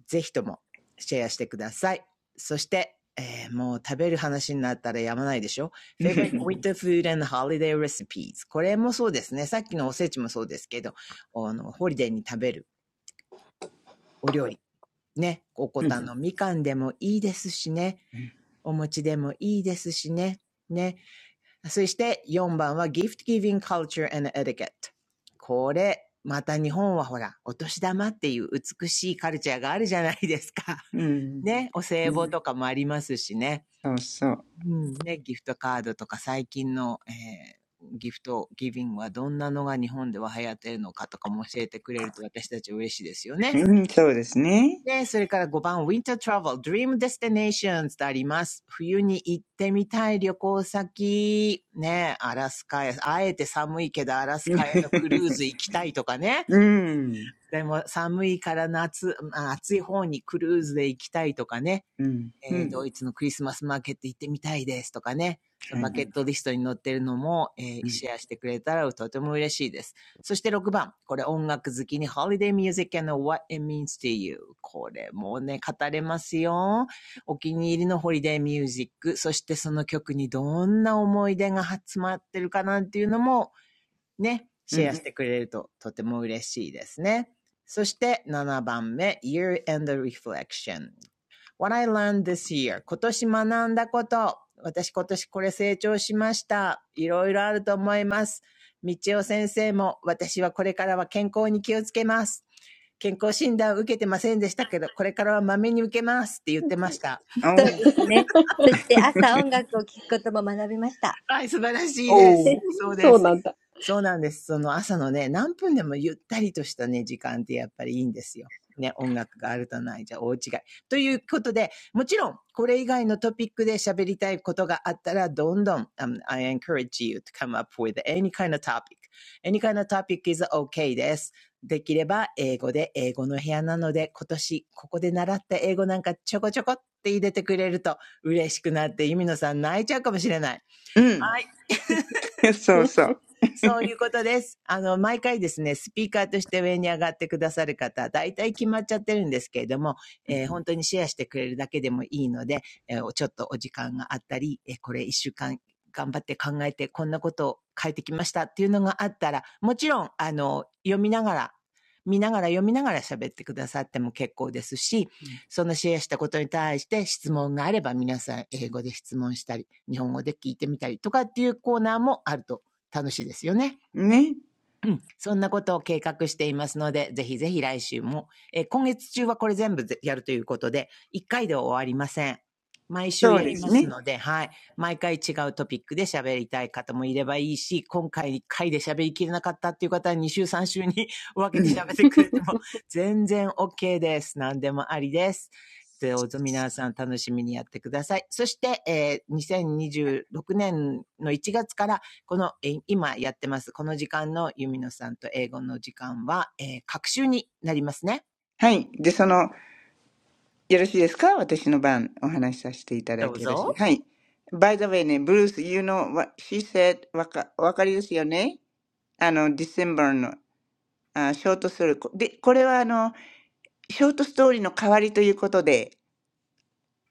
D: ぜひともシェアしてください。そして、えー、もう食べる話になったらやまないでしょ ?favorite winter food and holiday recipes。これもそうですね。さっきのおせちもそうですけど、あの、ホリデーに食べるお料理。ね。おこ
A: ん。
D: たのみかんでもいいですしね。お餅でもいいですしね。ね。そして4番は Gift Giving Culture and Etiquette。これ、また日本はほら、お年玉っていう美しいカルチャーがあるじゃないですか。
A: うん。
D: ね、お
A: う
D: 歳暮
A: ん。
D: とかもありますしね。
A: そうそう。
D: うんね、ギフトカードとか最近の、えーギフトギビングはどんなのが日本では流行ってるのかとかも教えてくれると私たち嬉しいですよね。
A: うん、そうですね。
D: ね、それから5番、Winter Travel, Dream Destinations とあります。冬に行ってみたい旅行先。ね、アラスカへ、あえて寒いけどアラス
A: うん。
D: カへのクルーズ行きたいとかね。
A: うん。
D: でも寒いから夏、まあ暑い方にクルーズで行きたいとかね。
A: うん。う
D: えー
A: ん。
D: ドイツのクリスマスマーケット行ってみたいですとかね、その
A: は
D: バ
A: い。
D: ケットリストに載ってるのも、えー
A: うん。
D: シェアしてくれたらとても嬉しいです。そして6番、これ音楽好きに Holiday Music and What It Means to You。これもね、語れますよ。お気に入りのホリデーミュージック、そしてその曲にどんな思い出が詰まってるかなんていうのも、ね、
A: う
D: シェア
A: ん。
D: してくれるととても嬉しいですね。そして7番目、Year and Reflection。What I learned this year. 今年学んだこと。私今年これ成長しました。いろいろあると思います。道夫先生も私はこれからは健康に気をつけます。健康診断を受けてませんでしたけど、これからはまめに受けますって言ってました。
A: おー。
D: はい、素晴らしいです。
E: おお、
D: そうで
E: そう
D: す。
E: なんだ。
D: そうなんです。その朝のね、何分でもゆったりとしたね、時間ってやっぱりいいんですよ。ね、音楽があるとないじゃ大違い。ということで、もちろん、これ以外のトピックで喋りたいことがあったら、どんどん、um, I encourage you to come up with any kind of topic. Any kind of topic is okay です。できれば、英語で、英語の部屋なので、今年、ここで習った英語なんかちょこちょこって入れてくれると嬉しくなって、ゆみのさん泣いちゃうかもしれない。
A: うん。
D: I
A: そうそう。
D: そういうことです。あの、毎回ですね、スピーカーとして上に上がってくださる方、大体決まっちゃってるんですけれども、えー本当にシェアしてくれるだけでもいいので、えーちょっとお時間があったり、えーこれ一週間頑張って考えて、こんなことを変えてきましたっていうのがあったら、もちろん、あの、読みながら、見ながら読みながら喋ってくださっても結構ですし、
A: うん
D: そのシェアしたことに対して質問があれば皆さん英語で質問したり、日本語で聞いてみたりとかっていうコーナーもあると楽しいですよね。
A: ね。
D: うんそんなことを計画していますので、ぜひぜひ来週も、えー今月中はこれ全部やるということで、1回で終わりません。毎週
A: そう
D: や
A: で
D: り
A: す
D: ます
A: ね。
D: ので、はい。毎回違うトピックで喋りたい方もいればいいし、今回1回で喋りきれなかったっていう方は2週3週に 分
A: う
D: けて
A: ん。
D: 喋ってくれて も全然 OK です。何でもありです。どうぞ皆さん楽しみにやってください。そして、えー2026年の1月からこの、えー今やってます、この時間のユミノさんと英語の時間は、えー、各週になりますね。
A: はい。で、その、よろしいですか私の番、お話しさせていただい
D: どう
A: てよろしい。
D: ぞ。
A: はい。By the way ね、ブルース、you know what she said, わか、わかりですよねあの、December の、あ、ショートストーリー。こで、これはあの、ショートストーリーの代わりということで、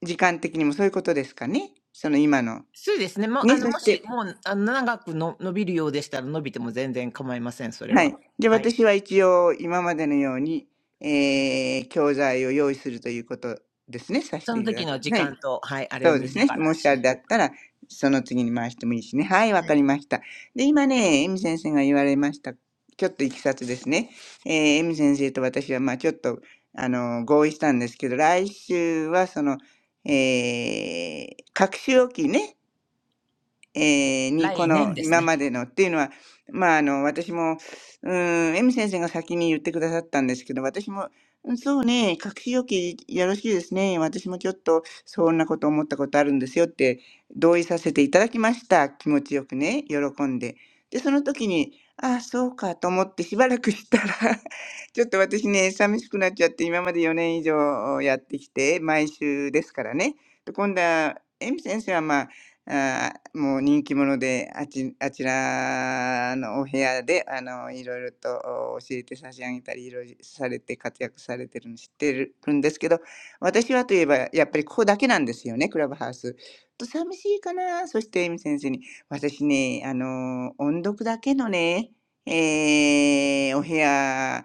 A: 時間的にもそういうことですかね。その今の。
D: そうですね。もう、
A: ね、
D: あの、
A: そ
D: も
A: し
D: し、
A: て、
D: もう、あの長くの伸びるようでしたら伸びても全然構いません、それ
A: は
D: は。
A: い。で、
D: はい。
A: 私は一応今までのように、えー、教材を用意するということですね。させ
D: そ
A: て
D: の
A: いた
D: 時
A: だく。
D: の時
A: はい。
D: 間と、はい、あれ
A: そ
D: を
A: うで
D: 見
A: す
D: な
A: ね。
D: がら
A: もしあ
D: 進
A: れだ
D: 行。は
A: ったら、その次に回してもいいしね。はい、わか
D: い
A: りました。で、今ね、エミ先生が言われました。ちょっといきさつですね。えー、エミ先生と私は、まあちょっと、あの、合意したんですけど、来週はその、えー、各週おきね、えーに、こ
D: 来年
A: の
D: ですね。
A: 今までのっていうのは、まあ、あの、私も、うん、M 先生が先に言ってくださったんですけど、私も、うんそうね、隠し容器よろしいですね。私もちょっとそんなこと思ったことあるんですよって同意させていただきました。気持ちよくね、喜んで。で、その時に、ああ、そうかと思ってしばらくしたら ちょっと私ね、寂しくなっちゃって、今まで4年以上やってきて、毎週ですからね。で今度は、エミ先生はまあ、あもう人気者で、あちあちらのお部屋で、あの、いろいろと教えて差し上げたり、いろいろされて活躍されてるの知ってるるんですけど、私はといえばやっぱりここだけなんですよね、クラブハウス。と、寂しいかな。そしてエミ先生に「私ね、あの、音読だけのね、えーお部屋、開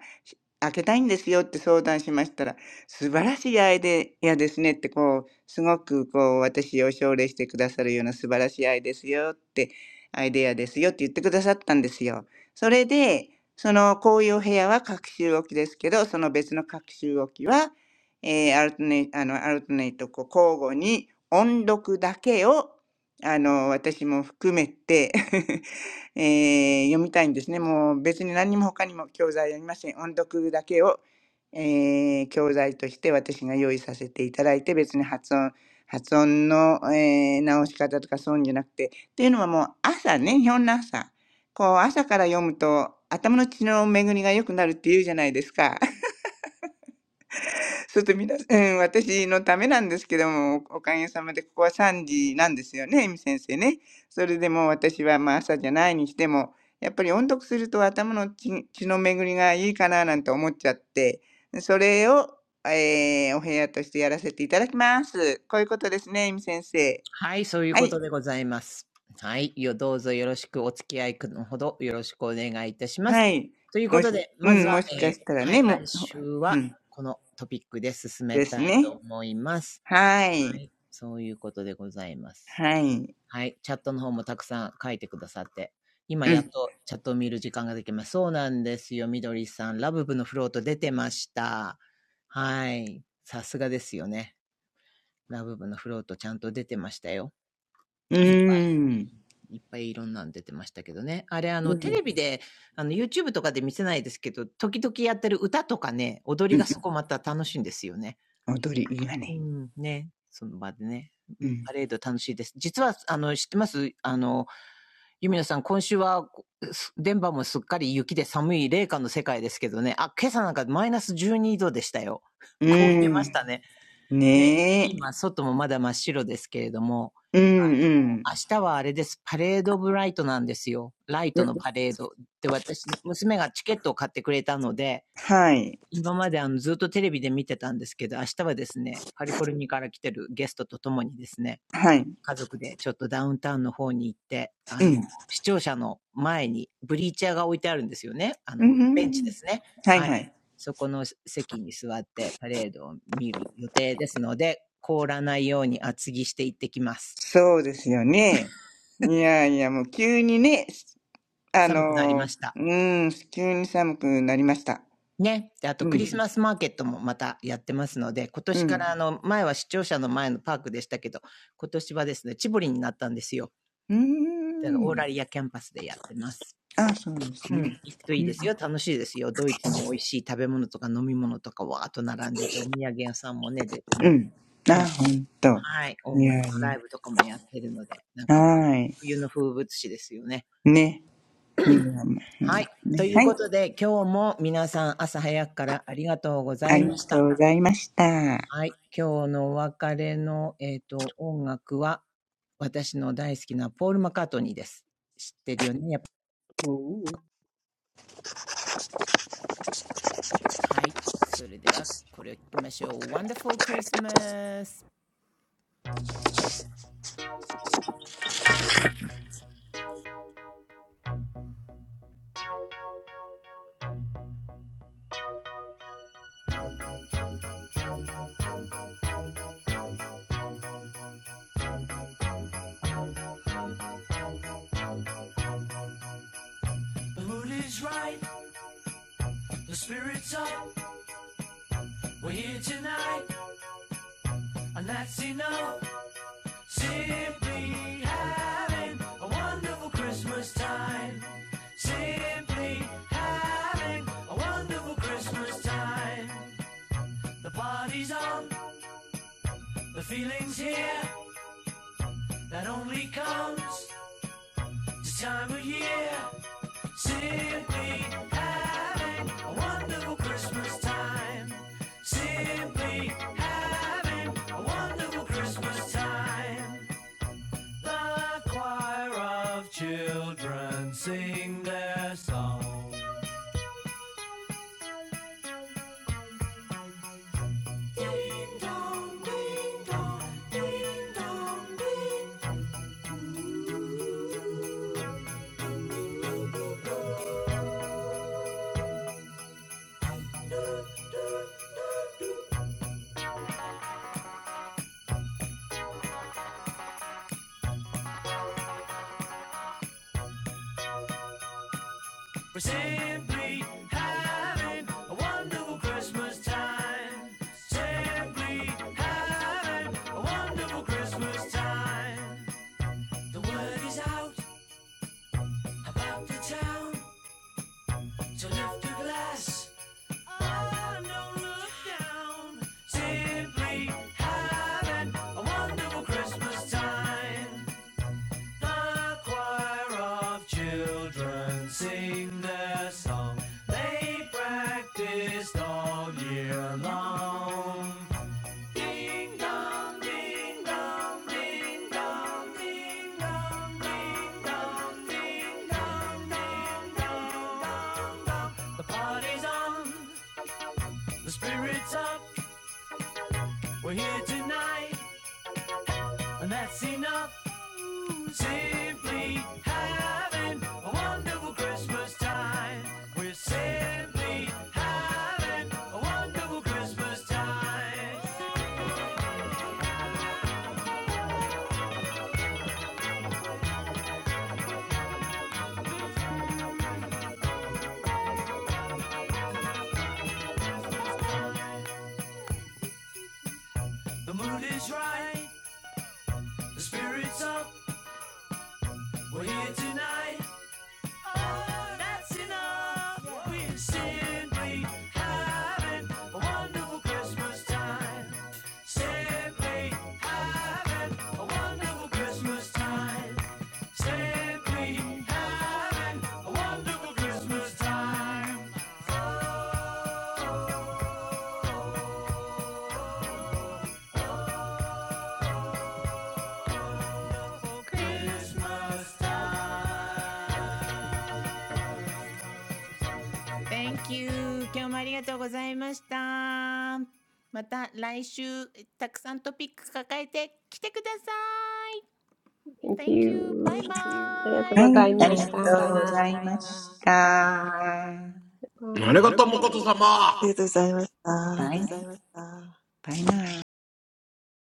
A: けたいんですよ」って相談しましたら素晴らしいアイデアですねってこうすごくこう私を奨励してくださるような素晴らしいアイデアですよってアイデアですよって言ってくださったんですよ。それでそのこういうお部屋は隔週置きですけどその別の隔週置きは、えーアルトネイあのアルトネイトこう交互に音読だけをあの私も含めて えー読みたいんですね。もう別に何にも他にも教材読みません。音読だけをえー教材として私が用意させていただいて、別に発音、発音の、えー直し方とかそういうんじゃなくて、っていうのはもう朝ね、日本の朝。こう朝から読むと頭の血の巡りが良くなるって言うじゃないですか。ちょっと皆さん、うん、私のためなんですけども、おおかげさまでここは3時なんですよね、エミ先生ね。それでもう私はまあ朝じゃないにしても、やっぱり音読すると頭の血血の巡りがいいかななんて思っちゃって、それを、えーお部屋としてやらせていただきます。こういうことですね、エミ先生。
D: はい、そういう
A: は
D: こ
A: い。
D: とでございます。はい、よ、どうぞよろしくお付き合いのほどよろしくお願いいたします。
A: はい。
D: というこ
A: も
D: と
A: し、
D: で、
A: う
D: まず
A: ん、も
D: は、
A: し
D: え
A: か
D: ー、
A: したら
D: はい、
A: ね、も
D: 来
A: う、ほ
D: 週
A: う
D: は
A: ん、
D: このトピックで進め
A: です
D: たいと
A: ね。
D: 思います。
A: は
D: は
A: い。
D: い、そういうことでございます。
A: はい。
D: はい、チャットの方もたくさん書いてくださって、今
A: う
D: やっ
A: ん。
D: とチャットを見る時間ができます。そうなんですよ、みどりさん。ラブブのフロート出てました。はい、さすがですよね。ラブブのフロートちゃんと出てましたよ。
A: う
D: いっぱい
A: ーん。
D: いっぱいいろんなの出てましたけどね。あれ、あの、
A: う
D: テレ
A: ん。
D: ビで、あの、YouTube とかで見せないですけど、時々やってる歌とかね、踊
A: う
D: り
A: ん
D: がそこまた楽しいんですよね。
A: 踊り、いいわ
D: う
A: ね。
D: ん、ね。その場でね。う
A: う
D: ん、
A: ん。
D: パレード楽しいです。実は、あの、知ってますあの、ユミノさん、今週は、電波もすっかり雪で寒い冷夏の世界ですけどね。あ、今朝なんかマイナス12度でしたよ。
A: う
D: 凍ってま
A: ー
D: し
A: ん。
D: たね。で、
A: ねえ。
D: 今、外もまだ真っ白ですけれども、
A: うんうん。
D: あの、明日はあれです。パレード・オブ・ライトなんですよ。ライト
A: う
D: のパレード。で、私、娘がチケットを買ってくれたので、今まであのずっとテレビで見てたんですけど、明日はですね、カリフォルニアから来てるゲストと共にですね、家族でちょっとダウンタウンの方に行って、あの、視聴者の前にブリーチャーが置いてあるんですよね。あの、ベンチで
A: はいはい。うんうんうん
D: すね。
A: はい
D: はい。
A: はい
D: そこの席に座ってパレードを見る予定ですので、凍らないように厚着して行ってきます。
A: そうですよね。いやいや、もう急にね、すあ
D: 寒くなり
A: の、
D: ま
A: う
D: した。
A: ーん、急に寒くなりました。
D: ね。で、あと
A: う
D: クリ
A: ん。
D: スマスマーケットもまたやってますので、今
A: う
D: 年か
A: ん。
D: らあの、前は視聴者の前のパークでしたけど、今年はですね、チボリになったんですよ。
A: うー
D: だからオー
A: ん。
D: ラリアキャンパスでやってます。
A: あ、そうです
D: う
A: ね。
D: ん、行くとい
A: う
D: いです
A: ん。
D: よ、楽しいですよ。ドイツの美味しい食べ物とか飲み物とかわーっと並んでて、お土産屋さんもね、出て
A: う
D: ね。
A: ん。
D: う
A: あ、
D: ん。
A: ほんと。
D: はい。
A: い
D: 音楽
A: や
D: のラ
A: い
D: イブとかもやってるので、なん
A: や。
D: か、
A: はい。
D: 冬の風物詩ですよね。
A: ね。冬は、ま
D: はい。
A: うん
D: と
A: ね。
D: いう
A: はい。
D: ことで、今日も皆さん朝早くからありがとうござ
A: あ
D: い
A: り
D: ま
A: が
D: し
A: と
D: た。
A: うございました。はい、
D: はい。今日のお別れの、えっ、と、音楽は、私の大好きなポール・マッカートニーです。知ってるよね、やっぱ。はい。それでは、これを聞きましょう。Wonderful Christmas! The mood is right, simply having a wonderful Christmas time. Simply having a wonderful Christmas time. The choir of children sing their song. Ding dong, ding dong, ding dong, ding We're simply having a wonderful Christmas time. Simply having a wonderful Christmas time. The word is out about the town, so lift a glass. Oh, and don't look down. Simply having a wonderful Christmas time. The choir of children sing their song. They practiced all year long. Ding dong, ding dong, ding dong, ding dong, ding dong, ding dong, The party's on, the spirit's up. We're here tonight And that's enough. Simply having a wonderful Christmas time. We're simply having a wonderful Christmas time. The mood is right, the spirit's up. We're here tonight that's enough. We're simply having a wonderful Christmas time. Simply having a wonderful Christmas time. Simply having a wonderful Christmas time. t h a n k you 今日もありがとうございましたまた来週たくさんトピック抱えて来てください
E: Thank
D: Thank you. Bye
E: you. りがとう
D: bye.
E: ござい
A: あ
E: ま
A: り
E: し
A: が
E: た。バ
A: とうございました。
E: イ
B: Arigatou
E: バイ。
B: mokoto-sama!
C: ありがとうございました。
A: バイ、バイバイ